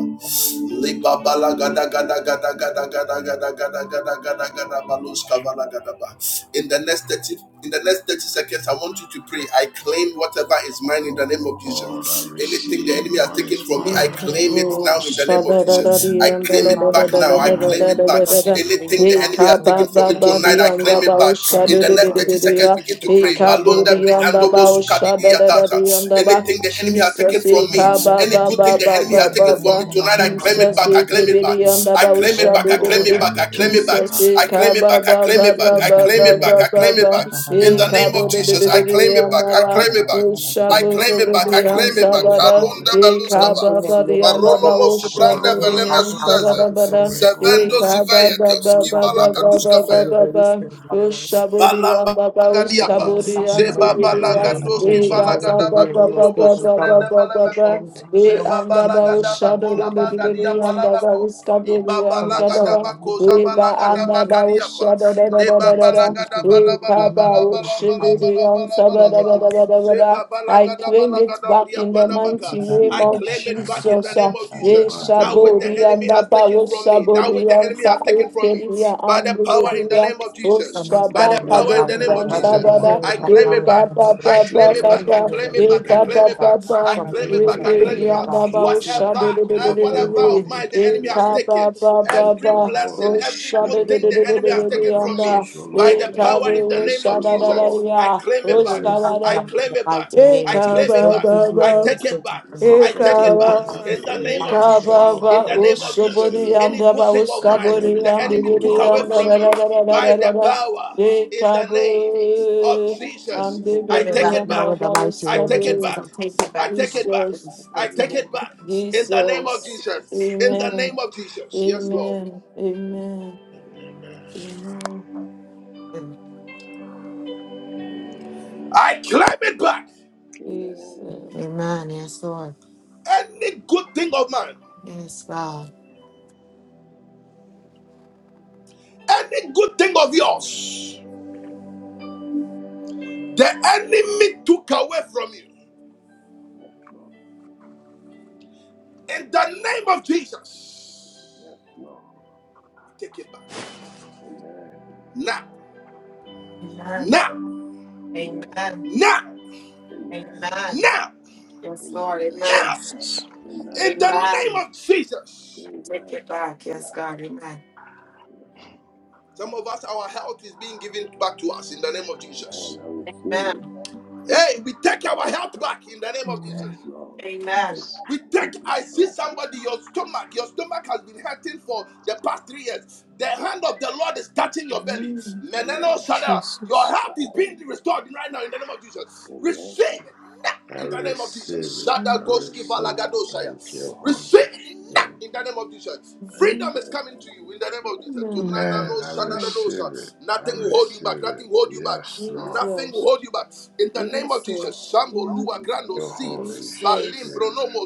Speaker 2: Yes, Lord. Yes,
Speaker 1: Liba bala gada gada gada gada gada gada gada gada
Speaker 2: Lord.
Speaker 1: gada
Speaker 2: Your
Speaker 1: gada
Speaker 2: Holy
Speaker 1: balus kavala
Speaker 2: Spirit.
Speaker 1: gada ba. In the next thirty in the next thirty seconds, I want you to pray. I claim whatever
Speaker 2: Yes,
Speaker 1: is mine in the name of
Speaker 2: Lord. I
Speaker 1: Jesus. Anything the
Speaker 2: receive
Speaker 1: enemy has
Speaker 2: what
Speaker 7: Amen.
Speaker 1: taken
Speaker 2: is
Speaker 7: This
Speaker 1: from me, I
Speaker 3: Jesus,
Speaker 7: morning,
Speaker 2: mine,
Speaker 7: we
Speaker 2: O
Speaker 1: claim
Speaker 7: thank
Speaker 1: it
Speaker 3: Jesus,
Speaker 1: now
Speaker 2: Lord.
Speaker 1: in the
Speaker 7: you
Speaker 1: name
Speaker 7: for
Speaker 1: of Jesus.
Speaker 7: Thank
Speaker 1: I
Speaker 7: you
Speaker 1: claim
Speaker 7: for the power
Speaker 2: The
Speaker 7: of your
Speaker 2: enemy
Speaker 7: name.
Speaker 2: has
Speaker 7: Take it
Speaker 2: ro-
Speaker 7: from me.
Speaker 1: anything
Speaker 7: Bring it
Speaker 2: swallowed
Speaker 7: back
Speaker 2: out
Speaker 7: in the
Speaker 2: of my
Speaker 7: name of
Speaker 2: destiny.
Speaker 7: Jesus.
Speaker 2: Father, I
Speaker 7: Anything
Speaker 1: in
Speaker 2: claim
Speaker 1: the
Speaker 2: it
Speaker 7: that
Speaker 1: next
Speaker 2: back in
Speaker 7: you
Speaker 2: the
Speaker 7: need to
Speaker 2: name
Speaker 7: get
Speaker 2: of
Speaker 7: from your
Speaker 2: Jesus.
Speaker 7: prayer and money, about money,
Speaker 1: thirty. Any
Speaker 2: Take hold back,
Speaker 1: tonight, I claim it back.
Speaker 7: about
Speaker 1: I
Speaker 7: you,
Speaker 1: claim
Speaker 7: anything
Speaker 1: it
Speaker 7: that
Speaker 3: Jesus,
Speaker 1: back.
Speaker 7: you need
Speaker 1: I claim
Speaker 7: to
Speaker 1: it back.
Speaker 2: O
Speaker 1: I claim
Speaker 2: Lord,
Speaker 7: about
Speaker 1: it
Speaker 2: that
Speaker 1: back. I
Speaker 2: the
Speaker 1: claim it
Speaker 2: enemy
Speaker 1: back.
Speaker 2: has
Speaker 1: I claim it
Speaker 2: robbed
Speaker 1: back.
Speaker 2: and
Speaker 1: I claim
Speaker 2: taken
Speaker 6: Send it back in the
Speaker 1: it
Speaker 6: name
Speaker 1: back. I
Speaker 6: of
Speaker 1: claim
Speaker 6: Jesus.
Speaker 1: it back. In the name of Jesus, I claim it back. I claim it back. I claim
Speaker 2: power
Speaker 1: it
Speaker 2: and
Speaker 1: back.
Speaker 2: the
Speaker 1: I claim it
Speaker 2: authority
Speaker 7: money,
Speaker 1: back.
Speaker 2: of the
Speaker 3: Jesus,
Speaker 1: Karunda
Speaker 2: Holy.
Speaker 1: baba.
Speaker 3: Ekaba
Speaker 7: anything that the enemy is
Speaker 1: Baronomo
Speaker 7: taking from that
Speaker 1: subranda
Speaker 2: One
Speaker 7: prayer
Speaker 1: veleme
Speaker 2: mother,
Speaker 7: about money, about you,
Speaker 1: suzaze.
Speaker 7: put it in the background and the mighty name of Jesus.
Speaker 2: rebel,
Speaker 1: Sevendo
Speaker 2: one
Speaker 1: sivayetos.
Speaker 7: you are the
Speaker 1: Kivala
Speaker 7: blessings
Speaker 1: kaduska fe.
Speaker 7: of your release and the name of your
Speaker 2: mother.
Speaker 1: Gadiapa.
Speaker 7: between back
Speaker 1: Zeba
Speaker 7: money,
Speaker 2: In the
Speaker 7: today,
Speaker 2: name of
Speaker 1: balagadoski
Speaker 7: reasons,
Speaker 2: Jesus,
Speaker 7: anything the
Speaker 1: balagadaba
Speaker 7: enemy is
Speaker 1: krundo bo
Speaker 7: taking from
Speaker 1: sumbrende
Speaker 7: them.
Speaker 1: bo. Zebo.
Speaker 7: for my children.
Speaker 1: Ibako
Speaker 7: Lord. In the
Speaker 1: bakadiapa.
Speaker 7: name of Jesus,
Speaker 1: Lalaga.
Speaker 7: everything you need is taken from me. You make my family,
Speaker 3: I
Speaker 1: I
Speaker 3: claim it back in the
Speaker 2: in the name of
Speaker 3: mighty name
Speaker 2: Jesus,
Speaker 3: of
Speaker 1: claim
Speaker 8: Sh-
Speaker 1: it back in the
Speaker 3: Jesus.
Speaker 1: name
Speaker 3: uh,
Speaker 1: of Jesus.
Speaker 2: back, O
Speaker 1: That which the
Speaker 2: Lord,
Speaker 3: Yeshabodi
Speaker 1: enemy
Speaker 3: and the
Speaker 1: has
Speaker 8: sh-
Speaker 1: taken from me, that which
Speaker 3: Baroshabodi
Speaker 1: the
Speaker 3: and
Speaker 1: enemy has taken from me,
Speaker 3: Saikeria
Speaker 1: by the
Speaker 3: and
Speaker 1: power
Speaker 7: from
Speaker 1: in the
Speaker 7: me,
Speaker 8: sh-
Speaker 3: Budodia,
Speaker 1: name of Jesus,
Speaker 7: from my
Speaker 1: by
Speaker 7: family,
Speaker 1: the
Speaker 2: Bara,
Speaker 1: power in
Speaker 7: without
Speaker 1: the
Speaker 7: from
Speaker 1: name
Speaker 7: my
Speaker 3: Oshabakabodi
Speaker 1: of
Speaker 3: and
Speaker 7: brother, my
Speaker 2: Rebo,
Speaker 1: Jesus,
Speaker 3: Sabada,
Speaker 1: I
Speaker 7: parents, my
Speaker 1: claim
Speaker 2: Wambara,
Speaker 1: it
Speaker 7: father, my
Speaker 1: back.
Speaker 3: Eba
Speaker 7: mighty
Speaker 2: the
Speaker 7: name
Speaker 1: I
Speaker 3: Baba
Speaker 7: of
Speaker 1: claim
Speaker 7: Jesus.
Speaker 1: it
Speaker 2: Spirit
Speaker 1: back. I
Speaker 7: Everything
Speaker 3: Baba,
Speaker 2: of
Speaker 1: claim
Speaker 2: the
Speaker 7: you need
Speaker 1: it
Speaker 7: is
Speaker 3: Eba
Speaker 1: back. I
Speaker 2: Living
Speaker 7: taken
Speaker 1: claim
Speaker 3: Baba
Speaker 1: it
Speaker 7: from
Speaker 2: God,
Speaker 7: me.
Speaker 1: back. I
Speaker 7: From
Speaker 3: Baba,
Speaker 7: the
Speaker 1: claim it
Speaker 2: in
Speaker 7: members
Speaker 2: the
Speaker 1: back.
Speaker 7: of
Speaker 1: I
Speaker 7: the
Speaker 1: claim it
Speaker 2: name
Speaker 7: kingdom
Speaker 3: Ebedia
Speaker 7: of
Speaker 2: of
Speaker 1: back.
Speaker 3: and the
Speaker 7: God, to the city
Speaker 2: Jesus.
Speaker 7: of
Speaker 1: Whatever,
Speaker 7: God,
Speaker 3: Baroshabodi,
Speaker 1: eh,
Speaker 7: I
Speaker 2: Thank
Speaker 7: pray
Speaker 2: you,
Speaker 7: in
Speaker 1: whatever
Speaker 7: my
Speaker 1: of
Speaker 7: community,
Speaker 2: Holy
Speaker 1: mine the
Speaker 7: I
Speaker 1: enemy has
Speaker 3: Eka
Speaker 2: Spirit.
Speaker 1: taken,
Speaker 3: Baba
Speaker 7: pray in
Speaker 2: Thank
Speaker 1: every
Speaker 2: you,
Speaker 3: Baba,
Speaker 1: blessing,
Speaker 2: Holy
Speaker 8: sh-
Speaker 1: every good
Speaker 3: Oshabodi
Speaker 2: Spirit.
Speaker 1: thing
Speaker 7: my
Speaker 1: the
Speaker 7: community, I pray in my
Speaker 1: enemy has
Speaker 2: Every
Speaker 1: taken
Speaker 7: community,
Speaker 3: and
Speaker 1: from me,
Speaker 2: blessing,
Speaker 3: the
Speaker 2: O
Speaker 1: by the
Speaker 2: Lord,
Speaker 7: in
Speaker 1: power
Speaker 2: every
Speaker 1: in the
Speaker 3: Ekabo
Speaker 1: name of
Speaker 2: breakthrough, O Lord,
Speaker 1: Jesus, I
Speaker 3: Shadadadia,
Speaker 1: claim it back.
Speaker 2: every
Speaker 1: I
Speaker 3: Ostabada.
Speaker 1: claim
Speaker 7: the
Speaker 1: it back.
Speaker 7: mighty name
Speaker 1: I
Speaker 7: of
Speaker 3: Eka
Speaker 1: claim
Speaker 7: Jesus.
Speaker 1: it
Speaker 3: ba
Speaker 1: back.
Speaker 7: Everything
Speaker 3: ba
Speaker 7: you
Speaker 1: I
Speaker 3: ba.
Speaker 7: need is
Speaker 1: take it
Speaker 7: taken
Speaker 1: back.
Speaker 7: from me.
Speaker 1: I
Speaker 3: Eka
Speaker 7: I
Speaker 1: take
Speaker 2: prophetic
Speaker 1: it
Speaker 7: pray
Speaker 3: ba
Speaker 1: back.
Speaker 7: in
Speaker 2: word
Speaker 7: my
Speaker 2: that
Speaker 1: In
Speaker 2: the
Speaker 1: the
Speaker 7: community, in the
Speaker 2: enemy
Speaker 1: name of
Speaker 7: mighty
Speaker 2: has
Speaker 3: Eka ba
Speaker 2: swallowed
Speaker 1: Jesus.
Speaker 3: ba.
Speaker 1: In
Speaker 2: out
Speaker 1: the
Speaker 2: of
Speaker 7: name
Speaker 1: name
Speaker 7: of
Speaker 2: my
Speaker 1: of Jesus.
Speaker 3: Osobori
Speaker 7: Jesus.
Speaker 2: destiny, Lord.
Speaker 1: Any
Speaker 3: yanda
Speaker 1: good
Speaker 3: ba
Speaker 1: thing of
Speaker 2: I
Speaker 1: mine
Speaker 2: claim
Speaker 3: oskabori
Speaker 2: it
Speaker 1: the
Speaker 3: yanda
Speaker 2: back,
Speaker 1: enemy
Speaker 2: O
Speaker 1: took
Speaker 3: biri
Speaker 1: away
Speaker 2: Lord.
Speaker 3: yanda
Speaker 1: from
Speaker 3: la
Speaker 1: me
Speaker 3: la la la la
Speaker 1: by
Speaker 3: la la
Speaker 1: the
Speaker 3: la.
Speaker 1: power in
Speaker 3: Eka
Speaker 1: the
Speaker 3: bo
Speaker 1: name of
Speaker 7: I'm
Speaker 3: ande
Speaker 1: Jesus. I
Speaker 3: biri
Speaker 7: it
Speaker 1: take
Speaker 7: back
Speaker 1: it
Speaker 7: now
Speaker 1: back.
Speaker 3: yanda
Speaker 7: in the
Speaker 3: ba
Speaker 7: mighty
Speaker 1: I
Speaker 7: name of
Speaker 1: take it
Speaker 3: oskabori.
Speaker 7: Jesus. i
Speaker 1: back.
Speaker 7: will take it
Speaker 1: I
Speaker 7: back
Speaker 1: take
Speaker 7: now.
Speaker 1: it back.
Speaker 7: in
Speaker 3: Jesus,
Speaker 7: the
Speaker 1: I
Speaker 7: mighty
Speaker 1: take
Speaker 7: name
Speaker 1: it
Speaker 7: of
Speaker 1: back. In the name of
Speaker 3: Jesus.
Speaker 1: Jesus. In the name
Speaker 3: Amen.
Speaker 1: of Jesus. Yes,
Speaker 2: Amen.
Speaker 1: Lord.
Speaker 3: Amen. Amen.
Speaker 2: Amen.
Speaker 3: Amen.
Speaker 7: Jesus.
Speaker 1: I claim it back.
Speaker 2: Amen.
Speaker 3: Jesus.
Speaker 7: Amen. Yes, Lord.
Speaker 1: Any good thing of mine
Speaker 7: Yes, God.
Speaker 1: Any good thing of yours, the enemy took away from you.
Speaker 2: Yes, Lord.
Speaker 1: In the name of Jesus,
Speaker 2: Yes, Lord.
Speaker 1: take it back.
Speaker 2: Amen.
Speaker 1: Now,
Speaker 7: Amen.
Speaker 1: now,
Speaker 2: Amen.
Speaker 7: Amen.
Speaker 1: now,
Speaker 2: Amen.
Speaker 7: Amen.
Speaker 1: now,
Speaker 7: Yes, Lord.
Speaker 2: Amen.
Speaker 7: Amen.
Speaker 1: now.
Speaker 8: Jesus.
Speaker 1: In
Speaker 2: Amen.
Speaker 1: the name
Speaker 7: Amen.
Speaker 1: of
Speaker 2: Amen. Yes,
Speaker 1: Jesus.
Speaker 7: I take
Speaker 2: Lord.
Speaker 7: it back. Yes,
Speaker 2: Yes,
Speaker 7: God.
Speaker 2: Lord.
Speaker 7: Amen.
Speaker 1: Some of us, our health is being given back to us in the name of Jesus.
Speaker 2: Amen. I receive
Speaker 7: Amen.
Speaker 2: it.
Speaker 1: Hey, we take our health back in the name of
Speaker 2: Yes,
Speaker 1: Jesus.
Speaker 8: Amen.
Speaker 2: Lord.
Speaker 7: Amen.
Speaker 6: Yes.
Speaker 1: We
Speaker 2: I
Speaker 1: take,
Speaker 2: take my
Speaker 1: I see
Speaker 2: help back.
Speaker 1: somebody, your stomach, your stomach has been hurting for the past three years. The hand of the Lord is touching your belly.
Speaker 3: Amen.
Speaker 1: Meneno
Speaker 2: Amen.
Speaker 1: Shada, your
Speaker 8: Jesus.
Speaker 1: health is being
Speaker 2: Amen.
Speaker 1: restored right now in the name of Jesus.
Speaker 2: Amen.
Speaker 1: Receive it now
Speaker 2: I
Speaker 1: in the name of
Speaker 2: receive
Speaker 1: Jesus.
Speaker 2: it. I
Speaker 1: Shada
Speaker 3: Amen.
Speaker 1: Goski
Speaker 2: receive
Speaker 1: Valagado
Speaker 2: it. Thank you,
Speaker 1: Receive
Speaker 2: Holy
Speaker 1: it back
Speaker 2: Spirit.
Speaker 1: in the name of Jesus.
Speaker 2: Thank
Speaker 3: Amen.
Speaker 1: Freedom is
Speaker 2: you,
Speaker 1: coming to you
Speaker 2: Holy
Speaker 1: in the name of
Speaker 2: Spirit.
Speaker 1: Jesus. Tonight, I
Speaker 8: Amen.
Speaker 2: Amen.
Speaker 1: know,
Speaker 2: I
Speaker 3: Amen.
Speaker 2: receive it.
Speaker 1: shadadadosa.
Speaker 2: I
Speaker 1: nothing will hold
Speaker 3: Jesus,
Speaker 1: you
Speaker 2: receive
Speaker 1: back. Nothing
Speaker 2: it.
Speaker 1: will hold you back.
Speaker 2: Yes, Lord.
Speaker 1: Nothing will
Speaker 3: Jesus,
Speaker 1: hold you back. In the
Speaker 2: Yes,
Speaker 1: name of Jesus.
Speaker 3: Jesus,
Speaker 2: Lord.
Speaker 1: Shambo, Lua,
Speaker 2: Thank
Speaker 1: Grando,
Speaker 2: you,
Speaker 1: Si,
Speaker 2: Holy
Speaker 1: Balim,
Speaker 3: Jesus,
Speaker 2: Spirit.
Speaker 1: Bronomo,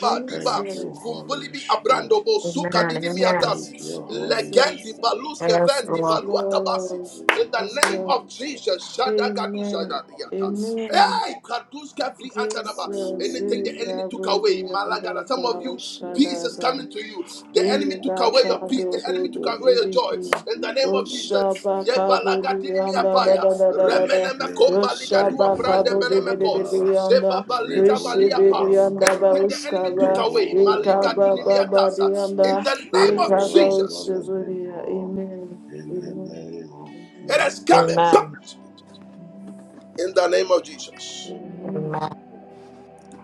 Speaker 3: Jesus, Jesus,
Speaker 1: Diba,
Speaker 2: Thank you, Holy
Speaker 1: Bumbulibi, Abrando,
Speaker 2: Spirit.
Speaker 1: Bo, Suka,
Speaker 7: Amen.
Speaker 1: Didi,
Speaker 7: Amen.
Speaker 2: Thank you,
Speaker 1: Miatasi,
Speaker 2: Holy
Speaker 1: Legendi,
Speaker 2: Spirit.
Speaker 1: Balus,
Speaker 7: Yes,
Speaker 1: Kevendi,
Speaker 3: yes,
Speaker 7: Lord.
Speaker 1: Valua,
Speaker 2: In
Speaker 1: Tabasi.
Speaker 3: Lord,
Speaker 2: the
Speaker 1: In
Speaker 2: name of
Speaker 3: yes,
Speaker 1: the name
Speaker 3: Lord,
Speaker 1: of
Speaker 2: Jesus.
Speaker 1: Jesus. Shadagadusa,
Speaker 2: Thank
Speaker 3: Amen,
Speaker 2: you,
Speaker 1: Dadia.
Speaker 2: Holy
Speaker 3: Amen,
Speaker 1: Hey,
Speaker 2: Spirit.
Speaker 1: Karduska free antanaba.
Speaker 3: Jesus,
Speaker 1: Anything the
Speaker 2: Oh, yes,
Speaker 1: enemy took
Speaker 3: Gabriel,
Speaker 1: away,
Speaker 2: Lord.
Speaker 3: and
Speaker 1: Malagala. Some of
Speaker 3: the
Speaker 2: Yes,
Speaker 1: you, peace is
Speaker 2: Lord.
Speaker 3: Shadada.
Speaker 1: coming to you. The
Speaker 2: In the
Speaker 1: enemy
Speaker 3: Amen.
Speaker 1: took
Speaker 3: Amen.
Speaker 1: away
Speaker 2: name
Speaker 1: your
Speaker 2: of
Speaker 1: peace. The enemy
Speaker 3: Amen.
Speaker 1: took
Speaker 2: Jesus.
Speaker 1: away your joy.
Speaker 2: Thank
Speaker 1: In the
Speaker 2: you,
Speaker 1: name of
Speaker 2: Holy
Speaker 1: Jesus. Ye
Speaker 2: Spirit.
Speaker 1: balaga dini mi
Speaker 2: Thank you,
Speaker 1: apaya.
Speaker 2: Holy
Speaker 1: Remene me
Speaker 2: Spirit.
Speaker 1: komba liga dua brande
Speaker 2: Rebo
Speaker 1: bele
Speaker 2: Wambara,
Speaker 1: Zeba baliza
Speaker 2: Rebo
Speaker 1: valiapa.
Speaker 2: Wambara,
Speaker 1: Anything the enemy took away,
Speaker 2: Rebo
Speaker 1: Maliga duni mi
Speaker 2: Wambara,
Speaker 1: atasa.
Speaker 2: the
Speaker 1: In the name of
Speaker 2: Spirit of the
Speaker 1: Jesus,
Speaker 2: Living God, in the name of
Speaker 1: it is coming
Speaker 2: Jesus.
Speaker 1: back.
Speaker 7: Amen.
Speaker 1: In the name of Jesus.
Speaker 2: Amen.
Speaker 3: Amen.
Speaker 7: Amen.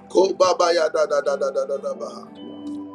Speaker 1: Ko baba ya da da da da da da da
Speaker 2: Yes,
Speaker 1: ba.
Speaker 2: Lord.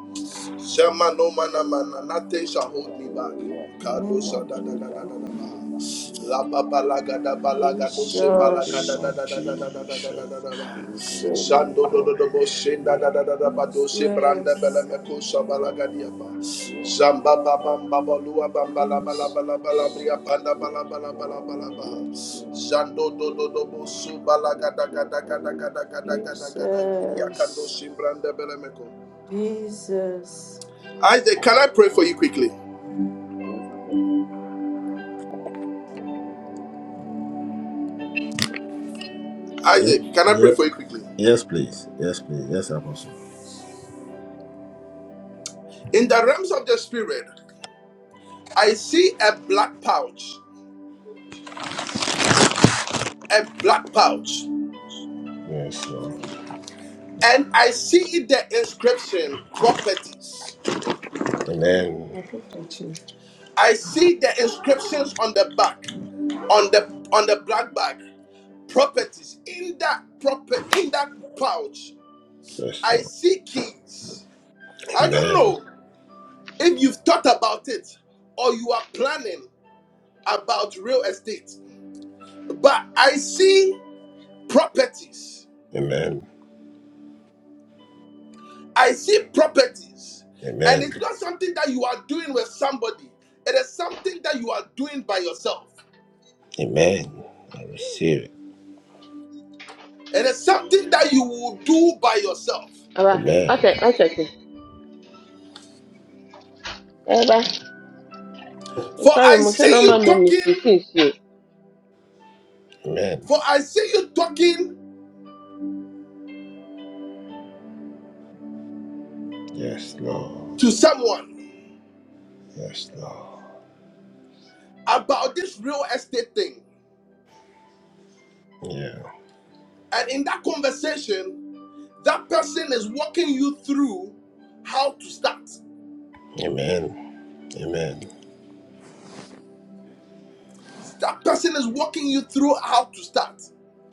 Speaker 1: Shema no mana mana, nothing shall hold me back.
Speaker 2: Oh, yes,
Speaker 1: Kadosa
Speaker 2: Lord.
Speaker 3: Amen.
Speaker 1: da da
Speaker 2: Nothing
Speaker 1: da da
Speaker 2: shall
Speaker 1: da da
Speaker 2: hold me
Speaker 1: ba.
Speaker 2: back,
Speaker 1: La
Speaker 2: Lord.
Speaker 1: ba ba la ga da ba la ga do se
Speaker 2: In
Speaker 1: ba
Speaker 2: the
Speaker 1: la ga da
Speaker 2: name
Speaker 3: Jesus.
Speaker 1: da
Speaker 2: of
Speaker 1: da da da da da da da da
Speaker 2: Jesus.
Speaker 1: da da ba.
Speaker 2: Thank
Speaker 3: Jesus.
Speaker 2: you,
Speaker 1: Shando do do
Speaker 2: Holy
Speaker 1: do bo shin da da
Speaker 2: Spirit.
Speaker 1: da da da ba do se branda bela me
Speaker 2: Yes,
Speaker 3: Jesus.
Speaker 1: ko sa ba la ga
Speaker 2: Lord.
Speaker 1: dia ba.
Speaker 2: Yes,
Speaker 1: Zamba
Speaker 2: Lord.
Speaker 1: ba ba ba ba lua ba ba la ba la
Speaker 2: Yes,
Speaker 1: ba la ba la
Speaker 3: Jesus.
Speaker 1: bria
Speaker 2: Lord.
Speaker 1: panda ba la
Speaker 2: Yes,
Speaker 1: ba la ba la
Speaker 2: Lord.
Speaker 1: ba la ba.
Speaker 2: Yes, Lord.
Speaker 1: Zando do do do bo su ba la ga da
Speaker 2: Thank
Speaker 1: ga
Speaker 2: you,
Speaker 1: da ga da ga
Speaker 2: Holy
Speaker 1: da ga da ga
Speaker 2: Spirit.
Speaker 1: da ga da bria kando
Speaker 3: Jesus.
Speaker 1: shin branda bela me ko.
Speaker 3: Jesus.
Speaker 1: Isaac, can
Speaker 2: Yes,
Speaker 1: I pray for
Speaker 2: Lord.
Speaker 1: you quickly?
Speaker 2: Yes, Apostle. Yep.
Speaker 1: Isaac, can I pray
Speaker 2: Yep.
Speaker 1: for you quickly?
Speaker 2: Yes, please. Yes, please. Yes, Apostle.
Speaker 1: In the realms of the spirit, I see a black pouch, a black pouch,
Speaker 2: Yes, Lord.
Speaker 1: and I see the inscription properties.
Speaker 2: Amen.
Speaker 1: I see the inscriptions on the back, on the on the black bag, properties. In that proper in that pouch,
Speaker 2: Yes,
Speaker 1: I
Speaker 2: Lord.
Speaker 1: see keys. I don't
Speaker 2: Amen.
Speaker 1: know if you've thought about it or you are planning about real estate, but I see properties.
Speaker 2: Amen.
Speaker 1: I see properties, and it's
Speaker 2: Amen.
Speaker 1: not something that you are doing with somebody. It is something that you are doing by yourself.
Speaker 2: Amen. I receive it.
Speaker 1: It is something that you will do by yourself.
Speaker 10: Aba, wachɛ
Speaker 2: Amen.
Speaker 10: wachɛkị, ebe
Speaker 1: For
Speaker 10: nkwari
Speaker 1: I
Speaker 10: m hwɛ na
Speaker 1: see
Speaker 10: ɔma
Speaker 1: you
Speaker 10: memi
Speaker 1: talking,
Speaker 10: sisii sie.
Speaker 2: Amen.
Speaker 1: for I see you talking
Speaker 2: Yes, Lord.
Speaker 1: to someone
Speaker 2: Yes, Lord.
Speaker 1: about this real estate thing.
Speaker 2: Yeah.
Speaker 1: And in that conversation, that person is walking you through how to start.
Speaker 2: Amen. Amen.
Speaker 1: That person is walking you through how to start.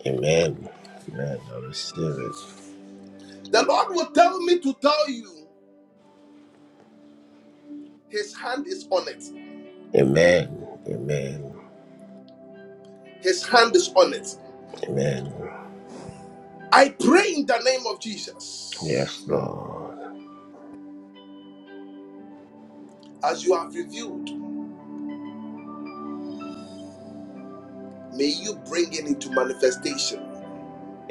Speaker 2: Amen. Amen. I receive it.
Speaker 1: The Lord will tell me to tell you, His hand is on it.
Speaker 2: Amen. Amen.
Speaker 1: His hand is on it.
Speaker 2: Amen.
Speaker 1: I pray in the name of Jesus.
Speaker 2: Yes, Lord.
Speaker 1: As you have revealed, may you bring it into manifestation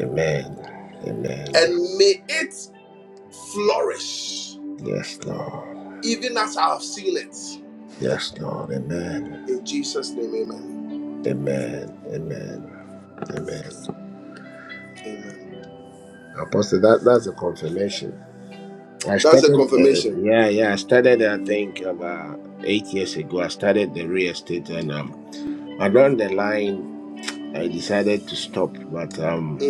Speaker 2: Amen. Amen.
Speaker 1: and may it flourish
Speaker 2: Yes, Lord.
Speaker 1: even as I have seen it.
Speaker 2: Yes, Lord. Amen.
Speaker 1: In Jesus' name, amen.
Speaker 2: Amen. Amen. Amen.
Speaker 1: Amen.
Speaker 2: Apostle, that, that's a confirmation. I
Speaker 1: That's a
Speaker 2: started, uh, uh,
Speaker 1: confirmation.
Speaker 2: yeah, yeah, I started, I think, about eight years ago. I started the real estate and um, along the line, I decided to stop, but um,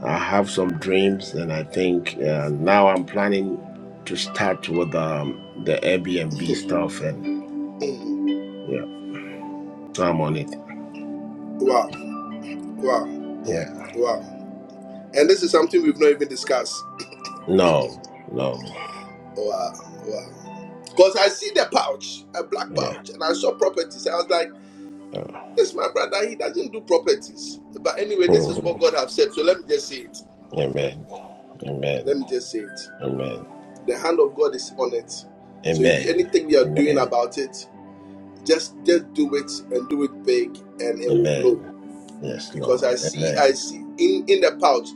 Speaker 2: I have some dreams and I think uh, now I'm planning to start with um, the Airbnb stuff and yeah. I'm on it.
Speaker 1: Wow, wow,
Speaker 2: Yeah.
Speaker 1: wow. And this is something we've not even discussed.
Speaker 2: No, no,
Speaker 1: Wow, wow. Because I see the pouch, a black
Speaker 2: yeah.
Speaker 1: pouch, and I saw properties. I was like,
Speaker 2: Uh,
Speaker 1: this is my brother, he doesn't do properties. But anyway, this is what
Speaker 2: mhm.
Speaker 1: God has said, so let me just say it.
Speaker 2: amen.
Speaker 1: Let
Speaker 2: Amen.
Speaker 1: me just say it.
Speaker 2: Amen.
Speaker 1: The hand of God is on it. So if
Speaker 2: Amen.
Speaker 1: anything you are doing
Speaker 2: Amen.
Speaker 1: about it, just just do it and do it big and it will blow.
Speaker 2: Amen. Yes,
Speaker 1: Because I
Speaker 2: Lord.
Speaker 1: see I
Speaker 2: Amen.
Speaker 1: see in in the pouch,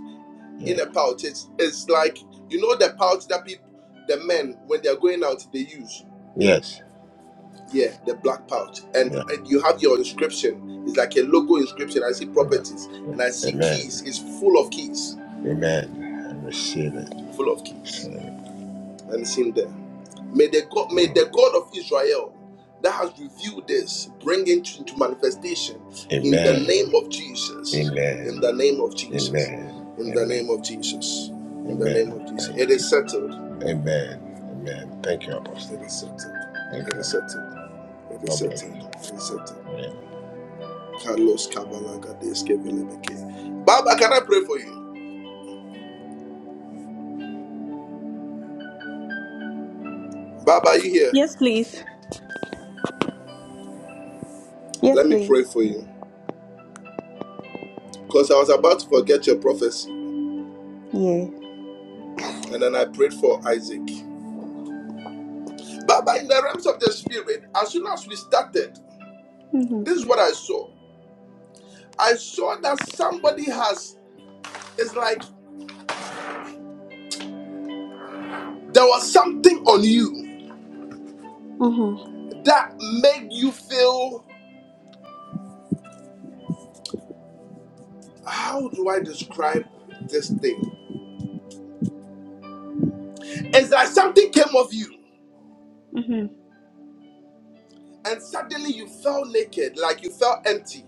Speaker 1: in
Speaker 2: Yeah.
Speaker 1: the pouch, it's it's like you know the pouch that people the men when they are going out they use.
Speaker 2: Yes.
Speaker 1: Yeah, the black pouch. And,
Speaker 2: Yeah.
Speaker 1: and you have your inscription. It's like a logo inscription. I see
Speaker 2: Amen.
Speaker 1: properties and I see keys.
Speaker 2: Amen.
Speaker 1: It's full of keys.
Speaker 2: Amen. I receive it.
Speaker 1: Full of keys.
Speaker 2: Receive it.
Speaker 1: and it's in there. May the God, may
Speaker 2: Mhm.
Speaker 1: the God of Israel that has revealed this bring it into manifestation in the name
Speaker 2: Amen.
Speaker 1: of Jesus. In the
Speaker 2: Amen.
Speaker 1: name of Jesus.
Speaker 2: Amen.
Speaker 1: In the
Speaker 2: Amen.
Speaker 1: name of Jesus. In the name
Speaker 2: Amen.
Speaker 1: of Jesus. It
Speaker 2: Thank you.
Speaker 1: is settled.
Speaker 2: Amen. Amen. Thank you, Apostle.
Speaker 1: It is settled.
Speaker 2: Thank
Speaker 1: It is
Speaker 2: you.
Speaker 1: settled. It is
Speaker 2: God bless
Speaker 1: settled.
Speaker 2: you.
Speaker 1: It is settled.
Speaker 2: Amen.
Speaker 1: Carlos Cabalaga Deskevilebeke. Baba, can I pray for you? Baba, are you here?
Speaker 11: Yes, please. Yes,
Speaker 1: Let me pray
Speaker 11: please.
Speaker 1: for you. Because I was about to forget your prophecy.
Speaker 11: Yeah.
Speaker 1: And then I prayed for Isaac. Uh, But in the realms of the spirit, as soon as we started,
Speaker 11: Mhm.
Speaker 1: this is what I saw. I saw that somebody has, it's like there was something
Speaker 11: Mhm.
Speaker 1: that made you feel, how do I describe this thing? It's like something came of you
Speaker 11: Mhm.
Speaker 1: and suddenly you felt naked, like you felt empty.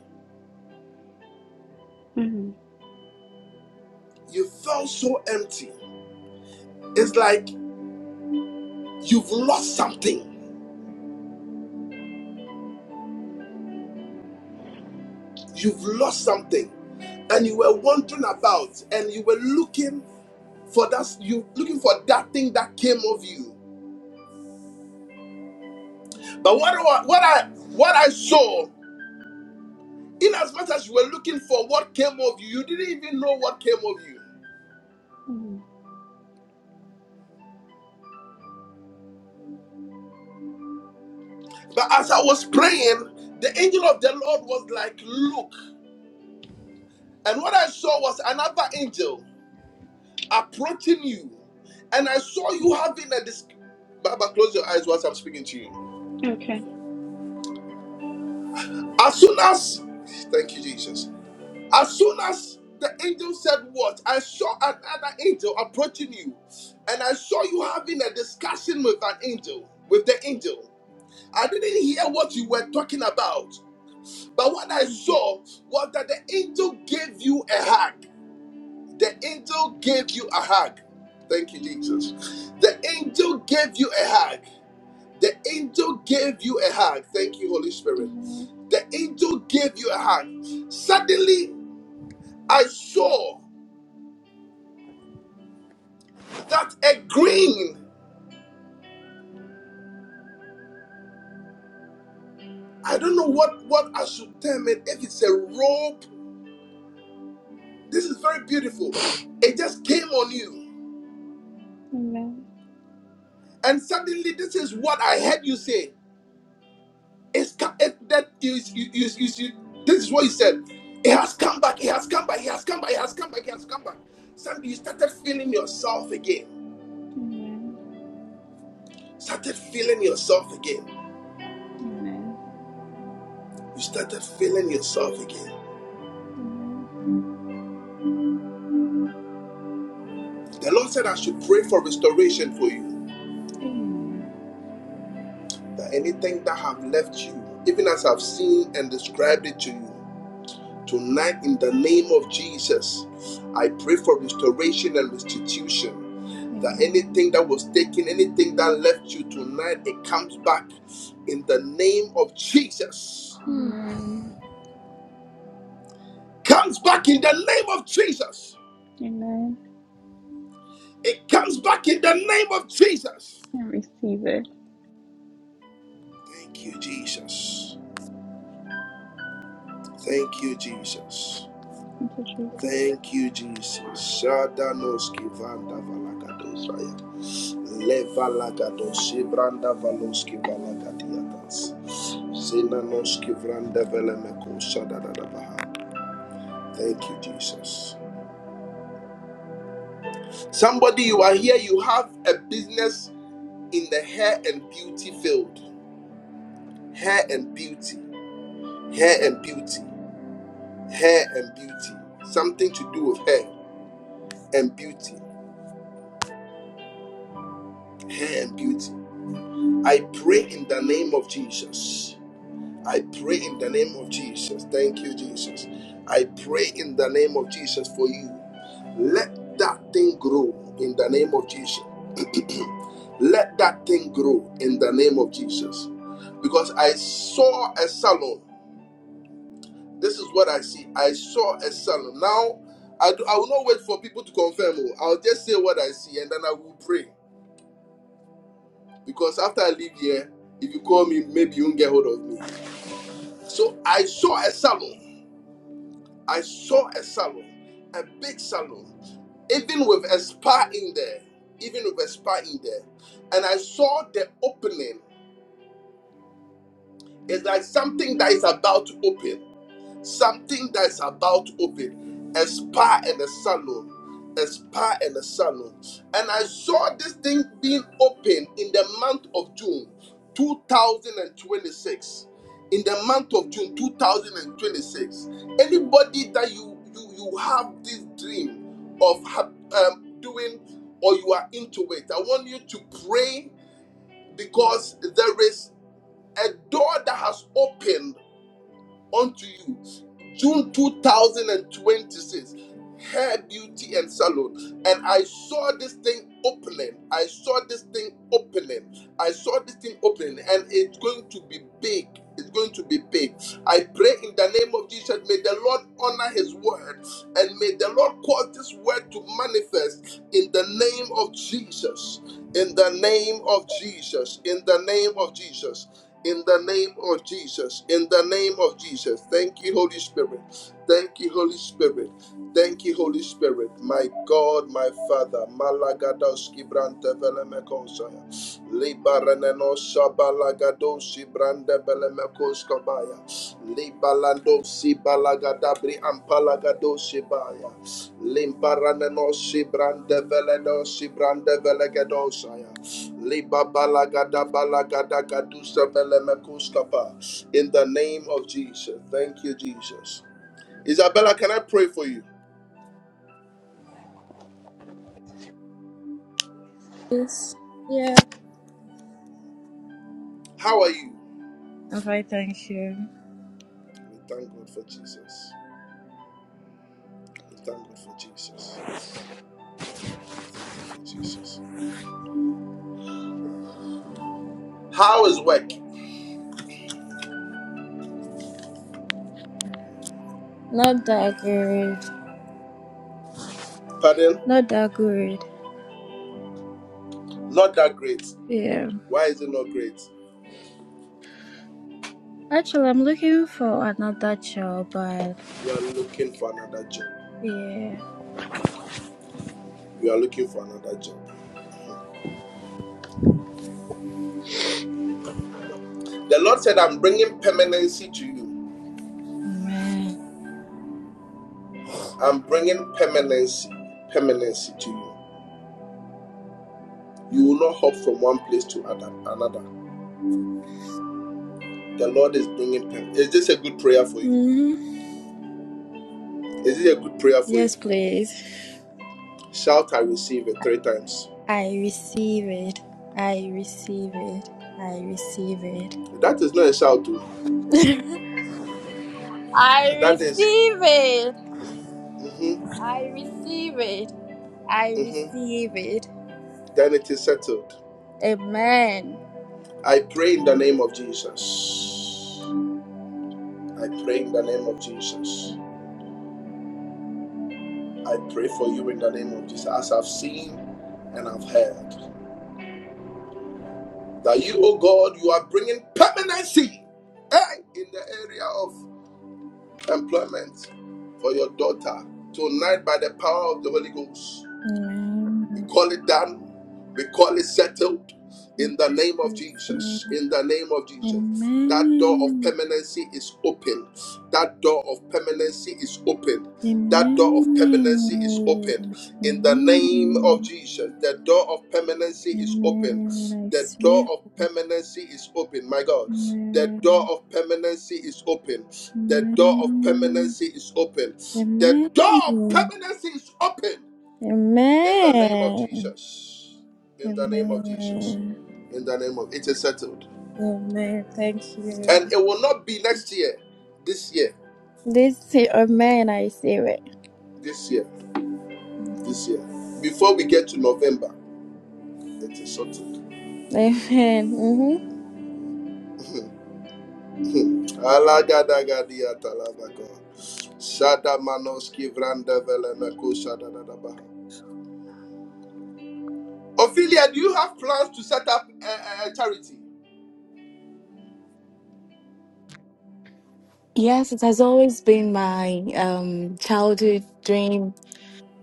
Speaker 11: Mhm.
Speaker 1: You felt so empty. It's like you've lost something. You've lost something and you were wandering about and you were looking for that you looking for that thing that came of you But what I, what I what I saw, in as much as you were looking for what came of you, you didn't even know what came of you.
Speaker 11: Mhm.
Speaker 1: But as I was praying, the angel of the Lord was like, "Look," and what I saw was another angel approaching you, and I saw you having a dis. Baba, close your eyes whilst I'm speaking to you.
Speaker 11: Okay.
Speaker 1: As soon as, thank you, Jesus. As soon as the angel said, What? I saw another angel approaching you, and I saw you having a discussion with an angel, with the angel. I didn't hear what you were talking about, but what I
Speaker 11: Mhm.
Speaker 1: saw was that the angel gave you a hug. The angel gave you a hug. Thank you, Jesus. The angel gave you a hug. The angel gave you a hug. Thank you, Holy Spirit.
Speaker 11: Amen.
Speaker 1: The angel gave you a hug. Suddenly, I saw. that a green i don't know what what i should term it if it's a rope this is very beautiful it just came on you and suddenly this is what i heard you say it's co- it, that is you, you, you, you this is what you said it has come back it has come back it has come back it has come back it has come back suddenly you started feeling yourself again
Speaker 11: Amen.
Speaker 1: started feeling yourself again
Speaker 11: Amen.
Speaker 1: you started feeling yourself again
Speaker 11: Amen.
Speaker 1: the lord said i should pray for restoration for you
Speaker 11: Amen.
Speaker 1: that anything that have left you, even as I've seen and described it to you, tonight in the name of Jesus, I pray for restoration and restitution. That
Speaker 11: Amen. Amen.
Speaker 1: anything that was taken, anything that left you tonight, it comes back in the name of Jesus.
Speaker 8: Mm.
Speaker 11: Amen.
Speaker 1: Comes back in the name of Jesus.
Speaker 11: Amen.
Speaker 1: It comes back in the name of Jesus.
Speaker 11: I receive it.
Speaker 1: Thank you, Jesus. Thank you, Jesus.
Speaker 11: Thank you, Jesus.
Speaker 1: Thank you, Jesus. Shadanoski vanda valagadosaya. Levalagadosi branda valoski valagadiatas. Zenanoski vranda velemeko shadadadabaha. Thank you, Jesus. Somebody, you are here, you have a business in the hair and beauty field. Hair and beauty. Hair and beauty. Hair and beauty. Something to do with hair and beauty. Hair and beauty. I pray in the name of Jesus. I pray in the name of Jesus. Thank you, Jesus. I pray that thing in grace. Now I confirm it, eh, if you mean. So I saw a salon. I saw a salon, a big salon, even with a spa in there, even with a spa in there. And I saw the opening. It's like something that is about to open. Something that is about to open. A spa and a salon. A spa and a salon. And I saw this thing being opened in the month of June 2026. In the month of June 2026. Anybody that you you, you have this dream of um, doing or you are into it, I want you to pray because there is a door that has opened unto you June 2026 hair beauty and salon and i saw this thing opening i saw this thing opening i saw this thing opening and it's going to be big it's going to be big i pray in the name of jesus may the lord honor his word and may the lord cause this word to manifest in the name of jesus in the name of jesus in the name of jesus in the name of Jesus. In the name of Jesus. Thank you, Holy Spirit. Thank you, Holy Spirit. Thank you, Holy Spirit, my God, my Father. Malagadoski brante velemekonsaya. Libaraneno shabalagadosi brande velemekoskabaya. Libalando si balagadabri ampalagadosi baya. Limbaraneno si brande veleno si brande velegadosaya. Libabalagadabalagadagaduse velemekoskapa. In the name of Jesus. Thank you, Jesus. Isabella, can I pray for you?
Speaker 12: Yes. Yeah.
Speaker 1: How are you?
Speaker 12: I'm fine, thank you.
Speaker 1: We thank God for Jesus. We thank God for Jesus. We thank God for Jesus. How is work?
Speaker 12: Not that good.
Speaker 1: Pardon?
Speaker 12: Not that good.
Speaker 1: Not that great.
Speaker 12: Yeah.
Speaker 1: Why is it not great?
Speaker 12: Actually, I'm looking for another job, but
Speaker 1: You are looking for another job.
Speaker 12: yeah.
Speaker 1: Okay. You are looking for another job. The Lord said, I'm bringing permanency to you.
Speaker 12: Man.
Speaker 1: I'm bringing permanency, permanency to you. You will not hop from one place to other- another. The Lord is bringing permanency. Is this a good prayer for you?
Speaker 12: Mm-hmm.
Speaker 1: Is this a good prayer for you?
Speaker 12: Yes, please.
Speaker 1: Shout, I receive it three times.
Speaker 12: I receive it. I receive it. I receive it.
Speaker 1: That is not a shout. oh.
Speaker 12: I
Speaker 1: That is,
Speaker 12: receive it.
Speaker 1: mm-hmm,
Speaker 12: I receive it. I
Speaker 1: mm-hmm.
Speaker 12: receive it.
Speaker 1: Then it is settled.
Speaker 12: Amen.
Speaker 1: I pray in the name of Jesus. I pray in the name of Jesus. I pray for you in the name of Jesus. As I've seen and I've heard that you, oh God, you are bringing permanency eh, in the area of employment for your daughter tonight by the power of the Holy Ghost. We
Speaker 12: Amen.
Speaker 1: call it done. We call it settled in the name of Jesus. In the name of Jesus. That door of
Speaker 12: Amen.
Speaker 1: permanency is open. That door of permanency is open. That
Speaker 12: Amen.
Speaker 1: door of permanency is open. In the name of
Speaker 12: Amen.
Speaker 1: Jesus. The door of permanency is open.
Speaker 12: Amen. I
Speaker 1: The
Speaker 12: see
Speaker 1: door
Speaker 12: it.
Speaker 1: of permanency is open. My God. The door
Speaker 12: Amen.
Speaker 1: of permanency is open. The door of
Speaker 12: Amen.
Speaker 1: permanency is open. The
Speaker 12: Amen.
Speaker 1: door of permanency is open in the name of
Speaker 12: Amen.
Speaker 1: Jesus. In the name of Jesus.
Speaker 12: Amen.
Speaker 1: In the name of it is settled.
Speaker 12: Amen. Thank
Speaker 1: And
Speaker 12: you.
Speaker 1: it will not be next year. This year.
Speaker 12: This is amen. I see it.
Speaker 1: This year. This year. Before we get to November. It is settled.
Speaker 12: Amen. Mm-hmm.
Speaker 1: Alagadagadiatalabako. Shadamanoski Vrandevelemeko Shadadadabaha. Ophelia, do you have plans to set up a, a- charity?
Speaker 13: Yes, it has always been my um, childhood dream,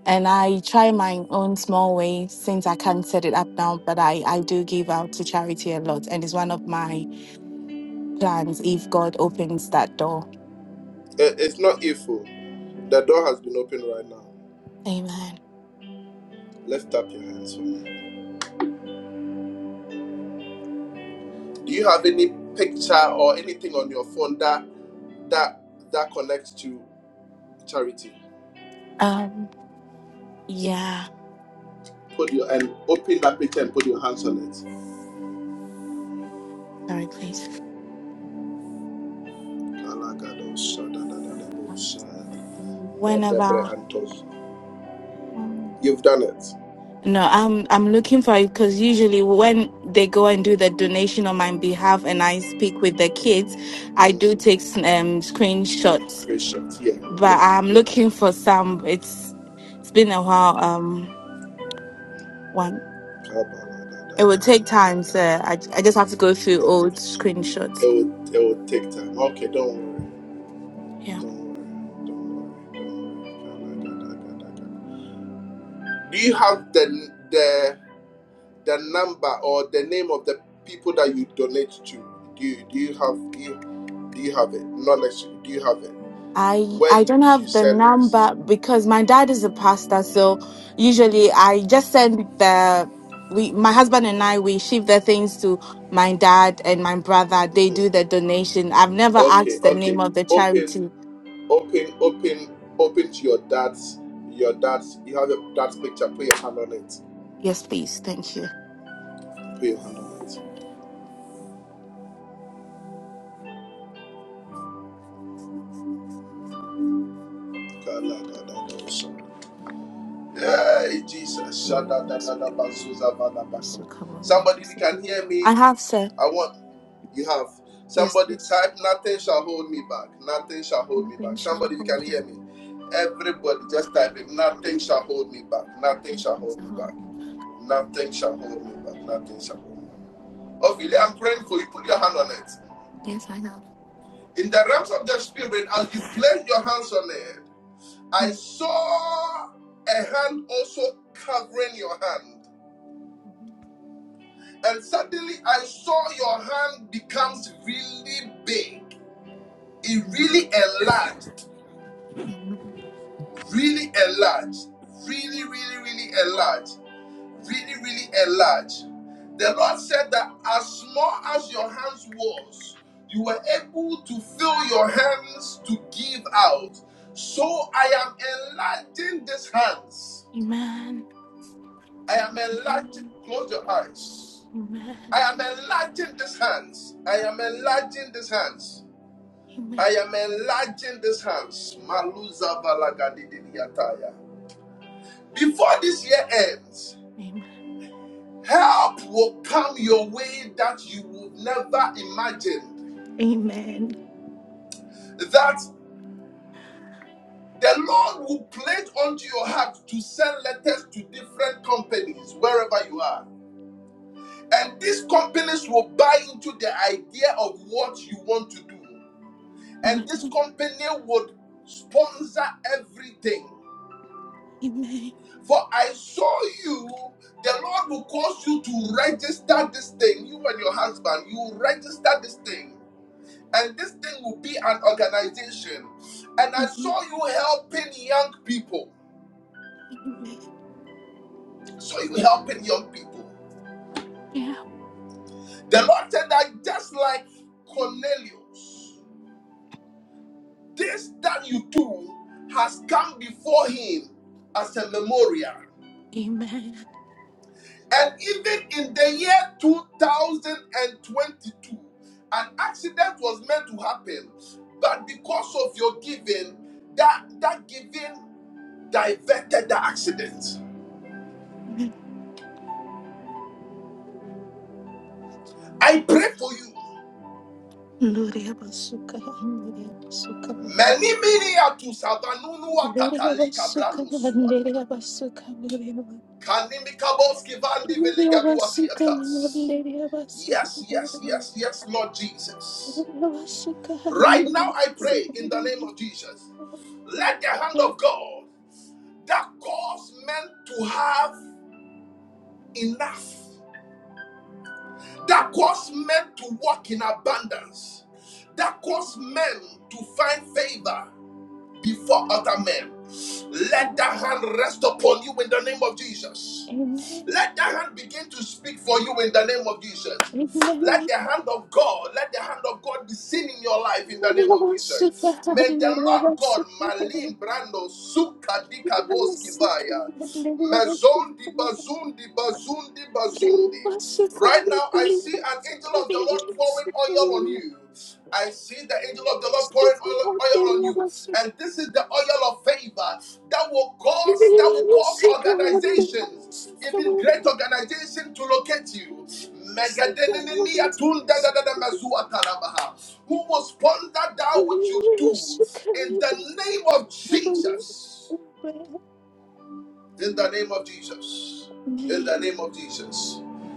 Speaker 13: and I try my own small way since I can't set it up now, but I, I do give out to charity a lot, and it's one of my plans if God opens that door.
Speaker 1: Eh, It's not evil. The door has been opened right now.
Speaker 13: Amen.
Speaker 1: Lift up your hands for me. Do you have any picture or anything on your phone that that that connects to charity?
Speaker 13: Um, yeah,
Speaker 1: Put your and open that picture and put your hands on it.
Speaker 13: sorry, please. Um, Whenever. Um,
Speaker 1: You've done it.
Speaker 13: no, I'm I'm looking for it because usually when they go and do the donation on my behalf and I speak with the kids, I
Speaker 1: Mm,
Speaker 13: do take s- um
Speaker 1: some
Speaker 13: screenshots
Speaker 1: creation. Yeah, yeah,
Speaker 13: but I'm
Speaker 1: yeah.
Speaker 13: looking for some. It's it's been a while. Um, one
Speaker 1: It,
Speaker 13: it will take time, so I I just have to go through
Speaker 1: it
Speaker 13: old screenshots.
Speaker 1: will it will take time. Okay, don't worry.
Speaker 13: Yeah,
Speaker 1: Don't worry. Don't worry. Don't worry. Do you have the the the number or the name of the people that you donate to. Do you, do you have do you, do you have it? Not necessarily. Do you have it?
Speaker 13: I
Speaker 1: Where
Speaker 13: I don't
Speaker 1: do you
Speaker 13: have the
Speaker 1: send this?
Speaker 13: number because my dad is a pastor, so usually I just send the we my husband and I we ship the things to my dad and my brother. They do the donation. I've never
Speaker 1: Okay,
Speaker 13: asked the
Speaker 1: okay.
Speaker 13: name of the charity.
Speaker 1: To your dad's, your dad's. You have your dad's picture. Put your hand on it.
Speaker 13: Yes, please. Thank you.
Speaker 1: Put your hand on it. Kala, da, da, da, so. Hey Jesus!
Speaker 13: No worries. It's recovery, I'm
Speaker 1: Somebody,
Speaker 13: also good.
Speaker 1: can hear
Speaker 13: I
Speaker 1: me.
Speaker 13: have sir.
Speaker 1: I want. You have
Speaker 13: Yes,
Speaker 1: somebody
Speaker 13: please.
Speaker 1: type, nothing shall hold me back. Nothing shall
Speaker 13: You
Speaker 1: hold me
Speaker 13: have been
Speaker 1: back.
Speaker 13: showered
Speaker 1: Somebody, you
Speaker 13: with
Speaker 1: can
Speaker 13: the
Speaker 1: hear me. Everybody, just type it. Nothing shall hold me back. Nothing shall hold me back.
Speaker 13: Holy Ghost.
Speaker 1: Nothing shall hold me back. Nothing shall hold me back. Ophelia, I'm praying for you. Put your hand on it.
Speaker 13: Yes, I have.
Speaker 1: In the realms of the spirit, as you place your hands on it, I
Speaker 13: Mm.
Speaker 1: saw a hand also covering your hand.
Speaker 13: Amen.
Speaker 1: And suddenly I saw your hand becomes really big. It
Speaker 13: Amen.
Speaker 1: really enlarged really enlarge, really, really, really enlarge, really, really enlarge. The Lord said that as small as your hands was, you were able to fill your hands to give out. So I am enlarging these hands.
Speaker 13: Amen.
Speaker 1: I am enlarging. Close your eyes.
Speaker 13: Amen. Amen.
Speaker 1: I am enlarging these hands. I am enlarging these hands. I
Speaker 13: Amen.
Speaker 1: am enlarging these hands. Maluza balagadidiyataya. Before this year ends, Help will come your way that you would never imagine.
Speaker 13: Amen.
Speaker 1: That the Lord will place onto your heart to send letters to different companies wherever you are. And these companies will buy into the idea of what you want to do. And
Speaker 13: Amen.
Speaker 1: this company would sponsor everything. For I saw you, the Lord will cause you to register this thing. You and your husband, you register this thing. and this thing will be an organization. And I
Speaker 13: Amen.
Speaker 1: saw you helping young people.
Speaker 13: Amen.
Speaker 1: Saw you helping young people.
Speaker 13: Yeah.
Speaker 1: The Lord said that just like Cornelius, this that you do has come before him as a memorial.
Speaker 13: Amen.
Speaker 1: And even in the year 2022, an accident was meant to happen, but because of your giving, that that giving diverted the accident. I pray for you.
Speaker 13: Nuria basuka, nuria basuka,
Speaker 1: Menimini atu savanunu
Speaker 13: nuria
Speaker 1: atakalika
Speaker 13: basuka,
Speaker 1: branu
Speaker 13: nuria
Speaker 1: suata.
Speaker 13: basuka, nuria basuka,
Speaker 1: Kanimikaboski vandi
Speaker 13: nuria
Speaker 1: veligaduati
Speaker 13: basuka,
Speaker 1: atas.
Speaker 13: nuria
Speaker 1: Yes, yes,
Speaker 13: basuka,
Speaker 1: yes, yes, Lord Jesus.
Speaker 13: Amen.
Speaker 1: Right now I pray in the name of Jesus. Let the hand of God that caused men to have enough, that caused men to walk in abundance, that caused men to find favor, before other men. Let that hand rest upon you in the name of Jesus.
Speaker 13: Amen.
Speaker 1: Let that hand begin to speak for you in the name of Jesus. Let the hand of God, let the hand of God be seen in your life in the name of Jesus. May the Lord God, Malin Brando, Sukadi Dikaboski Vaya, Mazon di Bazundi di Bazun Right now, I. I see an angel of the Lord pouring oil on you. I see the angel of the Lord pouring oil, oil on you. And this is the oil of favor that will cause that will cause organizations, even great organizations, to locate you. Megadenenemiya
Speaker 13: Amen.
Speaker 1: tundadadadamazuatalabaha. Who will sponsor that which
Speaker 13: Amen.
Speaker 1: you do in the name of Jesus? In the name of Jesus. In the name of Jesus.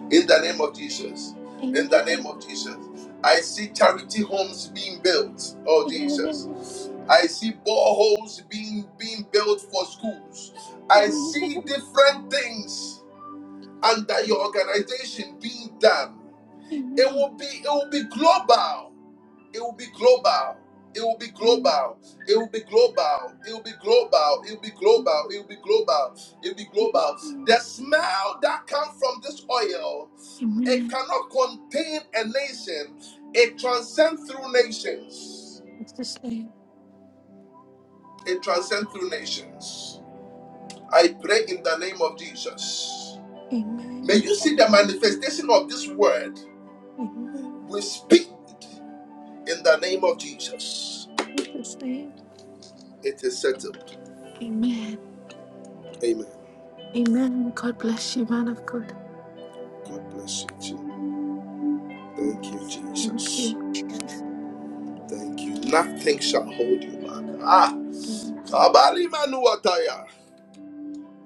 Speaker 1: In the name of Jesus. In the name of Jesus. I see charity homes being built. Oh Jesus. I see boreholes being being built for schools. I see different things under your organization being done. It will be it will be global. It will be global. It will be global. It will be global. It will be global. It will be global. It will be global. It will be global. The smell that comes from this oil, it cannot contain a nation. It transcends through nations.
Speaker 13: Just say
Speaker 1: It transcends through nations. I pray in the name of Jesus. May
Speaker 13: amen.
Speaker 1: you see the manifestation of this word
Speaker 13: Amen.
Speaker 1: with speed in the name of Jesus.
Speaker 13: Just say
Speaker 1: It is settled.
Speaker 13: amen.
Speaker 1: Amen.
Speaker 13: Amen. God bless you, man of God.
Speaker 1: Thank you,
Speaker 13: Thank
Speaker 1: Jesus.
Speaker 13: you, Jesus.
Speaker 1: Thank you. Nothing shall hold you back. Ah,
Speaker 13: Amen.
Speaker 1: abalima no ataya.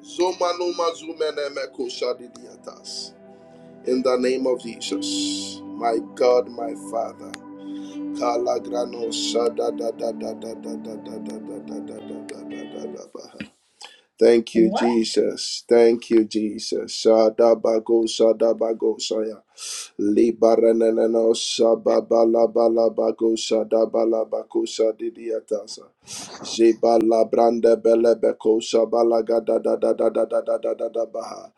Speaker 1: Zomano mazu menemeko shadi diatas. In the name of Jesus, my God, my Father. Kala granosada da da da da da da da da da da da da da da da da. Thank you, what? Jesus. Thank you, Jesus. Sada bagos. Sada bagos. Saya. Libaranano Shababalabalabakosa Dabalabakosa Didiatasa. Zeba Labranda Belebekosa Balagada da da da da da da da da da da baha.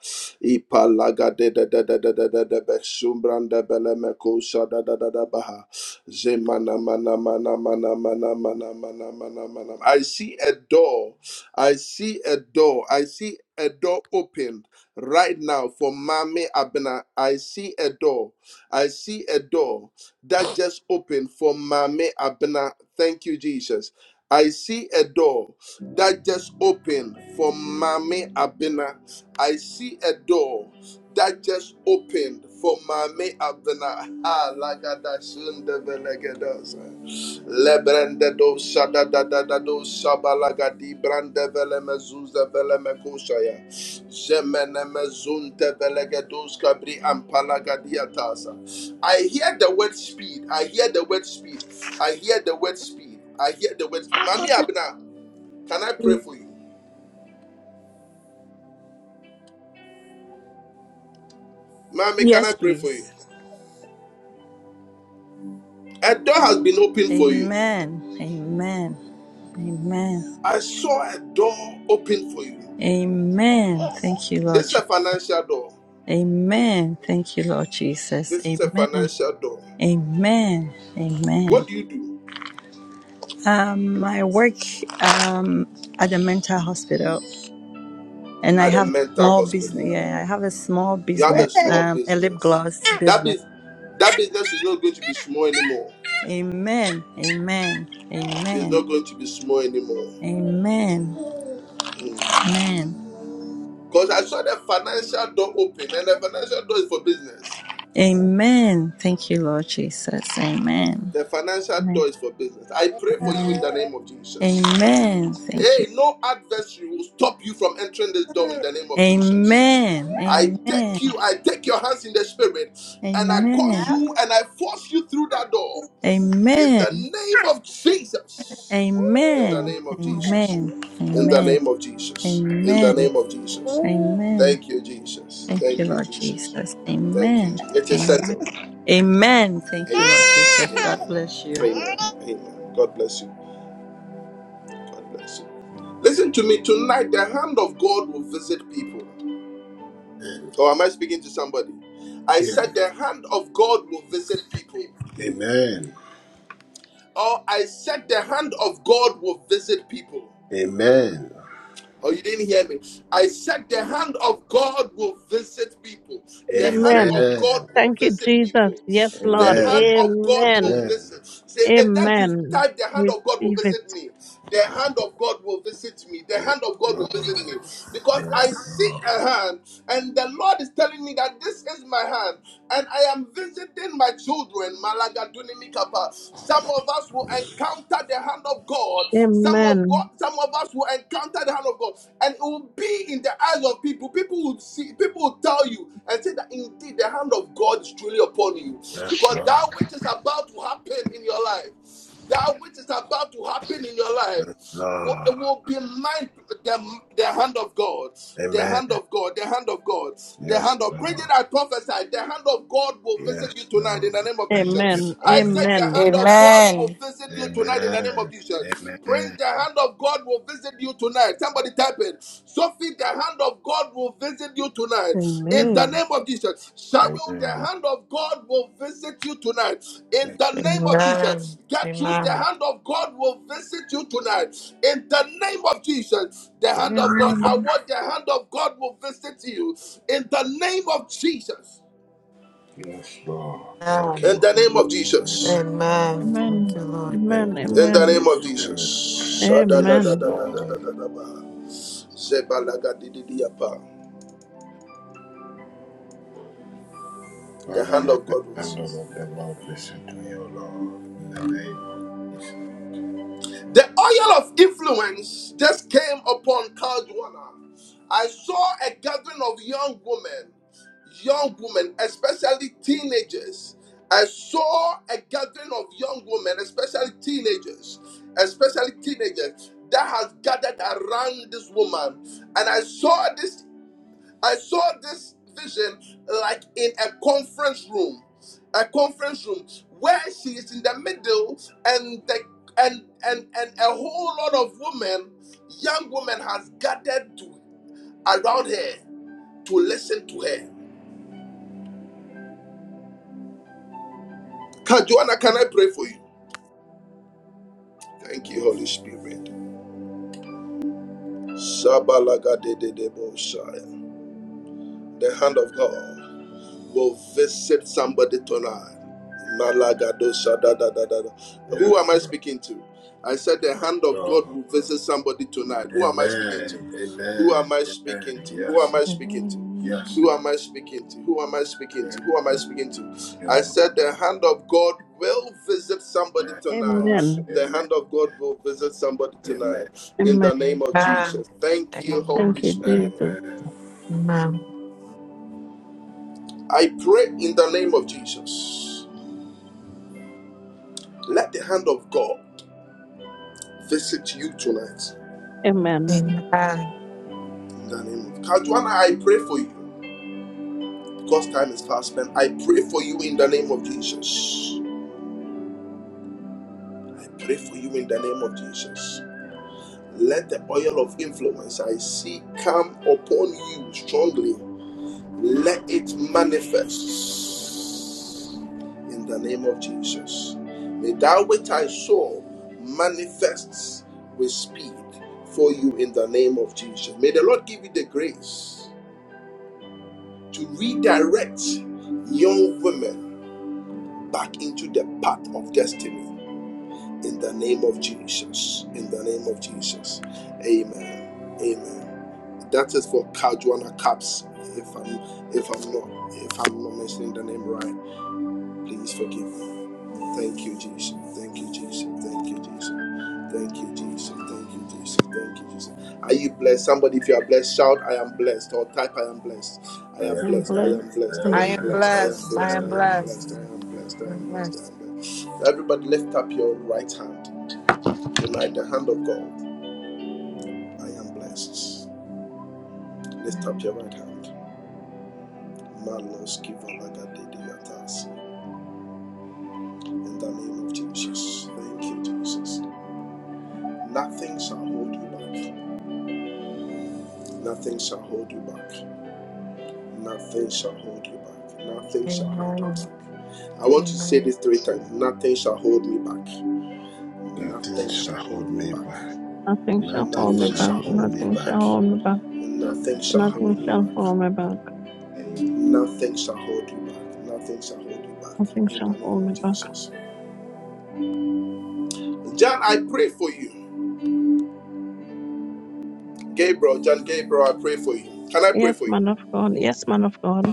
Speaker 1: Ipa lagade da da da da da da da besumbranda belemekosa da da da da baha. Zemana mana mana mana mana mana mana mana mana. I see a door I see a door. I see a door opened right now for Mami Abena. I see a door. I see a door that just opened for Mami Abena. Thank you, Jesus. I see a door that just opened for Mami Abena. I see a door that just opened for Mami Abena. Ah, lagada shunda Lebrende do shada da da da do shabalaga di brande vele mezuza vele mekushaya. Zemene mezunte vele gedus kabri ampalaga diatasa. I hear the word speed. I hear the word speed. I hear the word speed. I hear the word speed. Mami Abna, can I pray for you? Mami, can I
Speaker 14: Yes,
Speaker 1: pray for you?
Speaker 14: please.
Speaker 1: A door has been opened for you.
Speaker 14: Amen. Amen. Amen.
Speaker 1: I saw a door open for you.
Speaker 14: Amen. Thank you,
Speaker 1: This
Speaker 14: Lord
Speaker 1: is a
Speaker 14: Jesus.
Speaker 1: financial door.
Speaker 14: Amen. Thank you, Lord Jesus.
Speaker 1: This is a
Speaker 14: Amen.
Speaker 1: financial door.
Speaker 14: Amen. Amen. Um, I work um at a mental hospital and I have a small business. Yeah, I have a small
Speaker 1: You have
Speaker 14: business,
Speaker 1: a
Speaker 14: *laughs*
Speaker 1: small
Speaker 14: um, a lip
Speaker 1: business.
Speaker 14: gloss
Speaker 1: That
Speaker 14: business.
Speaker 1: is that
Speaker 14: Amen. Amen.
Speaker 1: is
Speaker 14: Amen.
Speaker 1: not going to be small anymore.
Speaker 14: Amen.
Speaker 1: Because
Speaker 14: Amen.
Speaker 1: mm. I saw the financial door open, and the financial door is for business.
Speaker 14: Amen. Thank you, Lord Jesus. Amen.
Speaker 1: The financial door
Speaker 14: Amen.
Speaker 1: is for business. I pray for you in the name of Jesus.
Speaker 14: Amen. Thank you.
Speaker 1: Hey, no adversary will stop you from entering this door in the name of Jesus.
Speaker 14: Amen.
Speaker 1: I
Speaker 14: Amen.
Speaker 1: take you, I take your hands in the spirit, and I
Speaker 14: Amen.
Speaker 1: cause you and I force you through that door in the
Speaker 14: Amen.
Speaker 1: name of Jesus. In the
Speaker 14: Amen.
Speaker 1: name of Jesus.
Speaker 14: Amen.
Speaker 1: In the
Speaker 14: Amen.
Speaker 1: name of Jesus. In the
Speaker 14: Amen.
Speaker 1: name of Jesus.
Speaker 14: Amen.
Speaker 1: Thank you, Jesus.
Speaker 14: Thank you,
Speaker 1: Thank you,
Speaker 14: Lord
Speaker 1: Jesus.
Speaker 14: Jesus.
Speaker 1: Thank you.
Speaker 14: Amen.
Speaker 1: Jesus. It is
Speaker 14: Amen.
Speaker 1: settled.
Speaker 14: Amen. Thank you, Lord
Speaker 1: Amen.
Speaker 14: Jesus. God bless
Speaker 1: Amen.
Speaker 14: you.
Speaker 1: Amen. Amen. God bless you. God bless you. Listen to me. Tonight, the hand of God will visit people. Or am I speaking to somebody? I said,
Speaker 2: Yeah.
Speaker 1: the hand of God will visit people.
Speaker 2: Amen.
Speaker 1: Or I said, the hand of God will visit people.
Speaker 2: Amen.
Speaker 1: Oh, you didn't hear me. I said the hand of God will visit people. The hand
Speaker 15: Amen.
Speaker 1: of God
Speaker 2: Amen.
Speaker 1: will
Speaker 15: Thank you,
Speaker 1: visit
Speaker 15: Jesus.
Speaker 1: people.
Speaker 15: Yes,
Speaker 1: The
Speaker 15: Lord.
Speaker 1: hand
Speaker 2: Amen.
Speaker 1: of God
Speaker 15: Amen.
Speaker 1: will
Speaker 2: Amen.
Speaker 1: visit. Say, if that you
Speaker 15: Amen.
Speaker 1: type, the hand of God will
Speaker 15: Receive it.
Speaker 1: visit me. The hand of God will visit me. The
Speaker 2: Yes,
Speaker 1: hand of God will
Speaker 2: Lord.
Speaker 1: visit me. Because I
Speaker 2: Yes,
Speaker 1: see
Speaker 2: Lord.
Speaker 1: a hand, and the Lord is telling me that this is my hand, and I am visiting my children. Malagadunimikapa. Some of us will encounter the hand of of God. Some of God,
Speaker 15: Amen.
Speaker 1: some of us will encounter the hand of God, and it will be in the eyes of people. People will see, people will tell you and say that indeed the hand of God is truly upon you,
Speaker 2: Yes,
Speaker 1: because
Speaker 2: Lord.
Speaker 1: that which is about to happen in your life, that which is about to happen in your
Speaker 2: Yes,
Speaker 1: life
Speaker 2: Lord.
Speaker 1: it will beline the, the hand of God, the
Speaker 2: Amen.
Speaker 1: hand of God, the hand of God, the
Speaker 2: Yes,
Speaker 1: hand of bring it.
Speaker 2: Lord.
Speaker 1: I prophesy the hand of God will visit you
Speaker 2: Yes,
Speaker 1: tonight in
Speaker 2: Lord.
Speaker 1: the name of
Speaker 2: Thank you,
Speaker 15: Amen.
Speaker 1: Jesus. I
Speaker 2: Holy
Speaker 1: said the
Speaker 15: Amen.
Speaker 1: hand
Speaker 2: Spirit.
Speaker 1: of God
Speaker 16: Amen.
Speaker 1: will visit you tonight in the name of
Speaker 2: Amen.
Speaker 1: Jesus.
Speaker 2: Amen.
Speaker 1: Pray. the hand of God will visit you tonight. Somebody type it. Sophie, the hand of God will visit you tonight. In
Speaker 2: Amen.
Speaker 1: the
Speaker 8: Amen.
Speaker 1: name of Jesus.
Speaker 2: Amen.
Speaker 1: Cheryl, the
Speaker 2: Amen.
Speaker 1: hand of God will visit you tonight. In the name of Jesus.
Speaker 7: Amen.
Speaker 1: Gertrude, the
Speaker 7: Amen.
Speaker 1: hand of God will visit you tonight. In the name of Jesus. The hand of God. I
Speaker 15: Amen.
Speaker 1: want the hand of God will visit you. In the name of Jesus.
Speaker 2: Yes, Lord. Thank
Speaker 7: Amen.
Speaker 1: In
Speaker 2: you,
Speaker 1: the name
Speaker 2: Holy
Speaker 1: of Jesus.
Speaker 2: Spirit.
Speaker 7: Amen.
Speaker 15: Amen.
Speaker 7: Thank you, Lord.
Speaker 2: Thank
Speaker 15: Amen.
Speaker 2: you,
Speaker 1: In the
Speaker 15: Amen. Amen.
Speaker 1: name
Speaker 2: Holy
Speaker 1: of Jesus.
Speaker 2: Spirit. Yes, Lord.
Speaker 1: Shadadadadadadadadaba. Zebalagadididiapa. The
Speaker 2: Father,
Speaker 1: hand
Speaker 2: let
Speaker 1: of
Speaker 2: the
Speaker 1: God will visit
Speaker 2: hand of the Lord visit me, O Lord, in the name of Jesus.
Speaker 1: The oil of influence just came upon Caldwana. I saw a gathering of young women, young women, especially teenagers. I saw a gathering of young women, especially teenagers, especially teenagers that has gathered around this woman. And I saw this I saw this vision like in a conference room, a conference room where she is in the middle, and the and and and a whole lot of women, young women, has gathered to around her to listen to her. Can, Joanna, can I pray for you? Thank you, Holy Spirit. Shabalagadedemoshaya. The hand of God. Go visit somebody tonight. Malagado shada da da da da. Who
Speaker 2: Yes,
Speaker 1: am I
Speaker 2: Lord.
Speaker 1: speaking to? I said the hand of God
Speaker 2: Lord.
Speaker 1: will visit somebody tonight. Who am I speaking
Speaker 2: Amen.
Speaker 1: to? Who am
Speaker 2: Amen.
Speaker 1: I speaking
Speaker 2: Amen.
Speaker 1: to? Who
Speaker 2: Yes,
Speaker 1: am I
Speaker 2: Lord.
Speaker 1: speaking to?
Speaker 17: Amen.
Speaker 2: Yes,
Speaker 1: Who
Speaker 2: Lord.
Speaker 1: am I speaking to? Who am I speaking
Speaker 2: Yes,
Speaker 1: to? Who am I
Speaker 2: Lord.
Speaker 1: speaking to?
Speaker 2: You
Speaker 1: I
Speaker 2: are-
Speaker 1: said the hand of God will visit somebody
Speaker 2: Yes,
Speaker 1: tonight.
Speaker 2: Lord.
Speaker 15: Amen.
Speaker 1: The
Speaker 2: Amen.
Speaker 1: hand of God will visit somebody
Speaker 2: Amen.
Speaker 1: tonight in the
Speaker 15: Amen.
Speaker 1: name of
Speaker 7: Amen.
Speaker 1: Jesus. Thank you,
Speaker 7: Amen.
Speaker 15: Thank
Speaker 1: Holy
Speaker 15: you,
Speaker 2: Amen.
Speaker 1: Spirit.
Speaker 2: I
Speaker 15: Jesus.
Speaker 7: Amen.
Speaker 1: I pray in the name of Jesus. Let the hand of God visit you tonight.
Speaker 15: Amen.
Speaker 7: Amen.
Speaker 1: In Cautions. Let the of influence I see come upon you strongly. Let it manifest in the name of Jesus. May that which I saw manifests with speed for you in the name of Jesus. May the Lord give you the grace to redirect young women back into the path of destiny in the name of Jesus. In the name of Jesus. Amen. Amen. That is for Kajuana Caps. If I'm if I'm not if I'm not mentioning the name right, please forgive me. Thank you, Jesus. Thank you, Jesus. Thank you, Jesus. Thank you, Jesus. Thank you, Jesus. Thank you, Jesus. Are you blessed? Somebody, if you are blessed, shout, I am blessed. Or type, I am blessed.
Speaker 2: am blessed.
Speaker 1: I
Speaker 2: I
Speaker 1: am
Speaker 2: am
Speaker 15: And
Speaker 1: blessed. I
Speaker 15: bless.
Speaker 1: am
Speaker 2: blessed. I
Speaker 1: blessed.
Speaker 8: I
Speaker 1: I
Speaker 2: am
Speaker 7: I
Speaker 1: am
Speaker 8: am
Speaker 7: am
Speaker 2: blessed.
Speaker 1: blessed. I
Speaker 8: blessed.
Speaker 1: am
Speaker 7: blessed. I
Speaker 1: blessed.
Speaker 7: am
Speaker 1: I am
Speaker 2: I am
Speaker 1: blessed. I
Speaker 7: blessed.
Speaker 2: blessed.
Speaker 1: am blessed. I
Speaker 7: I'm
Speaker 1: am blessed. I
Speaker 7: blessed.
Speaker 1: am blessed. Everybody, lift up your right hand. Tonight, the hand of God, I am blessed. Lift up
Speaker 7: Mhm.
Speaker 1: your right hand. Manos kivalagadidiratas. In the name of Jesus. Thank you, Jesus. Nothing shall hold you back. Nothing shall hold you back. Nothing shall hold you back. Nothing shall hold you
Speaker 7: Amen.
Speaker 1: back. I want
Speaker 7: Amen.
Speaker 1: to return. Nothing shall hold me back.
Speaker 2: Nothing
Speaker 1: Nothing
Speaker 2: shall
Speaker 1: shall hold
Speaker 2: hold
Speaker 1: me
Speaker 2: me
Speaker 1: back.
Speaker 2: back.
Speaker 15: Nothing shall hold
Speaker 2: Nothing
Speaker 15: me
Speaker 1: Nothing
Speaker 2: shall
Speaker 15: back.
Speaker 1: shall
Speaker 2: hold
Speaker 1: hold
Speaker 2: me
Speaker 1: me
Speaker 15: Nothing shall
Speaker 2: back.
Speaker 1: back.
Speaker 15: hold me back.
Speaker 1: Nothing
Speaker 2: Nothing
Speaker 1: shall
Speaker 2: shall
Speaker 1: hold
Speaker 15: Nothing
Speaker 1: me
Speaker 2: hold me
Speaker 15: shall
Speaker 2: back.
Speaker 15: hold
Speaker 1: back.
Speaker 15: me back.
Speaker 2: Amen.
Speaker 1: Nothing shall hold you back. Nothing shall hold you
Speaker 15: Nothing
Speaker 1: back. In the
Speaker 15: shall
Speaker 1: name
Speaker 15: hold me
Speaker 1: of
Speaker 15: back.
Speaker 1: Jesus. Gabriel, can I pray
Speaker 15: Yes,
Speaker 1: for
Speaker 15: man
Speaker 1: you?
Speaker 15: of God. Yes, man of God.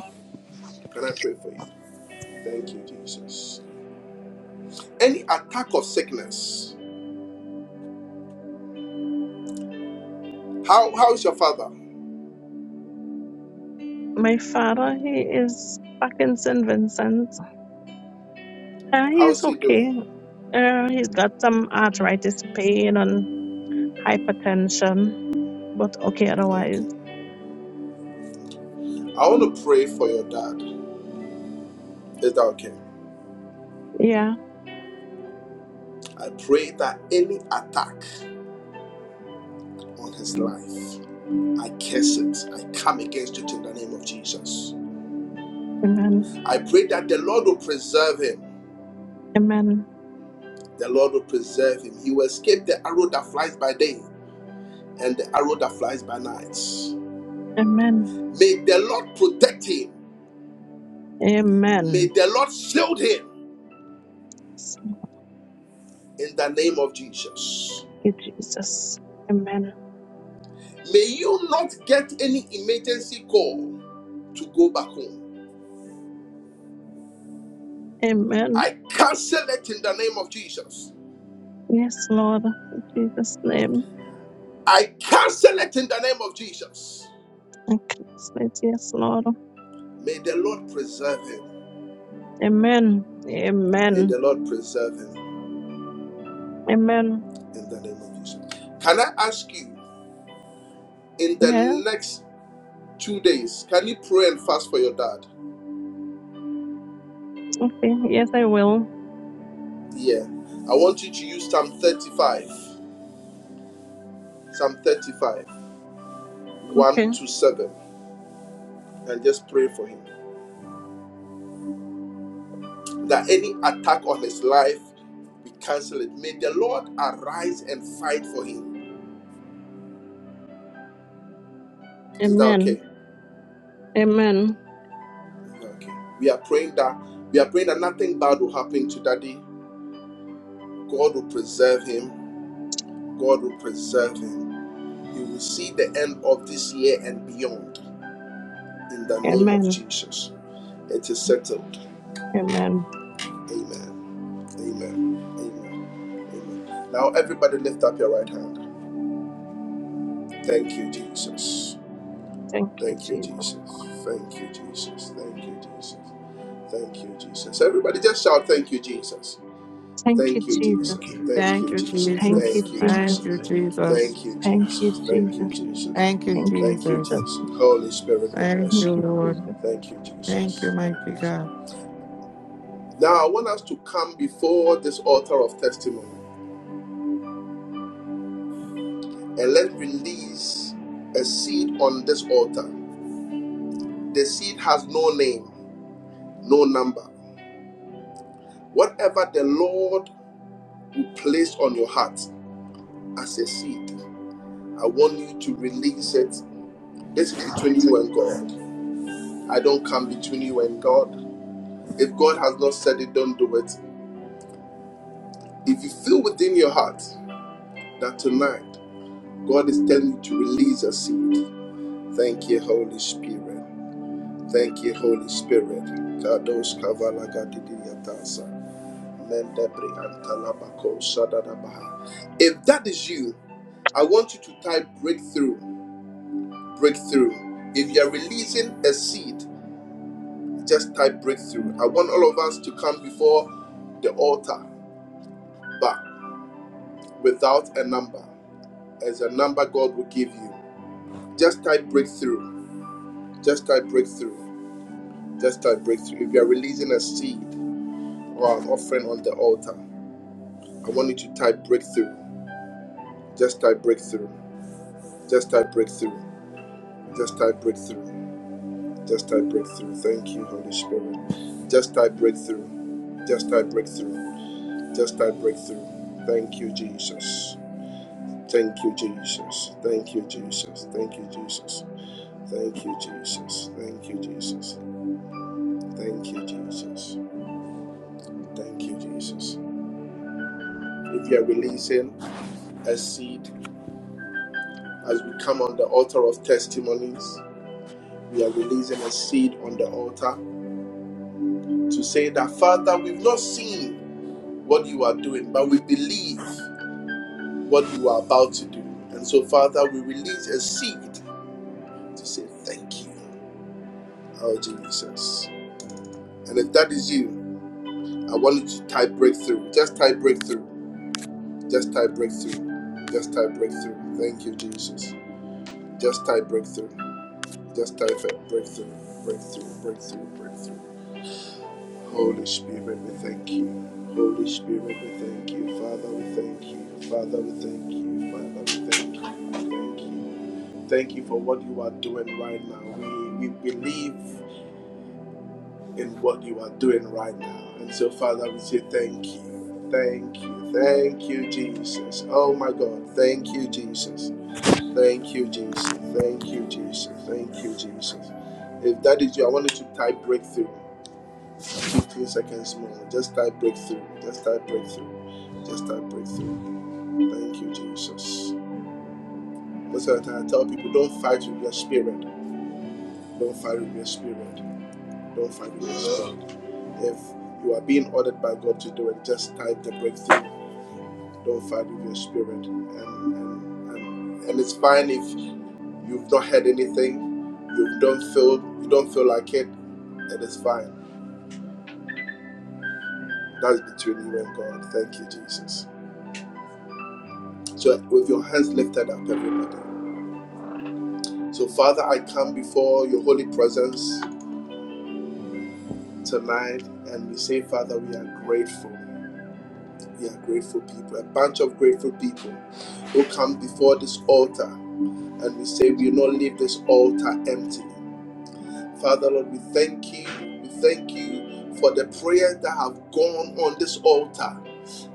Speaker 1: Can I pray for you? Thank you, Jesus. Any attack of sickness? How how is your father?
Speaker 15: My father, he is back in St. Vincent. Uh,
Speaker 1: How
Speaker 15: he's
Speaker 1: is he
Speaker 15: okay.
Speaker 1: doing?
Speaker 15: Uh, he's got some arthritis pain and hypertension, but okay otherwise.
Speaker 1: Okay. I want to pray for your dad. Is that okay?
Speaker 15: Yeah.
Speaker 1: I pray that any attack on his life, I curse it. I come against it in the name of Jesus.
Speaker 15: Amen.
Speaker 1: I pray that the Lord will preserve him.
Speaker 15: Amen.
Speaker 1: The Lord will preserve him. He will escape the arrow that flies by day and the arrow that flies by night.
Speaker 15: Amen.
Speaker 1: May the Lord protect him May
Speaker 15: Amen.
Speaker 1: the Lord shield him
Speaker 15: Thank
Speaker 1: in the name of Jesus.
Speaker 15: you, Jesus. Amen.
Speaker 1: May you not get any emergency call to go back home.
Speaker 15: Amen.
Speaker 1: I cancel it in the name of Jesus.
Speaker 15: Yes, Lord. In Jesus' name.
Speaker 1: I cancel it in the name of Jesus.
Speaker 15: I translate, Yes, Lord.
Speaker 1: May the Lord preserve him.
Speaker 15: Amen.
Speaker 1: May
Speaker 15: Amen.
Speaker 1: the Lord preserve him
Speaker 15: Amen.
Speaker 1: in the name of Jesus. Can I ask you in
Speaker 15: Yeah.
Speaker 1: the next two days, can you pray and fast for your dad?
Speaker 15: Okay. Yes, I will.
Speaker 1: Yeah. I want you to use Psalm 35, Psalm 35,
Speaker 15: Okay.
Speaker 1: 1 to 7, and just pray for him. that any attack on his life be cancelled. May the Lord arise and fight for him. Is that
Speaker 15: Amen.
Speaker 1: okay?
Speaker 15: Amen.
Speaker 1: Okay. We are praying that we are praying that nothing bad will happen to Daddy. God will preserve him. God will preserve him. We will see the end of this year and beyond. In the name of
Speaker 15: Amen.
Speaker 1: Jesus.
Speaker 15: Amen.
Speaker 1: Amen. Now everybody lift up your right hand. Thank you, Jesus.
Speaker 15: Thank you,
Speaker 1: Thank you,
Speaker 15: Jesus.
Speaker 1: Jesus. Thank you, Jesus. Thank you, Jesus. Thank you, Jesus. Everybody just shout, Thank you, Jesus.
Speaker 15: Thank you,
Speaker 1: Thank you,
Speaker 15: Jesus.
Speaker 2: Thank
Speaker 1: Jesus.
Speaker 2: you. Jesus.
Speaker 1: Thank
Speaker 7: Thank
Speaker 1: you,
Speaker 7: you,
Speaker 8: Thank you,
Speaker 1: Jesus.
Speaker 15: Thank you,
Speaker 7: Jesus.
Speaker 1: Thank
Speaker 8: Jesus.
Speaker 1: you,
Speaker 15: Jesus.
Speaker 7: Thank you,
Speaker 1: Jesus.
Speaker 2: Thank,
Speaker 8: Thank you,
Speaker 7: Jesus.
Speaker 1: Thank you,
Speaker 8: Jesus.
Speaker 15: Thank you,
Speaker 1: Jesus. Thank you,
Speaker 15: Jesus.
Speaker 2: thank
Speaker 8: Thank
Speaker 2: you.
Speaker 8: you,
Speaker 2: Jesus.
Speaker 1: Jesus.
Speaker 7: Thank you,
Speaker 8: Jesus.
Speaker 15: Thank you,
Speaker 1: Thank you,
Speaker 15: Jesus.
Speaker 7: Jesus.
Speaker 1: Jesus.
Speaker 8: Thank
Speaker 1: Holy
Speaker 8: you,
Speaker 1: Spirit,
Speaker 8: Jesus.
Speaker 1: we
Speaker 7: Thank
Speaker 15: Thank
Speaker 1: bless
Speaker 2: Yes.
Speaker 7: you,
Speaker 1: you.
Speaker 15: you,
Speaker 7: Lord.
Speaker 15: Jesus.
Speaker 1: Thank you, Jesus.
Speaker 8: Thank you,
Speaker 7: Thank
Speaker 8: Jesus.
Speaker 7: you, mighty
Speaker 1: Thank you, Jesus.
Speaker 7: God.
Speaker 1: Now, I want us to come before this altar of testimony. Let's release a seed on this altar. The seed has no name, number. What seed? I want you to release it. This is between you and God. I don't come between you and God. If God has said it, do it. If you feel within your heart that tonight, God is telling you to release a seed. Thank you, Holy Spirit. Thank you, Holy Spirit. Kadosh kavala gadidiyatasa. Mendebre antalabako sadadabaha. If that is you, I want you to type breakthrough, breakthrough. If you are releasing a seed, just type breakthrough. I want all of us to come before the altar, but without a number. As a number God will give you. Just type breakthrough. Just type breakthrough. Just type breakthrough. If you are releasing a seed or an offering on the altar, I want you to type breakthrough. Just type breakthrough. Just type breakthrough. Just type breakthrough. Just type breakthrough. Thank you, Holy Spirit. Just type breakthrough. Just type breakthrough. Just type breakthrough. Thank you, Jesus. Thank you, Jesus. Thank you, Jesus. Thank you, Jesus. Thank you, Jesus. Thank you, Jesus. Thank you, Jesus. Thank you, Jesus. If you are releasing a seed As we come on the altar of testimonies, we are releasing a seed on the altar to say that, Father, we've not seen what you are doing, but we believe what you are about to do. And so, Father, we release a seed. Thank you, Jesus. You breakthrough. Just type it. Just type breakthrough. Just type it. Breakthrough. Breakthrough. Breakthrough. Breakthrough. Holy Spirit, we thank you. Holy Spirit, we thank you. Father, we thank you. Father, we thank you. Father, we thank you. We thank you. Thank you for what you are doing right now. We, we believe in what you are doing right now. And so, Father, we say thank you. Thank you. Thank you, Jesus. Oh, my God. Thank you, Jesus. Thank you, Jesus. Thank you, Jesus. Thank you, Jesus. If that is you, I want you to type breakthrough. Uh, 15 seconds more. Just type breakthrough. Just type breakthrough. Just type breakthrough. Thank you, Jesus. Most of the time, I tell people don't fight with your spirit. Don't fight with your spirit. Don't fight in your
Speaker 2: Amen.
Speaker 1: spirit. If you are being ordered by God to do it, just type the breakthrough. Don't fight with your spirit. And, and, and, and it's fine if you've not had anything, you don't feel you don't feel like it, it is fine. That's between you and God. Thank you, Jesus. So with your hands lifted up, everybody. So Father, I come before your holy presence tonight and we say, Father, we are grateful. We are grateful people, a bunch of grateful people. who come before this altar and we say we will not leave this altar empty. Father Lord, we thank you. We thank you for the prayers that have gone on this altar.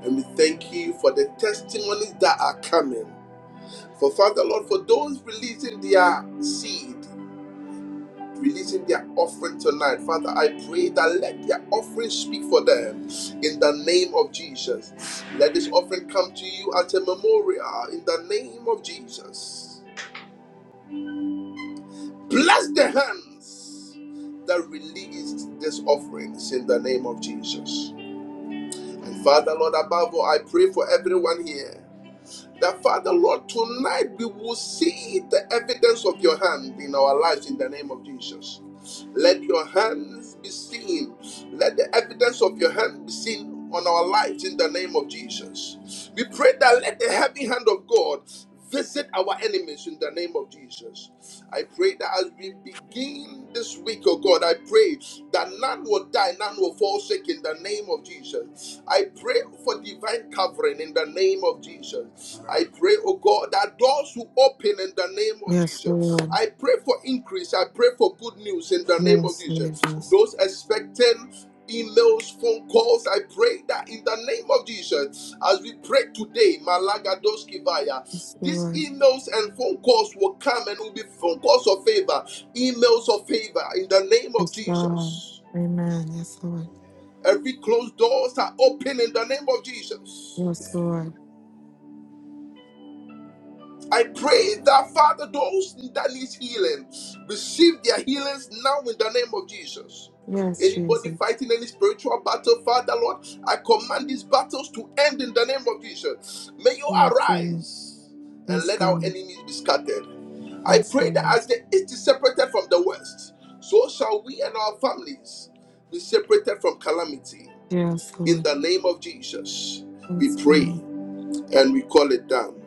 Speaker 1: And we thank you for the testimonies that are coming. For Father Lord, for those releasing their seed, releasing their, like their offerings, bless that release these offerings in the name of Jesus. And Father Lord, above all, I pray for everyone. That Father Lord, tonight we will see the evidence of Let the action that we pray that let the hand of God visit our enemies in the name of Jesus. I pray that as we begin this week, oh God, I pray that none will die, none will fall sick in the name of Jesus. I pray for divine covering in the name of Jesus. I pray, oh God, that doors will open in the name of
Speaker 7: Yes,
Speaker 1: Jesus.
Speaker 7: Lord.
Speaker 1: I
Speaker 2: Amen.
Speaker 1: pray for increase. I pray for good news in the name of
Speaker 7: Yes,
Speaker 1: Jesus.
Speaker 7: Jesus.
Speaker 1: Those expecting those phone calls are injured.
Speaker 7: Yes, Lord.
Speaker 1: He knows. uh, If
Speaker 7: Yes, God. Amen. Yes, Lord.
Speaker 2: Amen.
Speaker 7: Yes,
Speaker 2: Amen.
Speaker 7: Lord.
Speaker 1: I pray that Father, those that need healing receive their healings now in the name of Jesus.
Speaker 7: Yes,
Speaker 1: Anybody
Speaker 7: Jesus.
Speaker 1: fighting any spiritual battle, Father Lord, I command these battles to end in the name of Jesus. May you
Speaker 7: Yes, Lord.
Speaker 1: arise and
Speaker 7: Yes,
Speaker 1: let our
Speaker 7: God.
Speaker 1: enemies be scattered. I
Speaker 7: Yes,
Speaker 1: pray that
Speaker 7: Lord.
Speaker 1: as the east is separated from the west, so shall we and our families be separated from calamity.
Speaker 7: Yes,
Speaker 1: In
Speaker 7: Lord.
Speaker 1: the name of Jesus, we
Speaker 7: Yes,
Speaker 1: pray
Speaker 7: God.
Speaker 1: and we call it down.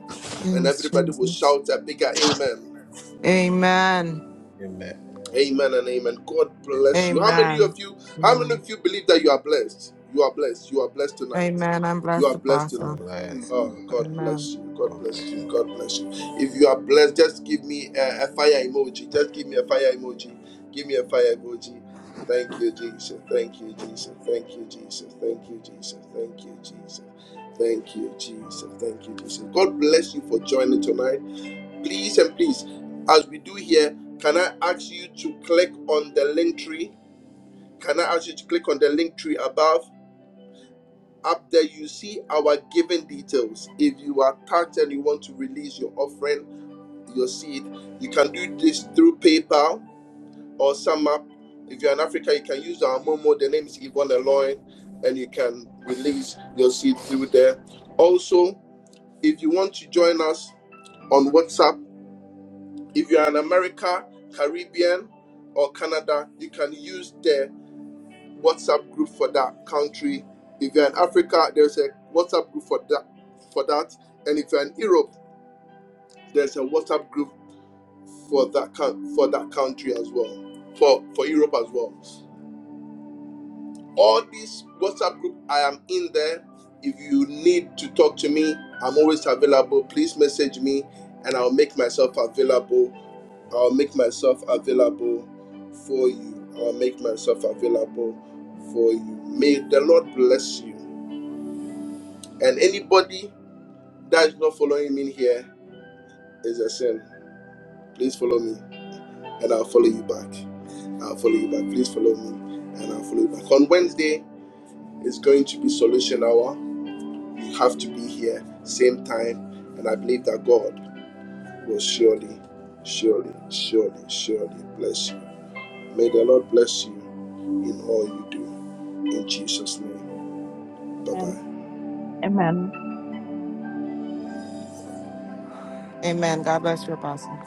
Speaker 1: And
Speaker 7: Yes,
Speaker 1: everybody will
Speaker 7: Jesus.
Speaker 1: shout a bigger amen.
Speaker 7: Amen.
Speaker 2: Amen.
Speaker 1: Amen and amen. God
Speaker 2: Amen.
Speaker 1: bless you. How many
Speaker 7: Amen.
Speaker 1: of you, how many
Speaker 7: Amen.
Speaker 1: of you believe that you are blessed? You are blessed. You are blessed tonight.
Speaker 7: Amen. I'm
Speaker 1: You are
Speaker 7: blessed,
Speaker 1: blessed
Speaker 2: I'm
Speaker 7: Apostle.
Speaker 1: tonight.
Speaker 2: blessed.
Speaker 1: Oh,
Speaker 2: I'm blessed.
Speaker 1: God
Speaker 7: Amen.
Speaker 1: bless you. God
Speaker 2: God
Speaker 1: bless
Speaker 2: bless
Speaker 1: you.
Speaker 2: you.
Speaker 1: God bless you. If you are blessed, just give me a, a fire emoji. Just give me a fire emoji. Give me a fire emoji. Thank you, Jesus. Thank you, Jesus. Thank you, Jesus. Thank you, Jesus. Thank you, Jesus. Thank you, Jesus. Thank you, Jesus. God bless you for joining tonight. please and please, as we do here, can I ask you to click on the link tree? Can I ask you to click on the link tree above? Up there, you see our giving details. If you are touched and you want to release your offering, your seed, you can do this through PayPal or SumUp. If you're in Africa, you can use our Momo. The name is Yvonne Eloy, and you can release your seed through there. Also, if you want to join us on WhatsApp, if you're in America, Caribbean, or Canada, you can use their WhatsApp group for that country. If you're in Africa, there's a WhatsApp group for that for that. And if you're in Europe, there's a WhatsApp group for that coun- for that country as well. For for Europe as well. All these WhatsApp group, I am in there. If you need to talk to me, I'm always available. Please message me and I'll make myself available I'll make myself available for you. I'll make myself available for you. May the Lord bless you. And anybody that is not following me here is a sin. Please follow me and I'll follow you back. I'll follow you back. Please follow me and I'll follow you back. On Wednesday, it's going to be solution hour. You have to be here, same time. And I believe that God will surely, surely, surely, surely bless you. May the Lord bless you in all you do. In Jesus' name. Bye. bye.
Speaker 15: Amen. Amen.
Speaker 7: Amen. God bless you, Apostle.